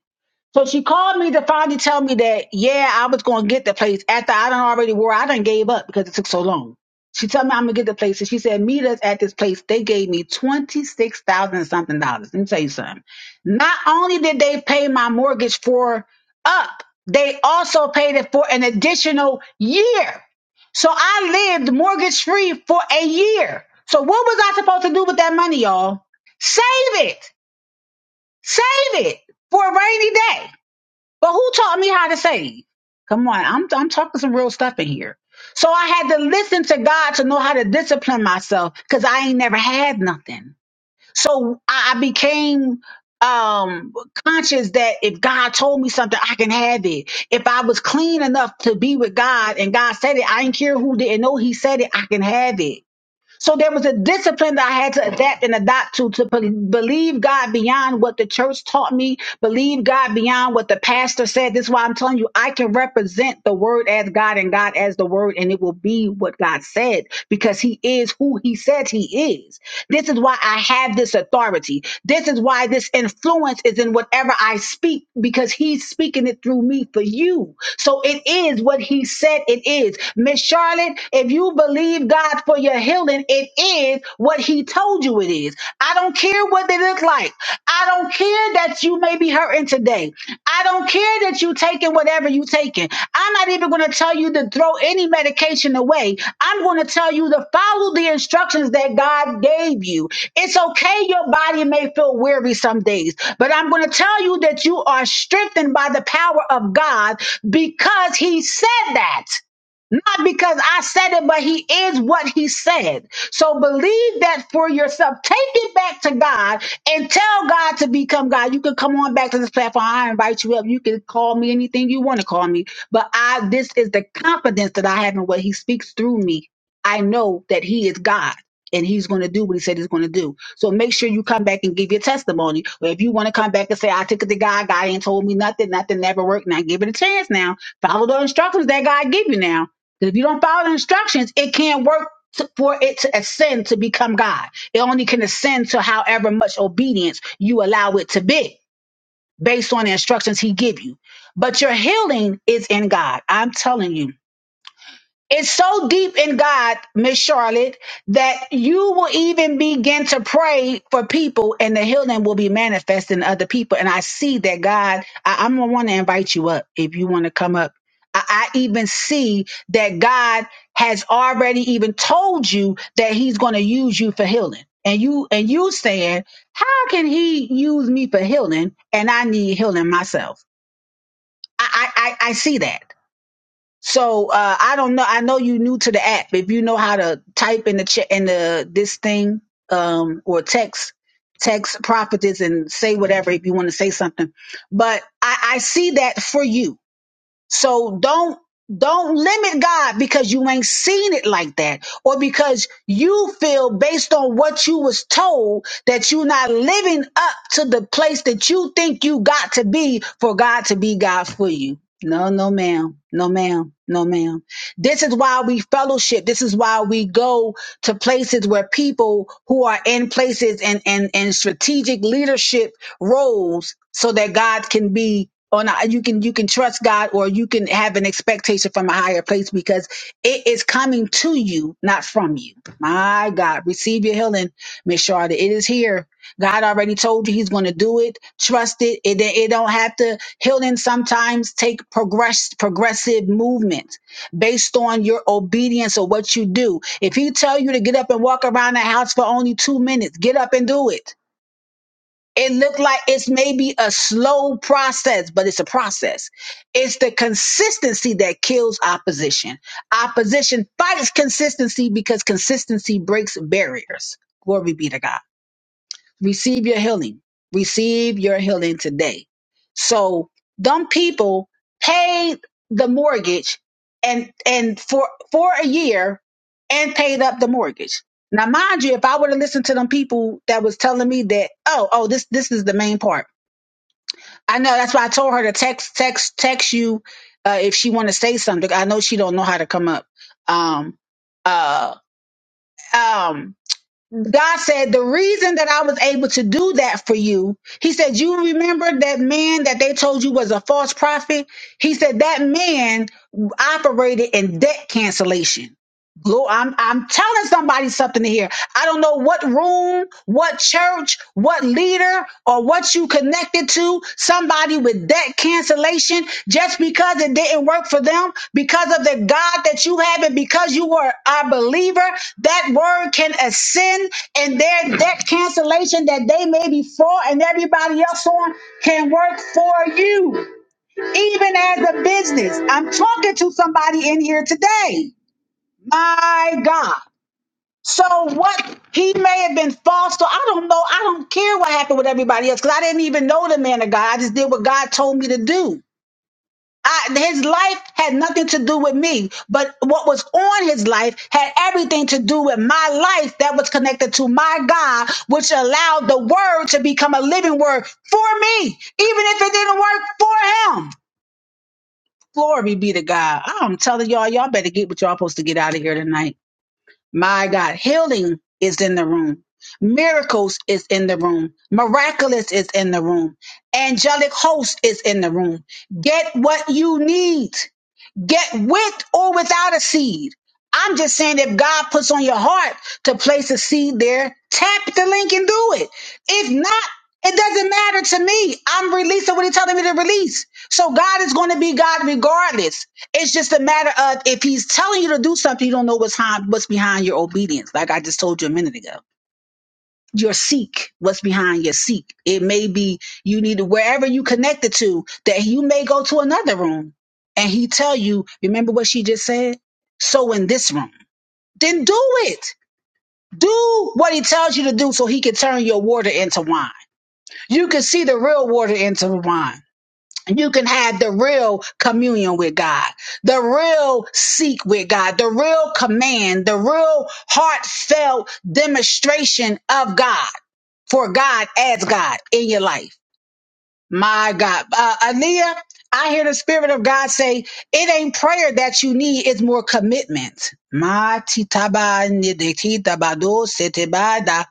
So she called me to finally tell me that, yeah, I was going to get the place after I done already wore. I done gave up because it took so long. She told me I'm going to get the place. And she said, meet us at this place. They gave me 26000 and something dollars. Let me tell you something. Not only did they pay my mortgage for up, they also paid it for an additional year. So I lived mortgage free for a year. So what was I supposed to do with that money, y'all? Save it. Save it for a rainy day. But who taught me how to save? Come on, I'm I'm talking some real stuff in here. So I had to listen to God to know how to discipline myself because I ain't never had nothing. So I I became um conscious that if God told me something, I can have it. If I was clean enough to be with God and God said it, I didn't care who didn't know He said it, I can have it so there was a discipline that I had to adapt and adopt to to be- believe God beyond what the church taught me, believe God beyond what the pastor said. This is why I'm telling you, I can represent the word as God and God as the word, and it will be what God said because He is who He says He is. This is why I have this authority. This is why this influence is in whatever I speak because He's speaking it through me for you. So it is what He said it is. Miss Charlotte, if you you believe God for your healing, it is what He told you it is. I don't care what they look like. I don't care that you may be hurting today. I don't care that you taking whatever you taking. I'm not even going to tell you to throw any medication away. I'm going to tell you to follow the instructions that God gave you. It's okay, your body may feel weary some days, but I'm going to tell you that you are strengthened by the power of God because He said that. Not because I said it, but he is what he said. So believe that for yourself. Take it back to God and tell God to become God. You can come on back to this platform. I invite you up. You can call me anything you want to call me. But I this is the confidence that I have in what he speaks through me. I know that he is God. And he's going to do what he said he's going to do. So make sure you come back and give your testimony. Or if you want to come back and say, I took it to God, God ain't told me nothing, nothing never worked. Now give it a chance now. Follow the instructions that God give you now because If you don't follow the instructions, it can't work to, for it to ascend to become God. It only can ascend to however much obedience you allow it to be based on the instructions he give you. But your healing is in God. I'm telling you it's so deep in God, Miss Charlotte, that you will even begin to pray for people and the healing will be manifest in other people. And I see that God, I, am gonna want to invite you up if you want to come up. I, I even see that God has already even told you that He's gonna use you for healing. And you and you saying, How can he use me for healing and I need healing myself? I I, I I see that. So uh, I don't know. I know you new to the app. If you know how to type in the ch- in the this thing um, or text text prophetess and say whatever if you want to say something. But I, I see that for you. So don't don't limit God because you ain't seen it like that or because you feel based on what you was told that you're not living up to the place that you think you got to be for God to be God for you. No, no, ma'am. No, ma'am. No, ma'am. This is why we fellowship. This is why we go to places where people who are in places and, and, and strategic leadership roles so that God can be or not you can you can trust god or you can have an expectation from a higher place because it is coming to you not from you my god receive your healing miss charlotte it is here god already told you he's going to do it trust it. it it don't have to healing sometimes take progress progressive movement based on your obedience or what you do if he tell you to get up and walk around the house for only two minutes get up and do it it looked like it's maybe a slow process, but it's a process. It's the consistency that kills opposition. Opposition fights consistency because consistency breaks barriers. Glory be to God receive your healing. Receive your healing today. So dumb people paid the mortgage and and for for a year and paid up the mortgage. Now mind you, if I would have listened to them people that was telling me that, oh, oh, this this is the main part. I know that's why I told her to text text text you uh, if she want to say something. I know she don't know how to come up. Um uh um God said, The reason that I was able to do that for you, he said, You remember that man that they told you was a false prophet? He said, That man operated in debt cancellation. Lord, I'm I'm telling somebody something here. I don't know what room, what church, what leader, or what you connected to. Somebody with debt cancellation just because it didn't work for them, because of the God that you have, and because you were a believer, that word can ascend, and their debt cancellation that they may be for and everybody else on can work for you, even as a business. I'm talking to somebody in here today. My God. So what he may have been false to, I don't know. I don't care what happened with everybody else because I didn't even know the man of God. I just did what God told me to do. I, his life had nothing to do with me, but what was on his life had everything to do with my life that was connected to my God, which allowed the word to become a living word for me, even if it didn't work for him. Glory be to God. I'm telling y'all, y'all better get what y'all supposed to get out of here tonight. My God, healing is in the room. Miracles is in the room. Miraculous is in the room. Angelic host is in the room. Get what you need get with or without a seed. I'm just saying if God puts on your heart to place a seed there, tap the link and do it. If not, it doesn't matter to me. I'm releasing what he's telling me to release. So God is going to be God regardless. It's just a matter of if he's telling you to do something, you don't know what's behind, what's behind your obedience, like I just told you a minute ago your seek what's behind your seek it may be you need to wherever you connected to that you may go to another room and he tell you remember what she just said so in this room then do it do what he tells you to do so he can turn your water into wine you can see the real water into the wine you can have the real communion with God, the real seek with God, the real command, the real heartfelt demonstration of God for God as God in your life. My God. Uh, Aaliyah, I hear the Spirit of God say, it ain't prayer that you need, it's more commitment. Ma titaba nidikitabado setebada.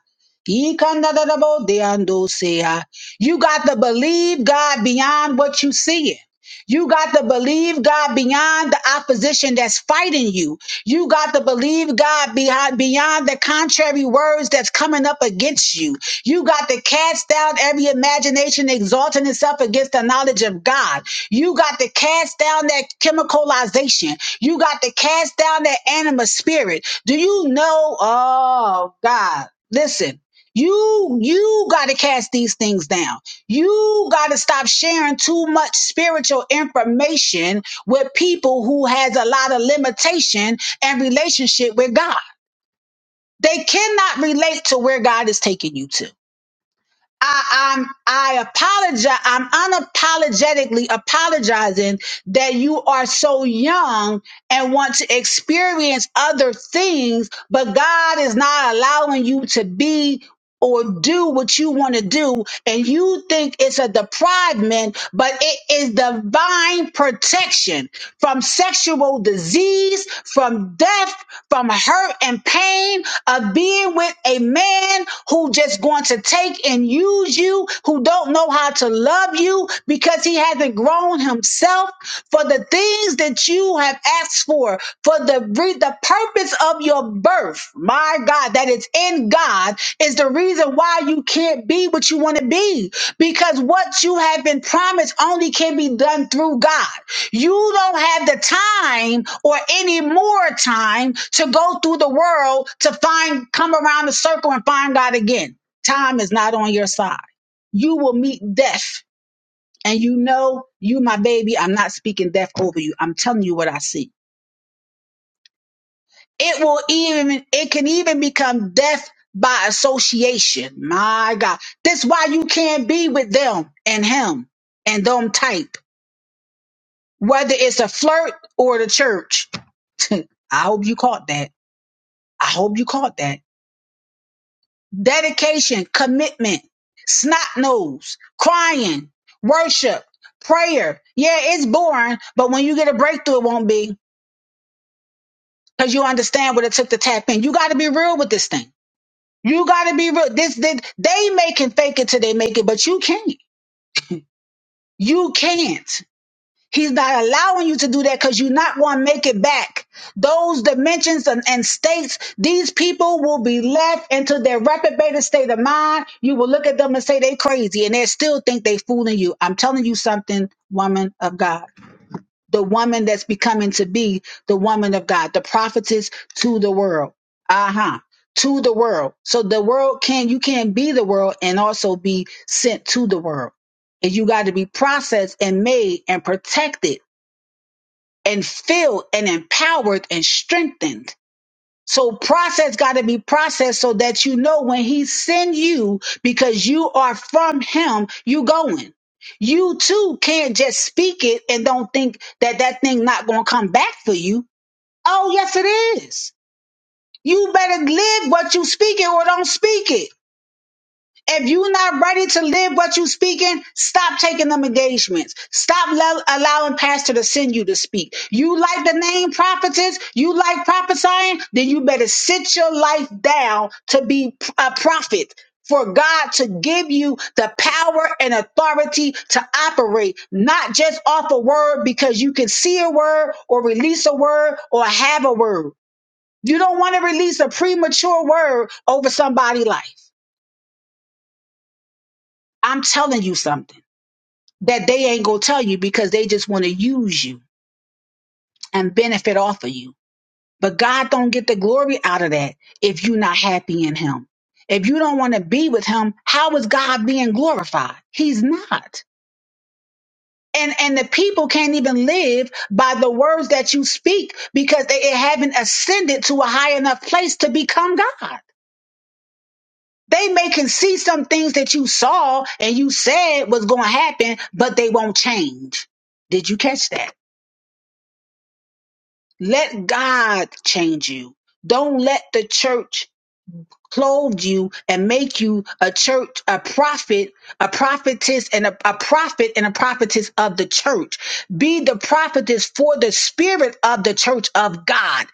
Ikandadadabo deandosea. You got to believe God beyond what you see you got to believe God beyond the opposition that's fighting you. You got to believe God beyond beyond the contrary words that's coming up against you. You got to cast down every imagination exalting itself against the knowledge of God. You got to cast down that chemicalization. You got to cast down that anima spirit. Do you know? Oh God. Listen, you you got to cast these things down. You got to stop sharing too much spiritual information with people who has a lot of limitation and relationship with God. They cannot relate to where God is taking you to. I, I'm, I apologize. I'm unapologetically apologizing that you are so young and want to experience other things, but God is not allowing you to be or do what you want to do. And you think it's a deprivement, but it is divine protection from sexual disease disease, from death, from hurt and pain of being with a man who just going to take and use you, who don't know how to love you because he hasn't grown himself for the things that you have asked for, for the re- the purpose of your birth. My God, that is in God is the reason why you can't be what you want to be because what you have been promised only can be done through God. You don't have the time or any more time to go through the world to find, come around the circle and find God again. Time is not on your side. You will meet death. And you know, you, my baby, I'm not speaking death over you. I'm telling you what I see. It will even, it can even become death by association. My God. That's why you can't be with them and him and them type. whether it's a flirt or the church. *laughs* I hope you caught that. I hope you caught that. Dedication, commitment, snot nose, crying, worship, prayer. Yeah, it's boring, but when you get a breakthrough, it won't be because you understand what it took to tap in. You got to be real with this thing. You got to be real. This, this they make and fake it till they make it, but you can't. You can't. He's not allowing you to do that because you're not going to make it back. Those dimensions and, and states, these people will be left into their reprobated state of mind. You will look at them and say they crazy and they still think they fooling you. I'm telling you something, woman of God. The woman that's becoming to be the woman of God, the prophetess to the world. Uh-huh. To the world. So the world can, you can be the world and also be sent to the world. And you got to be processed and made and protected and filled and empowered and strengthened. So process got to be processed so that you know when he send you because you are from him, you going. You too can't just speak it and don't think that that thing not going to come back for you. Oh yes it is. You better live what you speak it or don't speak it. If you're not ready to live what you're speaking, stop taking them engagements. Stop lo- allowing pastor to send you to speak. You like the name prophetess, you like prophesying, then you better sit your life down to be a prophet for God to give you the power and authority to operate, not just off a word because you can see a word or release a word or have a word. You don't want to release a premature word over somebody's life. I'm telling you something. that they ain't gonna tell you because they just want to use you and benefit off of you. But God don't get the glory out of that if you're not happy in Him. If you don't want to be with Him, how is God being glorified? He's not. And and the people can't even live by the words that you speak because they haven't ascended to a high enough place to become God. They may can see some things that you saw and you said was going to happen, but they won't change. Did you catch that? Let God change you. Don't let the church clothe you and make you a church, a prophet, a prophetess, and a, a prophet and a prophetess of the church. Be the prophetess for the spirit of the church of God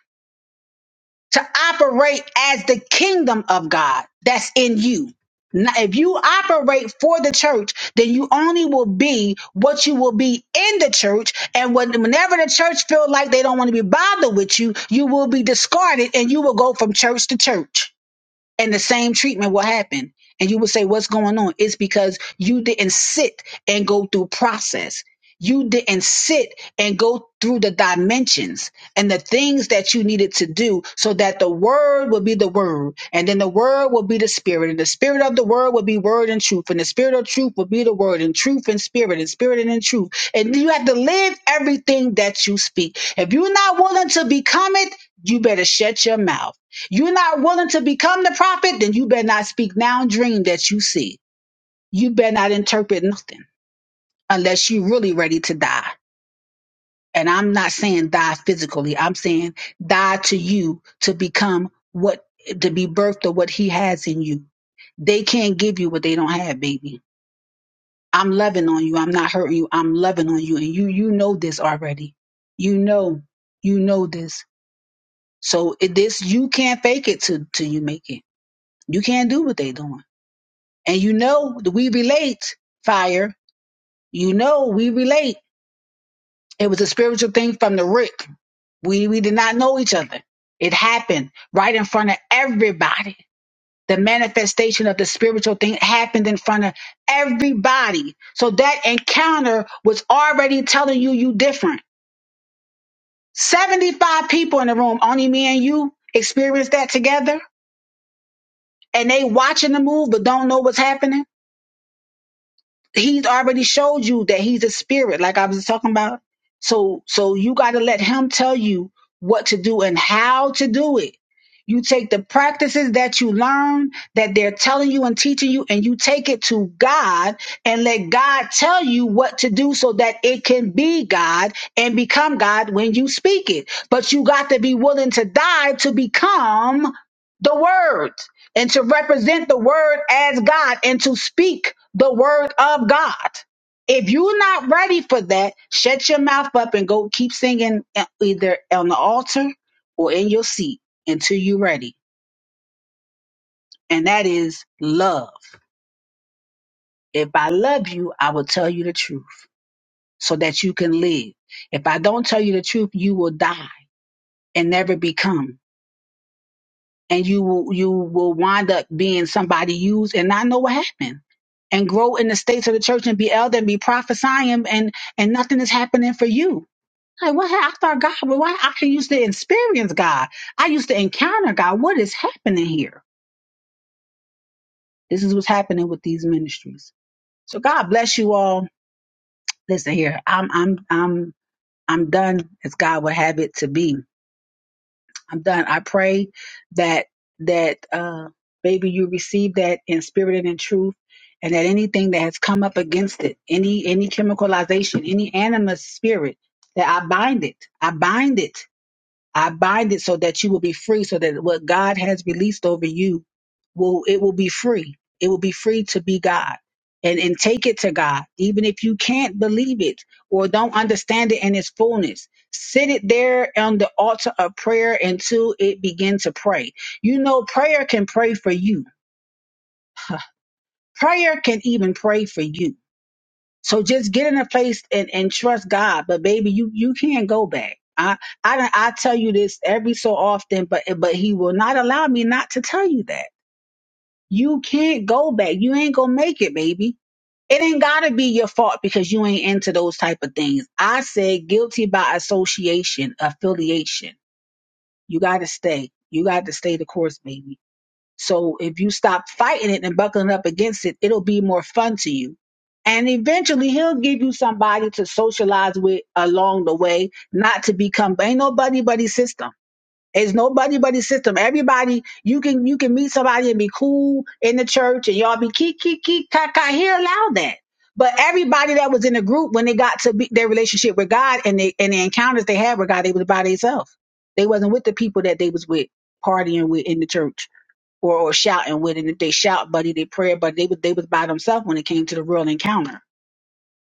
to operate as the kingdom of God that's in you. Now, if you operate for the church, then you only will be what you will be in the church. And when, whenever the church feel like they don't want to be bothered with you, you will be discarded and you will go from church to church and the same treatment will happen and you will say what's going on it's because you didn't sit and go through process you didn't sit and go through the dimensions and the things that you needed to do so that the word would be the word and then the word will be the spirit and the spirit of the word will be word and truth and the spirit of truth will be the word and truth and spirit and spirit and in truth and you have to live everything that you speak if you're not willing to become it you better shut your mouth you're not willing to become the prophet, then you better not speak now dream that you see. You better not interpret nothing unless you're really ready to die. And I'm not saying die physically. I'm saying die to you to become what to be birthed or what he has in you. They can't give you what they don't have, baby. I'm loving on you. I'm not hurting you. I'm loving on you. And you you know this already. You know, you know this. So it, this you can't fake it to till till you make it. You can't do what they doing. And you know, we relate, fire. You know, we relate. It was a spiritual thing from the root. We, we did not know each other. It happened right in front of everybody. The manifestation of the spiritual thing happened in front of everybody. So that encounter was already telling you you different. 75 people in the room, only me and you experienced that together and they watching the move but don't know what's happening he's already showed you that he's a spirit like i was talking about so so you got to let him tell you what to do and how to do it you take the practices that you learn that they're telling you and teaching you and you take it to god and let god tell you what to do so that it can be god and become god when you speak it but you got to be willing to die to become the word and to represent the word as God and to speak the word of God. If you're not ready for that, shut your mouth up and go keep singing uh, either on the altar or in your seat until you're ready. And that is love. If I love you, I will tell you the truth so that you can live. If I don't tell you the truth, you will die and never become. and you will you will wind up being somebody used and not know what happened and grow in the states of the church and be elder and be prophesying and and nothing is happening for you like what hap- i thought god well why i used to experience god i used to encounter god what is happening here this is what's happening with these ministries so god bless you all listen here i'm i'm i'm i'm done as god would have it to be I'm done. I pray that that uh baby you receive that in spirit and in truth and that anything that has come up against it, any any chemicalization, any animus spirit, that I bind it. I bind it I bind it so that you will be free, so that what God has released over you will it will be free. It will be free to be God. And and take it to God, even if you can't believe it or don't understand it in its fullness. Sit it there on the altar of prayer until it begin to pray. You know, prayer can pray for you. Prayer can even pray for you so just get in a place and, and trust God. But baby, you you can't go back. I I don't- I tell you this every so often, but but He will not allow me not to tell you that you can't go back. You ain't gonna make it, baby. It ain't gotta be your fault because you ain't into those type of things. I said guilty by association, affiliation. You gotta stay. You got to stay the course, baby. So if you stop fighting it and buckling up against it, it'll be more fun to you. And eventually he'll give you somebody to socialize with along the way, not to become ain't nobody but his system. It's nobody but his system. Everybody you can you can meet somebody and be cool in the church and y'all be keek keek keek ka ka. He allowed that. But everybody that was in the group when they got to be, their relationship with God and they and the encounters they had with God, they was by themselves. They wasn't with the people that they was with partying with in the church or, or shouting with. And if they shout, buddy, they pray, but they was they was by themselves when it came to the real encounter.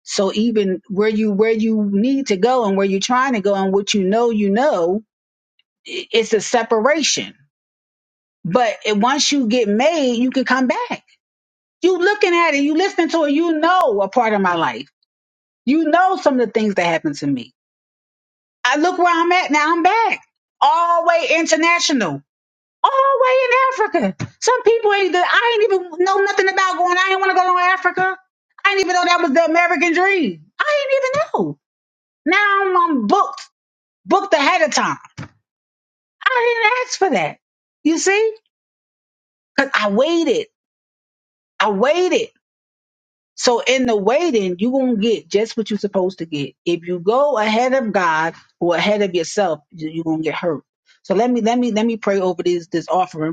So even where you where you need to go and where you're trying to go and what you know you know, i- it's a separation. But it, once you get made, you can come back. You looking at it, you listening to it, you know a part of my life. You know some of the things that happened to me. I look where I'm at now. I'm back all way international. all the way in Africa. Some people ain't good. I ain't even know nothing about going. I didn't want to go to Africa. I didn't even know that was the American dream. I didn't even know. Now I'm, I'm booked, booked ahead of time. I didn't ask for that. You see? Cause I waited. I waited. So in the waiting, you gonna get just what you're supposed to get. If you go ahead of God or ahead of yourself, you- you're gonna get hurt. So let me let me let me pray over this this offering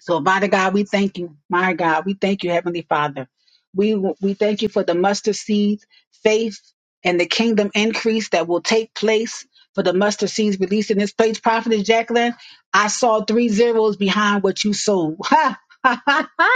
So, Father God, we thank you, my God. We thank you, Heavenly Father. We we thank you for the mustard seeds, faith, and the kingdom increase that will take place for the mustard seeds released in this place. Prophet Jacqueline, I saw three zeros behind what you sold. *laughs*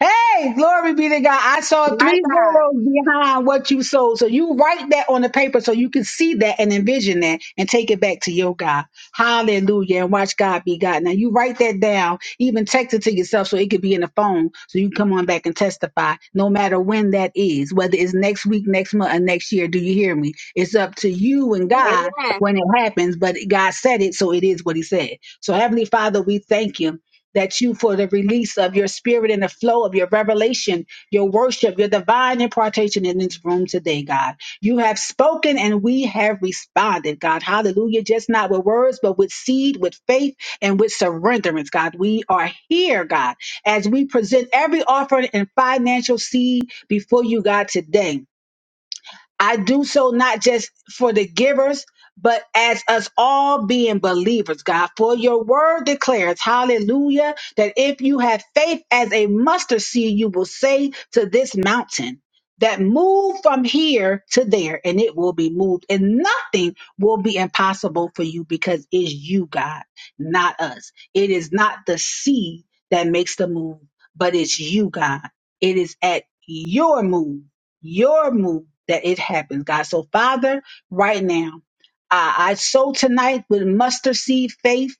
Hey, glory be to God. I saw my three God. zeros behind what you sold. So you write that on the paper so you can see that and envision that and take it back to your God. Hallelujah. And watch God be God. Now you write that down, even text it to yourself so it could be in the phone so you can come on back and testify no matter when that is, whether it's next week, next month, or next year. Do you hear me? It's up to you and God Amen. when it happens, but God said it, so it is what He said. So, Heavenly Father, we thank you that you for the release of your spirit and the flow of your revelation, your worship, your divine impartation in this room today, God. You have spoken and we have responded, God. Hallelujah. Just not with words, but with seed, with faith, and with surrenderance, God. We are here, God, as we present every offering and financial seed before you, God, today. I do so not just for the givers, but as us all being believers, God. For your word declares, hallelujah, that if you have faith as a mustard seed, you will say to this mountain, that move from here to there, and it will be moved, and nothing will be impossible for you because it's you, God, not us. It is not the seed that makes the move, but it's you, God. It is at your move your move that it happens, God. So, Father, right now, I, I sow tonight with mustard seed faith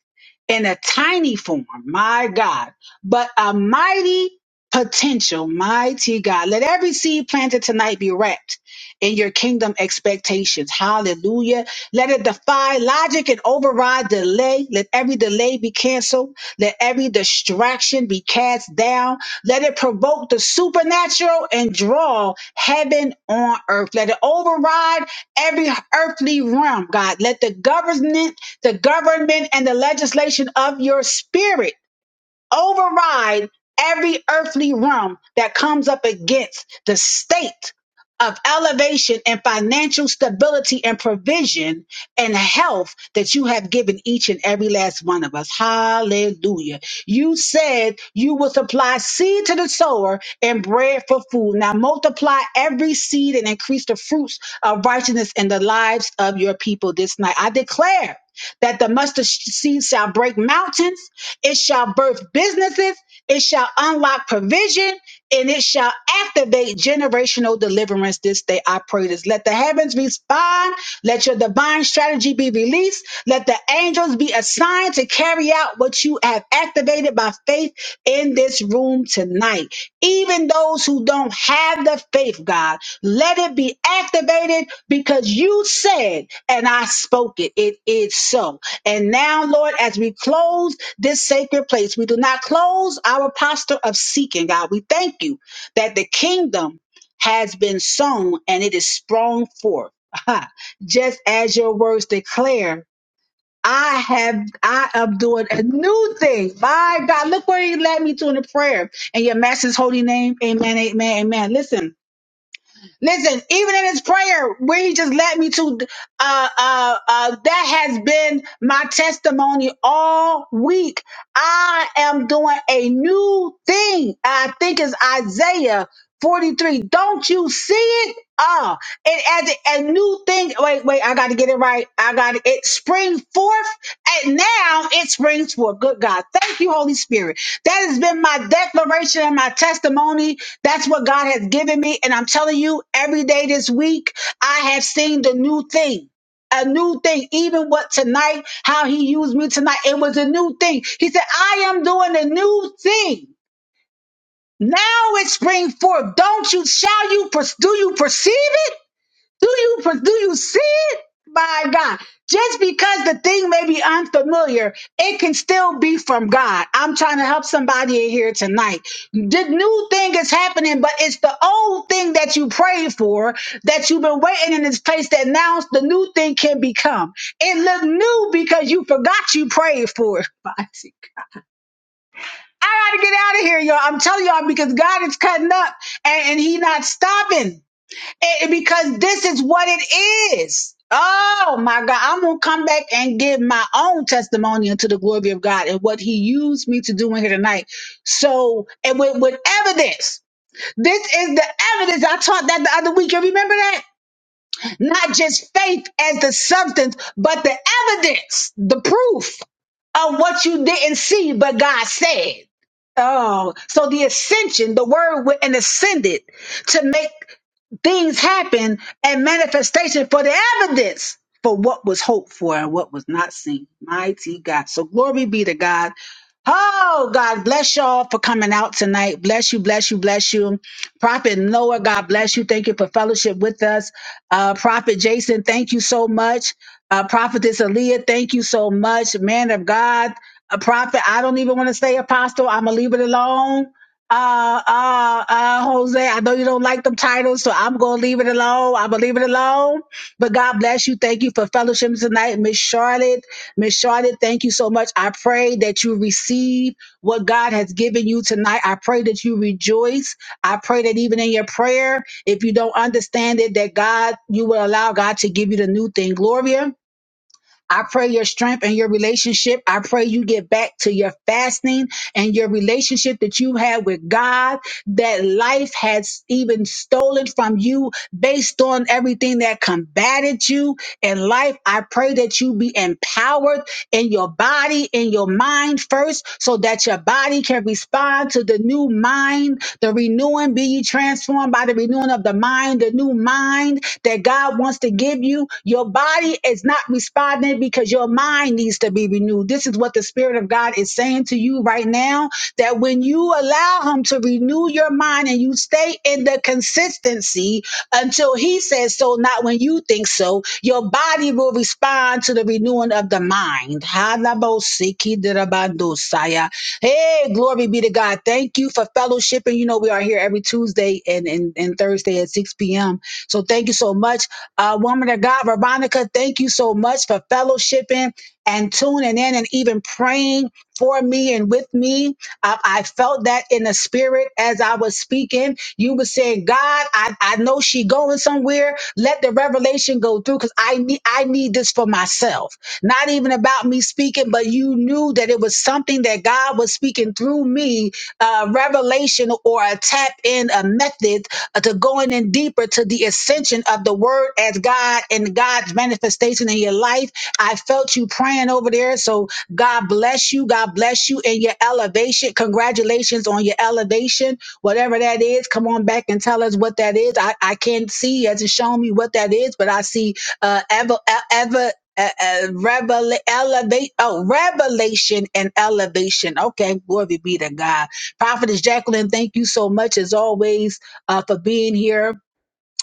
in a tiny form, my God, but a mighty potential, mighty God. Let every seed planted tonight be wrapped in your kingdom expectations. Hallelujah. Let it defy logic and override delay. Let every delay be canceled. Let every distraction be cast down. Let it provoke the supernatural and draw heaven on earth. Let it override every earthly realm, God. Let the government, the government and the legislation of your spirit override every earthly realm that comes up against the state of elevation and financial stability and provision and health that you have given each and every last one of us. Hallelujah. You said you will supply seed to the sower and bread for food. Now multiply every seed and increase the fruits of righteousness in the lives of your people this night. I declare that the mustard seed shall break mountains, it shall birth businesses, it shall unlock provision, and it shall activate generational deliverance this day. I pray this. Let the heavens respond, let your divine strategy be released, let the angels be assigned to carry out what you have activated activated by faith in this room tonight. Even those who don't have the faith, God, let it be activated because you said, and I spoke it. It is so. And now, Lord, as we close this sacred place, we do not close our posture of seeking, God. We thank you that the kingdom has been sown and it is sprung forth. *laughs* Just as your words declare I have, I am doing a new thing. My God, look where he led me to in the prayer. And your master's holy name. Amen, amen, amen. Listen, listen, even in his prayer where he just led me to, uh, uh, uh, that has been my testimony all week. I am doing a new thing. I think it's Isaiah 43. Don't you see it? Ah, and as a, a new thing, wait, wait, I got to get it right. I got it. It springs forth, and now it springs forth. Good God. Thank you, Holy Spirit. That has been my declaration and my testimony. That's what God has given me. And I'm telling you, every day this week, I have seen the new thing. A new thing, even what tonight, how he used me tonight, it was a new thing. He said, I am doing a new thing. Now it spring forth. Don't you shall you per- do you perceive it? Do you per- do you see it? My God. Just because the thing may be unfamiliar, it can still be from God. I'm trying to help somebody in here tonight. The new thing is happening, but it's the old thing that you prayed for that you've been waiting in this place that now the new thing can become. It looked new because you forgot you prayed for it. *laughs* I gotta get out of here, y'all. I'm telling y'all because God is cutting up and, and He not stopping. And- and because this is what it is. Oh my God. I'm gonna come back and give my own testimony unto the glory of God and what He used me to do in here tonight. So and with, with evidence. This is the evidence I taught that the other week. You remember that? Not just faith as the substance, but the evidence, the proof of what you didn't see, but God said. Oh, so the ascension, the word went and ascended to make things happen and manifestation for the evidence for what was hoped for and what was not seen. Mighty God. So glory be to God. Oh, God bless y'all for coming out tonight. Bless you, bless you, bless you. Prophet Noah, God bless you. Thank you for fellowship with us. Uh, Prophet Jason, thank you so much. Uh, Prophetess Aaliyah, thank you so much. Man of God, a prophet, I don't even want to say apostle. I'm going to leave it alone uh, uh, uh, Jose, I know you don't like them titles, so I'm gonna leave it alone. I'm gonna leave it alone. But God bless you. Thank you for fellowship tonight, Miss Charlotte. Miss Charlotte, thank you so much. I pray that you receive what God has given you tonight. I pray that you rejoice. I pray that even in your prayer, if you don't understand it, that God, you will allow God to give you the new thing. Gloria. I pray your strength and your relationship. I pray you get back to your fasting and your relationship that you had with God that life has even stolen from you based on everything that combated you in life. I pray that you be empowered in your body, in your mind first, so that your body can respond to the the new mind, the renewing, be ye transformed by the renewing of the mind, the new mind that God wants to give you. Your body is not responding because your mind needs to be renewed. This is what the Spirit of God is saying to you right now that when you allow Him to renew your mind and you stay in the consistency until He says so, not when you when you think so, your body will respond to the renewing of the mind. Halabosikidabandosaya. Hey, glory be to God. Thank you for fellowshipping. You know, we are here every Tuesday and, and, and Thursday at 6 p.m. So thank you so much. Uh, woman of God, Veronica, thank you so much for fellowshipping and tuning in and even praying for me and with me. I, I felt that in the spirit as I was speaking. You were saying, God, I, I know she going somewhere. Let the revelation go through because I need I need this for myself. Not even about me speaking, but you knew that it was something that God was speaking through me, uh, revelation or a tap in, a method uh, to going in deeper to the ascension of the word as God and God's manifestation in your life. I felt you praying over there. So God bless you. God bless you in your elevation. Congratulations on your elevation. Whatever that is, come on back and tell us what that is. I, I can't see, as it shown me what that is, but I see uh, ever, e-, ever uh, uh, revela- elevate, oh, revelation and elevation. Okay, glory be to God. Prophetess Jacqueline, thank you so much as always uh, for being here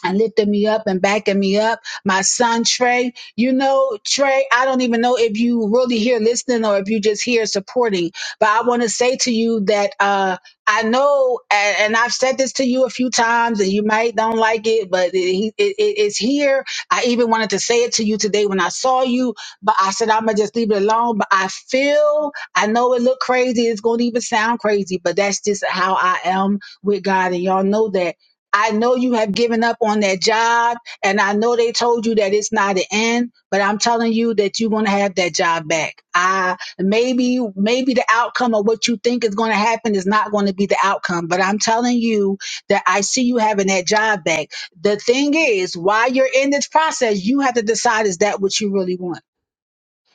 and lifting me up and backing me up. My son Trey, you know, Trey, I don't even know if you really here listening or if you just here supporting, but I want to say to you that uh I know, and, and I've said this to you a few times, and you might don't like it, but it, it, it- it's here. I even wanted to say it to you today when I saw you, but I said I'm gonna just leave it alone. But I feel, I know it look crazy, it's gonna even sound crazy, but that's just how I am with God, and y'all know that. I know you have given up on that job, and I know they told you that it's not an end, but I'm telling you that you're gonna have that job back. I maybe maybe the outcome of what you think is gonna happen is not gonna be the outcome, but I'm telling you that I see you having that job back. The thing is, while you're in this process, you have to decide is that what you really want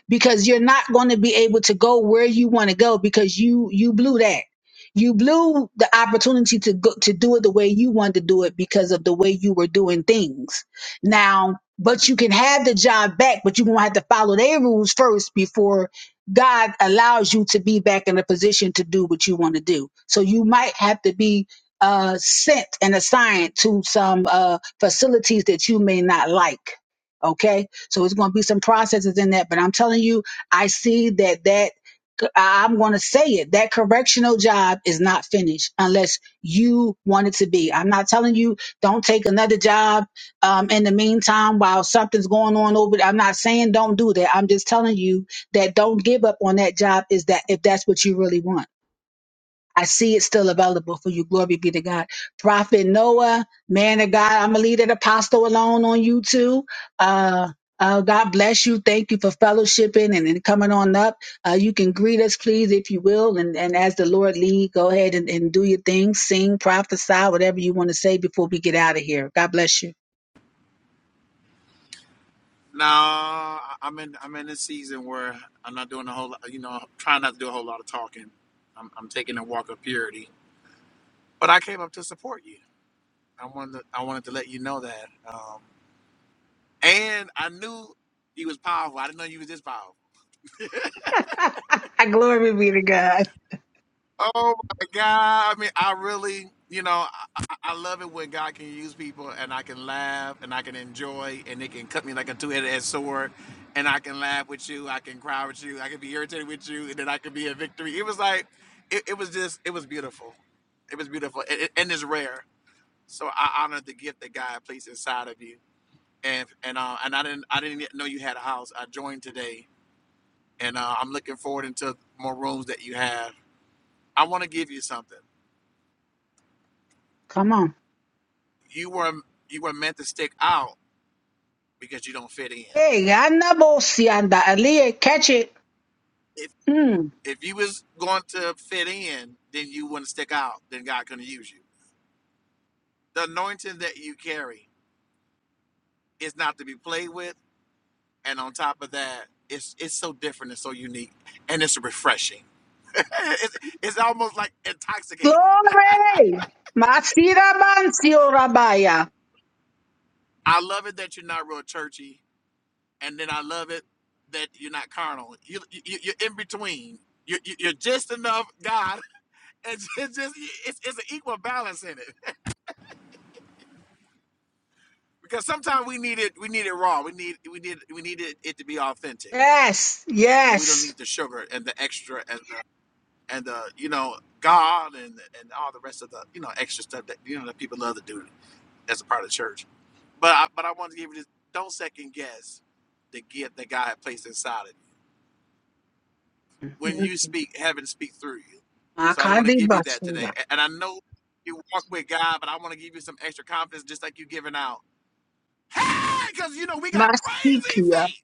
because you're not going to be able to go where you want to go because you you blew that you blew the opportunity to go to do it the way you wanted to do it because of the way you were doing things now but you can have the job back but you're going to have to follow their rules first before god allows you to be back in a position to do what you want to do so you might have to be uh sent and assigned to some uh facilities that you may not like okay so it's going to be some processes in that. But I'm telling you, I see that that I- am going to say it. That correctional job is not finished unless you want it to be. I'm not telling you don't take another job um, in the meantime while something's going on over. I'm not saying don't do that. I'm just telling you that don't give up on that job is that if that's what you really want. I see it still available for you. Glory be to God. Prophet Noah, man of God, I'm gonna leave that apostle alone on you too. Uh, uh, God bless you. Thank you for fellowshipping and, and coming on up. Uh, you can greet us, please, if you will. And, and as the Lord lead, go ahead and, and do your thing, sing, prophesy, whatever you want to say before we get out of here. God bless you. No, I- I'm in. I'm in this season where I'm not doing a whole. lot- You know, I'm trying not to do a whole lot of talking. I'm, I'm taking a walk of purity. But I came up to support you. I wanted. To, I wanted to let you know that. Um, and I knew you was powerful. I didn't know you was this powerful. *laughs* I glory be to God. Oh my God. I mean, I really, you know, I, I I love it when God can use people and I can laugh and I can enjoy and it can cut me like a two headed sword and I can laugh with you. I can cry with you. I can be irritated with you and then I can be in victory. It was like, it, it was just, it was beautiful. It was beautiful and, and and it's rare. So I honor the gift that God placed inside of you. And, and, uh, and I didn't, I didn't yet know you had a house. I joined today and uh, I'm looking forward into more rooms that you have. I want to give you something. Come on. you were you were meant to stick out because you don't fit in. Hey, I know, Sianda. Aaliyah, catch it. If Mm. if you was going to fit in, then you wouldn't stick out. Then God couldn't use you. The anointing that you carry is not to be played with, and on top of that, it's it's so different and so unique, and it's refreshing. *laughs* it's, it's almost like intoxicating. *laughs* Glory. Masira bansio rabaya. I love it that you're not real churchy, and then I love it that you're not carnal. You, you you're in between. You, are you're just enough God *laughs* It's, it's just it's, it's an equal balance in it because sometimes we need it we need it raw we need we need we need it, it to be authentic Yes, and we don't yes. need the sugar and the extra and the, and the you know God and and all the rest of the you know extra stuff that you know that people love to do as a part of church. But I, but I want to give you this: don't second guess the gift that God had placed inside of you. When you speak, heaven speaks through you. So I just want to Makandi give you that today. basuya. A- And I know you walk with God, but I want to give you some extra confidence, just like you giving out. Hey, because you know we got crazy Masikia. faith.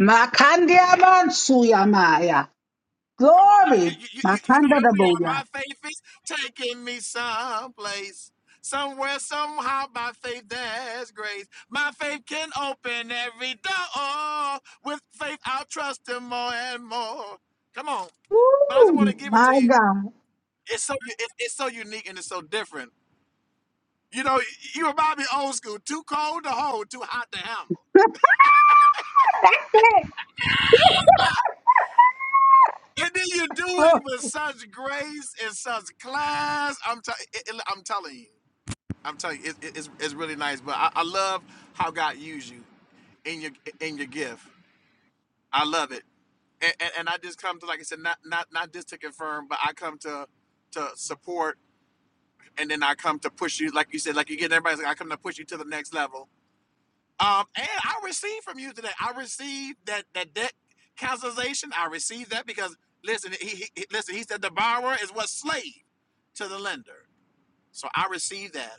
Makandia bansuya maya. Come on now, you Glory. you you, you know Makanda how we are. My daboya. faith is taking me someplace, somewhere, somehow. By faith, there's grace. My faith can open every door. With faith, I'll trust Him more and more. Come on, but I just want Woo, to give it to my you. God. It's so it, it's so unique and it's so different. You know, you remind me old school. Too cold to hold, too hot to handle. *laughs* That's it. And then you do it Oh, with such grace and such class. I'm t- it, it- I'm telling you, I'm telling you, it, it- it's it's really nice. But I, I love how God used you in your in your gift. I love it, and, and and I just come to like I said, not not not just to confirm, but I come to to support, and then I come to push you, like you said, like you get everybody's like I come to push you to the next level Um, and I received from you today. I received that that debt cancellation. I received that because listen, he, he he- listen. He said the borrower is what slave to the lender. So I received that,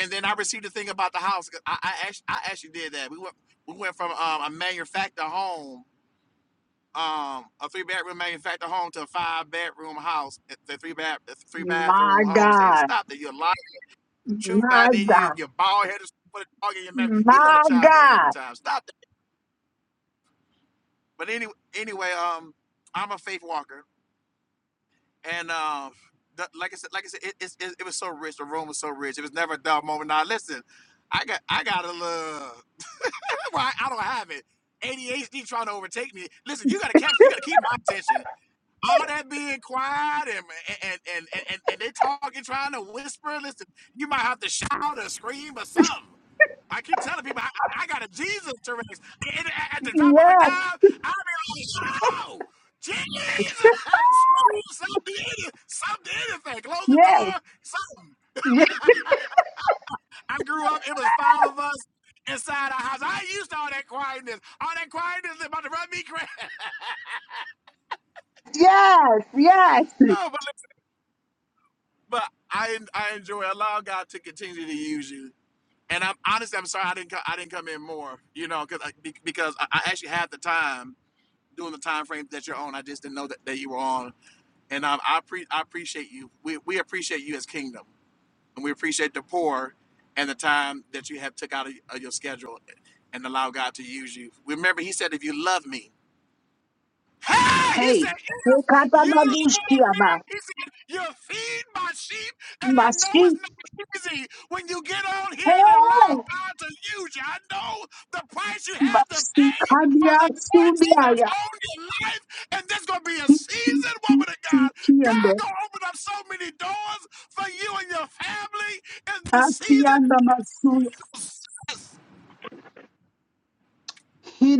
and then I received the thing about the house. 'Cause I I actually, I actually did that. We went we went from um, a manufactured home, um, a three bedroom manufactured home to a five bedroom house, a a three bath a three bathroom my home. So he just God. stopped it. You're lying, truth My not in you. God. You're bald headed. Put a dog in your mouth. He let her My chime in every God. time. Stop But anyway, anyway, um, I'm a faith walker, and um, the, like I said, like I said, it, it's it, it was so rich. The room was so rich. It was never a dull moment. Now listen, I got I got a little. *laughs* Well, I, I don't have it. ADHD trying to overtake me. Listen, you got to capture. You *laughs* got to keep my attention. All that being quiet and and and and, and, and they talking, trying to whisper. Listen, you might have to shout or scream or something. I keep telling people I, I, I got a Jesus Tourette's. And at, the drop of a Yes. dime, I'll be like, oh, Jesus! *laughs* I'm screaming something, any- something, anything. Close the door, something. Yes. I grew up, it was five of us inside our house. I used to all that quietness. All that quietness is about to run me crazy. *laughs* Yes, yes. oh, but, but I I enjoy allow God to continue to use you. And I'm honestly, I'm sorry I didn't co- I didn't come in more, you know, because because I, I actually had the time doing the time frame that you're on. I just didn't know that, that you were on, and um, I pre- I appreciate you. We we appreciate you as Kingdom, and we appreciate the poor and the time that you have took out of, of your schedule and allow God to use you. Remember, He said, "If you love me." Hey, he Hey, said, if you love me, Ekatamadushiama. he said, you feed my sheep, and I know it's Masi. not easy when you get on here and allow Hey! God to use you. I know the price you had to Masi pay for kandia the anointing that's subiaya. on your life, and there's gonna be a season, woman of God. God Tikiando. gonna open up so many doors for you and your family in this Atianda masuya. season.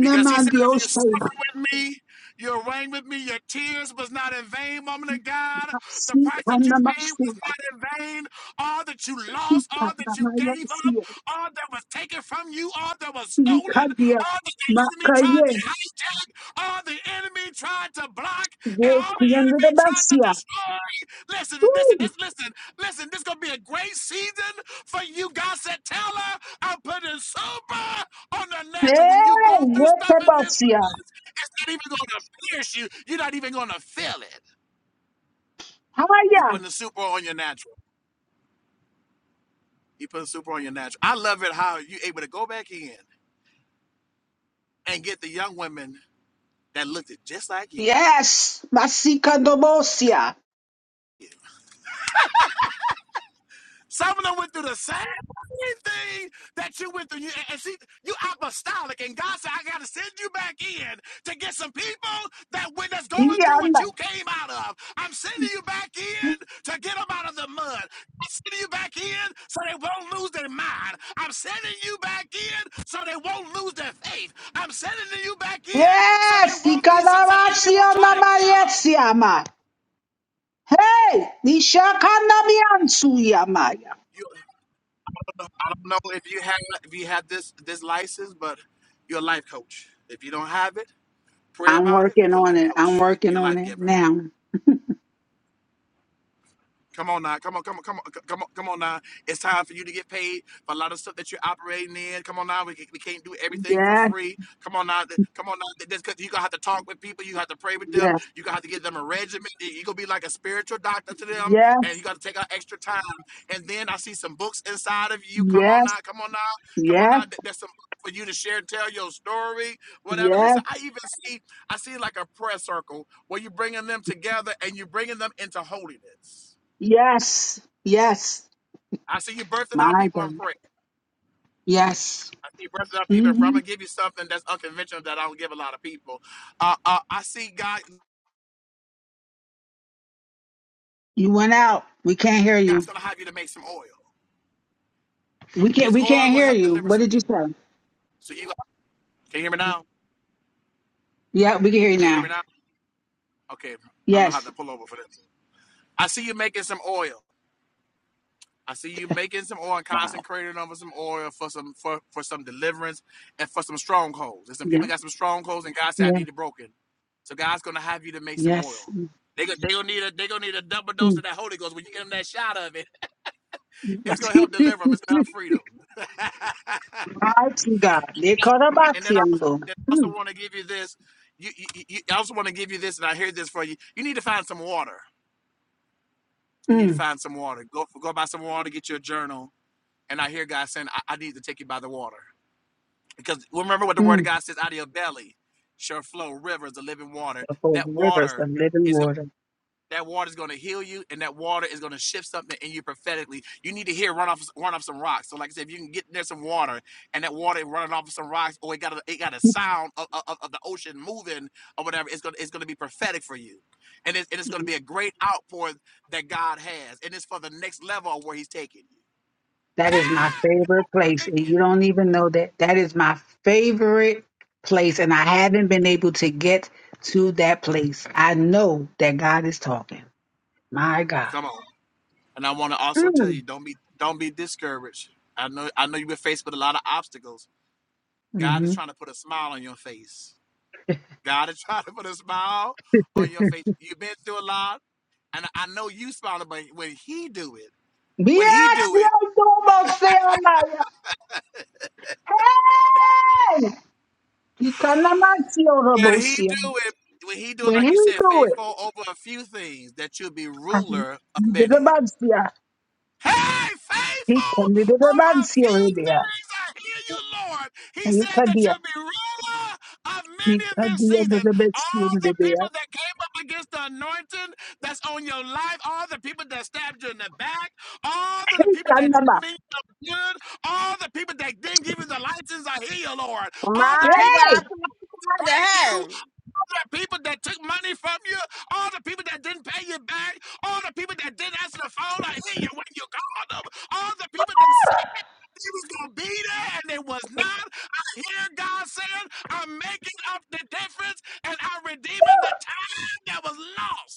Because he said, if you suffer with me, you'll reign with me. Your tears was not in vain, woman of God. The Masi price that you kanda paid was masuya. not in vain. All that you lost, all Kanda that you maya gave up, siya. all that was taken from you, all that was stolen, Ikadia. all that the enemy tried Makaye. to hijack, all the enemy tried to block, and all the Wokiendo enemy de tried to basia. destroy. Listen, listen, this, listen, listen. This gonna be a great season for you. God said, tell her I'm putting sober on the natural. When you Hey! go through Wote stuff in this, basia. it's not even going to pierce you. You're not even going to feel it. You putting the super on your natural. You putting super on your natural. I love it how you able to go back in and get the young women that looked just like you. Yes, Masikandobosia. Some of them went through the same thing that you went through. You, and see, you apostolic, and God said, I got to send you back in to get some people that when that's going through what you Yanda. came out of. I'm sending you back in to get them out of the mud. I'm sending you back in so they won't lose their mind. I'm sending you back in so they won't lose their faith. I'm sending you back in so they Yes, won't be, so so the enemy won't try Ikadabasianda to kill them. Mariesiama. Hey, Nishakanda Miansuyamaya. You're I don't know if you have if you have this this license, but you're a life coach. If you don't have it, pray I'm about it. working You're a on life it. I'm coach. working You're a on life it giver. now. Come on now, come on, come on, come on, c- come on, come on now. It's time for you to get paid for a lot of stuff that you're operating in. Come on now, we, ca- we can't do everything for Yes, free. Come on now, th- come on now. th- This, 'cause you're gonna have to talk with people. You have to pray with them. yes, You gonna have to give them a regimen. You're gonna be like a spiritual doctor to them, yes, and you got to take out extra time. And then I see some books inside of you. Come on yes, now, come on now, come on yes, now. th- There's some for you to share and tell your story, whatever. yes, Listen, I even see, I see like a prayer circle where you're bringing them together and you're bringing them into holiness. yes, yes. I see you birthing out My people in God. prayer. Yes. I see you birthing out people in prayer. I'm hmm gonna give you something that's unconventional that I don't give a lot of people. Uh, uh, I see God. You went out. We can't hear you. God's gonna have you to make some oil. We can't. This We oil can't gonna hear help you. deliver What some did you people. say? So you can you hear me now? Yeah, we can hear you Can you hear me now. now? Okay, I'm gonna have Yes. to pull over for this. I see you making some oil. I see you making some oil and Wow. concentrating over some oil for some for, for some deliverance and for some strongholds. And some Yeah. people got some strongholds, and God said, "I Yes. need it broken." So God's gonna have you to make some Yes. oil. They gonna, they gonna need a they gonna need a double dose Mm. of that Holy Ghost. When you give them that shot of it, *laughs* it's gonna help deliver them. It's gonna Mm. help freedom. *laughs* *laughs* Mighty God. They call her and then I also, Baxiando. then I also Mm. want to give you this. You, you, you I also want to give you this, and I hear this for you. You need to find some water. You need to Mm. find some water. Go go buy some water. Get your journal And I hear God saying, I, I need to take you by the water. Because remember what the word of Mm. God says, out of your belly shall flow rivers of living water. The whole That rivers water of living is going water. that water is going to heal you, and that water is going to shift something in you prophetically. You need to hear run off, run off some rocks. So, like I said, if you can get in there some water, and that water running off some rocks, or it got a, it got a sound of, of, of the ocean moving or whatever, it's gonna it's gonna be prophetic for you, and it's, and it's gonna be a great outpour that God has, and it's for the next level of where He's taking you. That is my favorite place. Thank And you. you don't even know that. That is my favorite place. And I haven't been able to get to that place. I know that God is talking. My God. Come on. And I want to also tell Mm. you, don't be don't be discouraged. I know I know you've been faced with a lot of obstacles. God is Mm-hmm. trying to put a smile on your face. God is *laughs* trying to put a smile on your face. You've been through a lot, and I know you smiling, but when He do it, when He do it, Hey! when He Ikanamatio do it, when He do it, When he like you said, do it, faithful over a few things, that you'll be and he ruler of did a many. bad seer, Hey, he faithful can be the of bad a seer few already. things, I hear you, Lord. He He said can that be you'll be ruler of he many of can this be the season. the best seer All the the bear. people that came up against the anointing that's on your life, all the people that stabbed you in the back, all of the He people can that never. didn't mean no good, all the people that didn't give you the license, I hear you, Lord. All the My people that God, Yay! prophesy to degrade you, her. the people that took money from you, all the people that didn't pay you back, all the people that didn't answer the phone or hear you when you called them, all the people that said they was gonna be there and they was not. I hear God saying, I'm making up the difference and I'm redeeming the time that was lost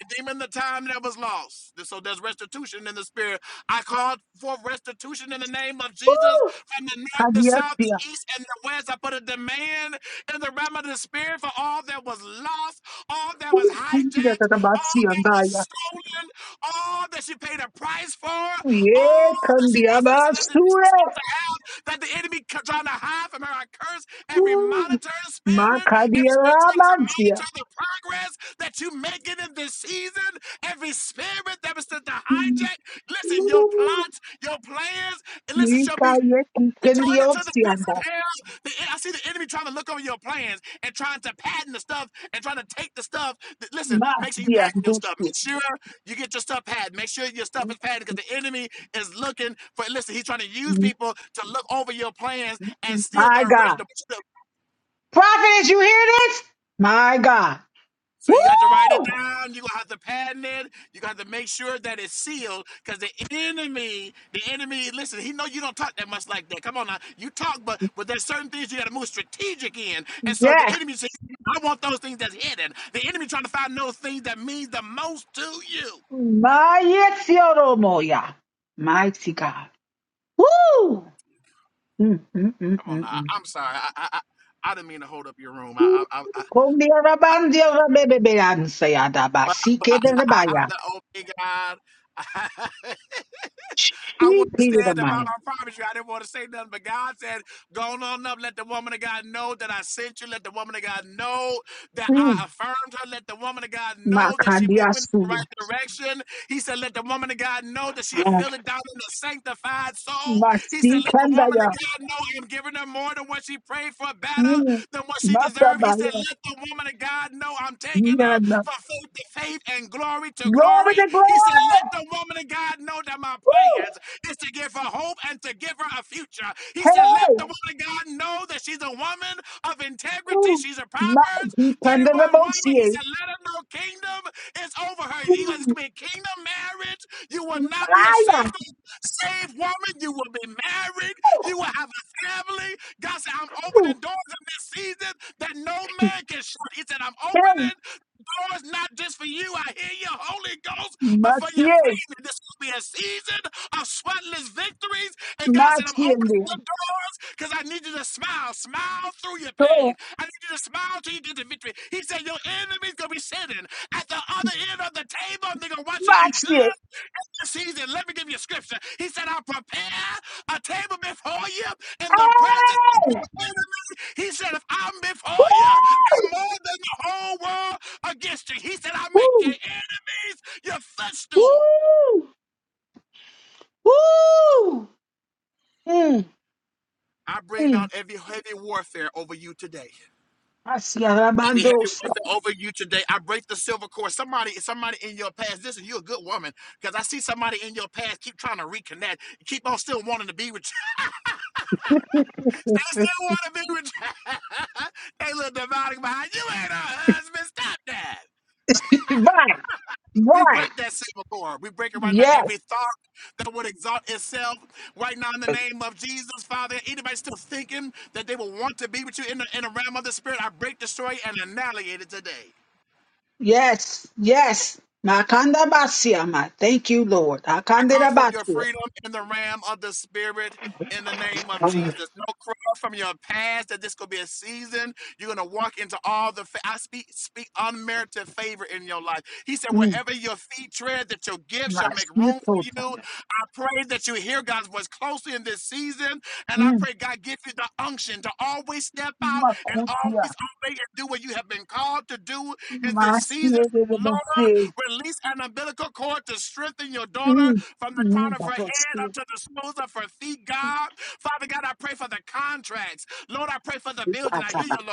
redeeming the time that was lost. So there's restitution in the spirit. I called for restitution in the name of Jesus Woo! from the north, Can the be a south, seer. the east, and the west. I put a demand in the realm of the spirit for all that was lost, all that Who was could be hijacked, the the bad all seer and that die? was stolen, all that she paid a price for. All Yeah, that can she be a was bad listening to, that she's supposed seer. to have, that the enemy c- trying to hide from her, I curse every Woo! monitoring Ma spirit, can be every spirit a trying to bad seer. monitor the progress that you making in this season, every spirit that was to to Woo! hijack. Listen, your plots, your plans, and listen, He shall be can be a can be Return it a to the seer and pits die. of hell. The, I see the enemy trying to look over your plans and trying to patent the stuff and trying to take the stuff. that- listen, Ma, make sure you dear, patent your do stuff. seer. Make sure you get your stuff patented. Make sure your stuff is patented because the enemy is looking for. Listen, he's trying to use people to look over your plans and steal the My God. original. Prophetess, you hear this? My God. So Woo! you got to write it down. You gonna have to patent it. You got to make sure that it's sealed, because the enemy, the enemy, listen, he know you don't talk that much like that. Come on now, you talk, but but there's certain things you got to move strategic in. And so the Yes. enemy says, I want those things that's hidden. The enemy trying to find those things that means the most to you. My Yetziodo Moya. Mighty God. Woo! Mm, mm, mm, Come on mm, now, I- mm. I'm sorry, I I, I, I didn't mean to hold up your room. I Woo. I, I, I but, but I, I have Kondiarabandiarabebebeansayadabasikerebaya. the open God. *laughs* I wanted to stand up. I, Shikirebaya. promise you, I didn't want to say nothing. But God said, Go on up. Let the woman of God know that I sent you. Let the woman of God know that I Mm. affirmed her. Let the woman of God know that she moving in the Makandiasuya. right direction. He said, Let the woman of God know that she a Mm. fill down in a sanctified soul. He said, Let the woman of Masikandaya. God know I'm giving her more than what she prayed for, better Mm. than what she deserved. He said, Matabaya. Let the woman of God know I'm taking her Nyana. from faith to faith and glory to glory Glory glory. to He said, glory! Let the woman of God know that my Woo! plans is to give her hope and to give her a future. He said, Let Hey! the woman of God know that she's a woman of integrity. Ooh, She's a my Proverbs 31 woman. He Pandarabosie. said, Let her know kingdom is over her. You guys, it's Ooh, going to be a kingdom marriage. You will not be a Aya. single saved woman. You will be married. You will have a family. God said, I'm over." Ooh, opening doors in this season that no man can shut. He said, I'm hey, opening doors not just for you. I hear you, Holy Ghost, but for your Masie, family. This will be a season of sweatless victories. And God said, I'm opening the Masiende. doors because I need you to smile. Smile through your pain. So, I need you to smile till you get the victory. He said, Your enemy's going to be sitting at the other end of the table and they're going to watch you eat good Masie. season. Let me give you a scripture. He said, I prepare a table before you in the presence of Hey! your enemies. He said, if I'm before you, I'm Woo! more than the whole world against you. He said, I make your Woo! enemies your footstool. Woo! Woo! Mm, I bring mm. down every heavy warfare over you today. Masia Every Rabandos. heavy warfare over you today. I break the silver cord. Somebody, somebody in your past. Listen, you're a good woman because I see somebody in your past keep trying to reconnect. Keep on still wanting to be with you They still want to be with you. *laughs* They little dividing behind you ain't our husband. Stop that. *laughs* Bye. We Right. break that silver cord. We break it right now. Yes. Every thought that would exalt itself right now in the name of Jesus, Father. Anybody still thinking that they will want to be with you in the, in the realm of the Spirit, I break, destroy, and annihilate it today. Yes. Yes. Makanda basia ma. Thank you, Lord. I Akanda call for your basia. freedom in the realm of the spirit in the name of Jesus. No cross from your past that this could be a season. You're going to walk into all the, fa- I speak, speak unmerited favor in your life. He said, Mm. wherever your feet tread, that your gift shall make room for you. Masita. I pray that you hear God's voice closely in this season. And I pray God give you the unction to always step out and Makutia, always obey and do what you have been called to do in this season. Masirebote, Lord, release an umbilical cord to strengthen your daughter from the crown of her head up Babosti, to the soles of her feet, God. Father God, I pray for the contracts. Lord, I pray for the building. I hear you, Pataba, Lord.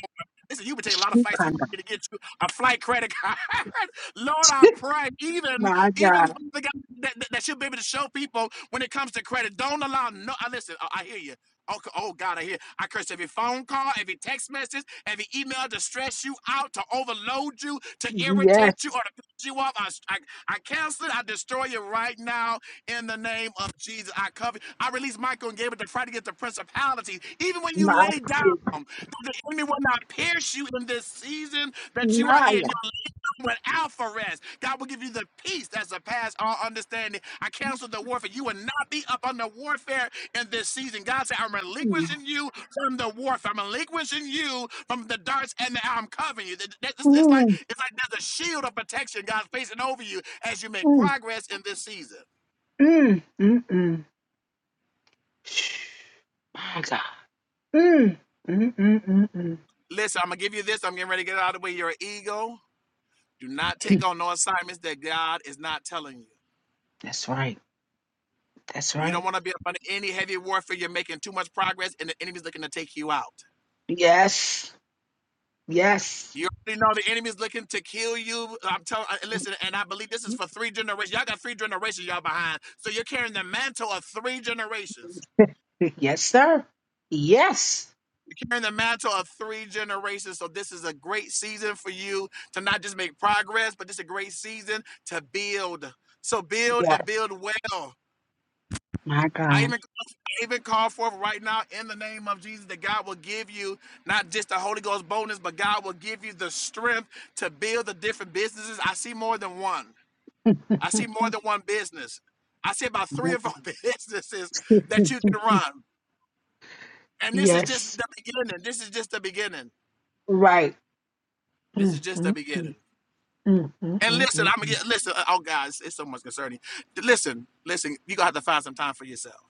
Listen, you've been taking a lot of fights. You've Chikanda, been to get you a flight credit card. *laughs* Lord, I pray, even even Maya, the guy that, that, that you'll be able to show people when it comes to credit. Don't allow no. I listen. I, I hear you. Oh, c- oh God, I hear. I curse every phone call, every text message, every email to stress you out, to overload you, to yes, irritate you, or to piss you off. I, s- I, I cancel it. I destroy you right now in the name of Jesus. I cover. I release Michael and Gabriel to fight against the principalities. Even when you lay Masi, down. Um, that the enemy will not pierce you in this season that you are in. Maya, Your without for rest. God will give you the peace that's surpasses all understanding. I cancel the warfare. You will not be up under warfare in this season. God said, I'm mm, relinquishing you from the warfare. I'm relinquishing you from the darts and the, I'm covering you. That- that- It's like mm, it's like there's a shield of protection God's placing over you as you make mm, progress in this season. mm, mm, mm. my God, mm, mm, mm, mm, mm. Listen, I'm gonna give you this. I'm getting ready to get it out of the way. Your ego. Do not take on no assignments that God is not telling you. That's right, that's You right. don't want to be up under any heavy warfare. You're making too much progress, and the enemy's looking to take you out. Yes, yes, You already know the enemy's looking to kill you. I'm telling, uh, listen, and I believe this is for three generations. Y'all got three generations y'all behind, so you're carrying the mantle of three generations. *laughs* yes, sir. Yes, You're carrying the mantle of three generations. So this is a great season for you to not just make progress, but this is a great season to build. So build yes, and build well. my I God, even I even call forth right now in the name of Jesus that God will give you not just the Holy Ghost bonus, but God will give you the strength to build the different businesses. I see more than one. I see more than one business. I see about three or four *laughs* businesses that you can run. And this is just yes, the beginning. This is just the beginning. right. This is Mm, just mm. the beginning. And listen, I'm gonna get listen. Oh, guys, it's so much concerning. Listen, listen. You gonna have to find some time for yourself.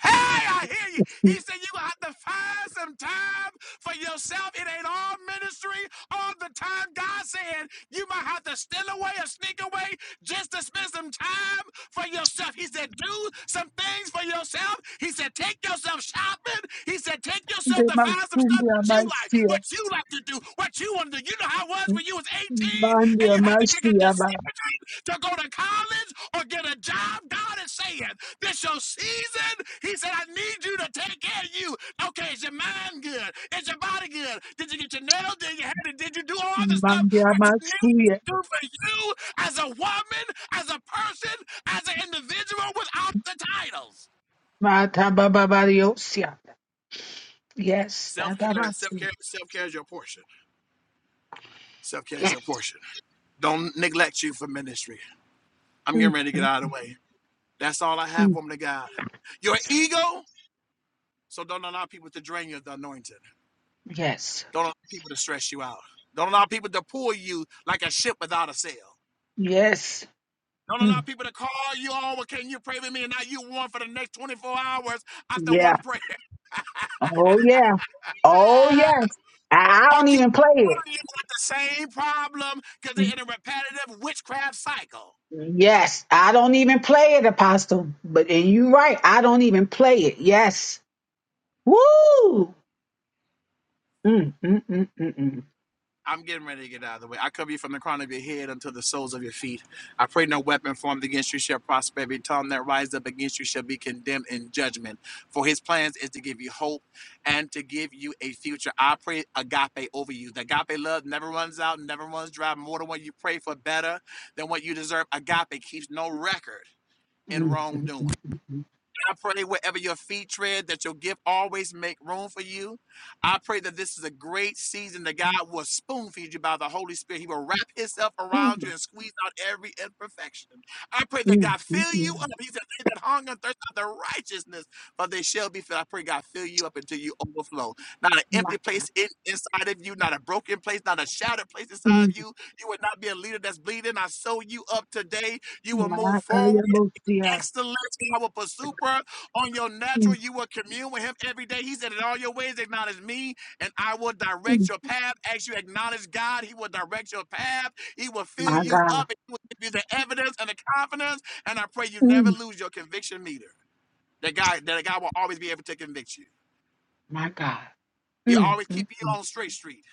Hey, I hear you. He said you're going to have to find some time for yourself. It ain't all ministry all the time. God said you might have to steal away or sneak away just to spend some time for yourself. He said do some things for yourself. He said take yourself shopping. He said take yourself to find some ndematumbu stuff that you like, amasiya what you like to do, what you want to do. You know how it was when you was 18 mandi and you had to make a amasiya ba decision to go to college or get a job. God is saying, this your season. He said, I need you to take care of you. Okay, is your mind good? Is your body good? Did you get your nails? Did you have it? Did you do all the stuff mandi that you need amasiya to do for you as a woman, as a person, as an individual without the titles? mata yes Self care, self ababasi care, self care is your portion. Self care is yeah your portion. Don't neglect you for ministry. I'm getting ready to get out of the way. That's all I have, woman of God. Your ego, so don't allow people to drain you, of the anointing. yes Don't allow people to stress you out. Don't allow people to pull you like a ship without a sail. yes Don't allow Mm. people to call you all, well, can you pray with me? And now you one for the next 24 hours after yeah one prayer. oh yeah oh *laughs* yes I I or don't keep even play it dealing with the same problem because they're in a repetitive witchcraft cycle. yes I don't even play it apostle but and you right I don't even play it yes woo mm, mm, mm, mm, mm. I'm getting ready to get out of the way. I cover you from the crown of your head until the soles of your feet. I pray no weapon formed against you shall prosper. Every tongue that rise up against you shall be condemned in judgment. For his plans is to give you hope and to give you a future. I pray agape over you. The agape love never runs out, never runs dry. More than what you pray for, better than what you deserve. Agape keeps no record in Mm, mm, wrongdoing. mm, mm, mm. I pray wherever your feet tread, that your gift always make room for you. I pray that this is a great season that God will spoon feed you by the Holy Spirit. He will wrap himself around you and squeeze out every imperfection. I pray that Mm, God mm, fill you mm. up. He said, They that hunger and thirst after righteousness, for they shall be filled. I pray God fill you up until you overflow. Not an mm. empty place in, inside of you, not a broken place, not a shattered place inside of Mm. you. You will not be a leader that's bleeding. I sew you up today. You will move My God, forward excellence. I will pursue her on your Mm, natural. You will commune with him every day. He said, In all your ways, acknowledge me, and I will direct mm. your path. As you acknowledge God, he will direct your path. He will fill My you God. up. And he will give you the evidence and the confidence. And I pray you never Mm, lose your conviction meter. That God, that God will always be able to convict you. My God. He'll Mm, always keep mm, you mm. on straight street.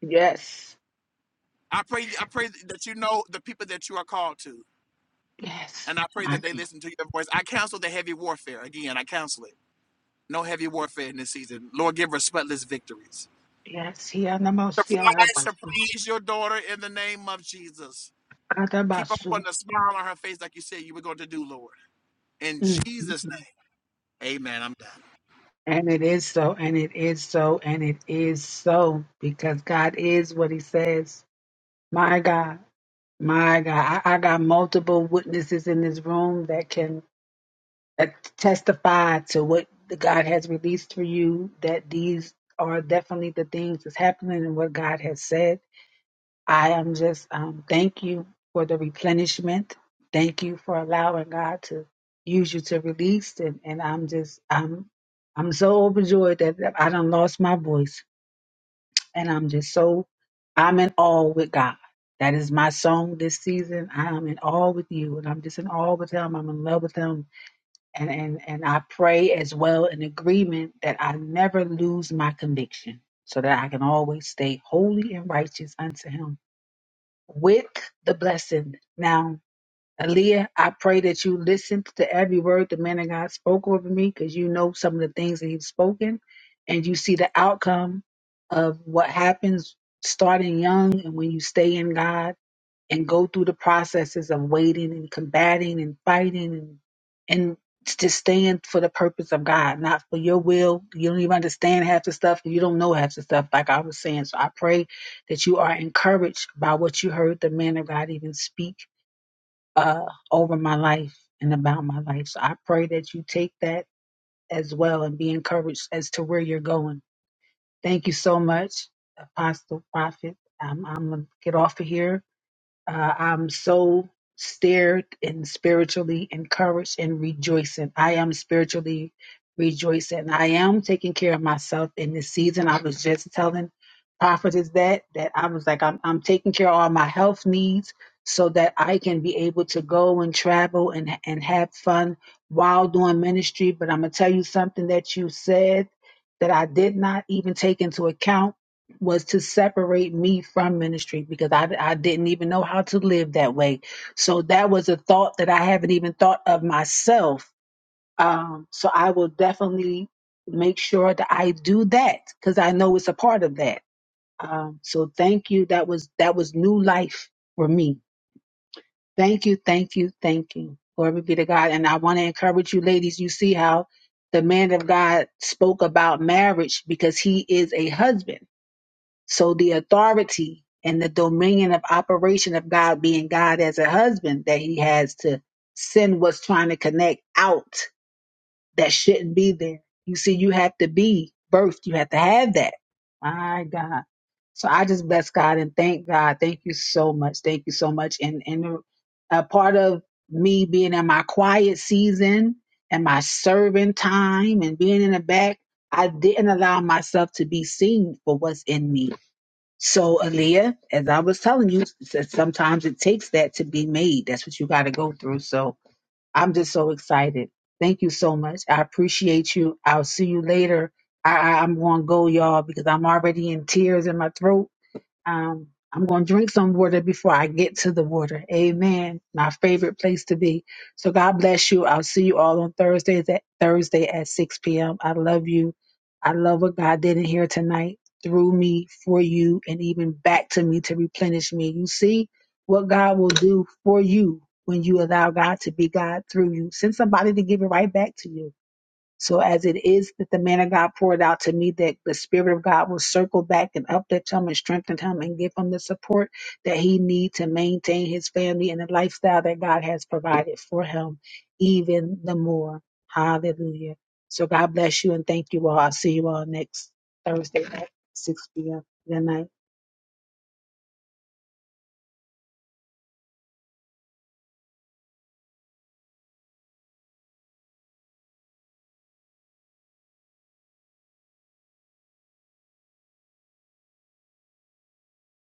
Yes. I pray, I pray that you know the people that you are called to. Yes. And I pray My that they God. listen to your voice. I counsel the heavy warfare. Again, I counsel it. No heavy warfare in this season. Lord, give her spotless victories. Yes. He and the most see us. Surprise, surprise your daughter in the name of Jesus. Keep on Katabasu. putting a smile on her face like you said you were going to do, Lord. In Mm, mm, Jesus' mm. name, amen. I'm done. And it is so, and it is so, and it is so, because God is what He says. My God, my God, I, I got multiple witnesses in this room that can uh, testify to what the God has released for you, that these are definitely the things that's happening and what God has said. I am just um, thank you for the replenishment. Thank you for allowing God to use you to release and, and I'm just I'm I'm so overjoyed that that I done lost my voice and I'm just so I'm in awe with God. That is my song this season. I am in awe with you and I'm just in awe with him. I'm in love with him and, and, and I pray as well in agreement that I never lose my conviction so that I can always stay holy and righteous unto him with the blessing. Now, Aaliyah, I pray that you listened to every word the man of God spoke over me because you know some of the things that he's spoken and you see the outcome of what happens starting young and when you stay in God and go through the processes of waiting and combating and fighting and, and just staying for the purpose of God, not for your will. You don't even understand half the stuff. You don't know half the stuff, like I was saying. So I pray that you are encouraged by what you heard the man of God even speak uh, over my life and about my life. So I pray that you take that as well and be encouraged as to where you're going. Thank you so much, Apostle Prophet. Um, I'm going to get off of here uh, I'm so stirred and spiritually encouraged and rejoicing. I am spiritually rejoicing. I am taking care of myself in this season. I was just telling prophetess that that I was like I'm I'm taking care of all my health needs so that I can be able to go and travel and and have fun while doing ministry. But I'm gonna tell you something that you said that I did not even take into account was to separate me from ministry because I, I didn't even know how to live that way. So that was a thought that I haven't even thought of myself. Um, so I will definitely make sure that I do that because I know it's a part of that. Um, so thank you. That was that was new life for me. Thank you, thank you, thank you. Glory be to God. And I want to encourage you, ladies. You see how the man of God spoke about marriage because he is a husband so the authority and the dominion of operation of God being God as a husband that he has to send what's trying to connect out that shouldn't be there. You see, you have to be birthed. You have to have that. My God. So I just bless God and thank God. Thank you so much. Thank you so much. And and a part of me being in my quiet season and my serving time and being in the back, I didn't allow myself to be seen for what's in me. So, Aaliyah, as I was telling you, s- sometimes it takes that to be made. That's what you got to go through. So, I'm just so excited. Thank you so much. I appreciate you. I'll see you later. I, I, I'm going to go, y'all, because I'm already in tears in my throat. Um, I'm going to drink some water before I get to the water. Amen. My favorite place to be. So God bless you. I'll see you all on Thursday at, Thursday at 6 p.m. I love you. I love what God did in here tonight through me, for you, and even back to me to replenish me. You see what God will do for you when you allow God to be God through you. Send somebody to give it right back to you so as it is that the man of God poured out to me, that the Spirit of God will circle back and uplift him and strengthen him and give him the support that he needs to maintain his family and the lifestyle that God has provided for him, even the more. Hallelujah. So God bless you and thank you all. I'll see you all next Thursday at 6 p.m. Good night.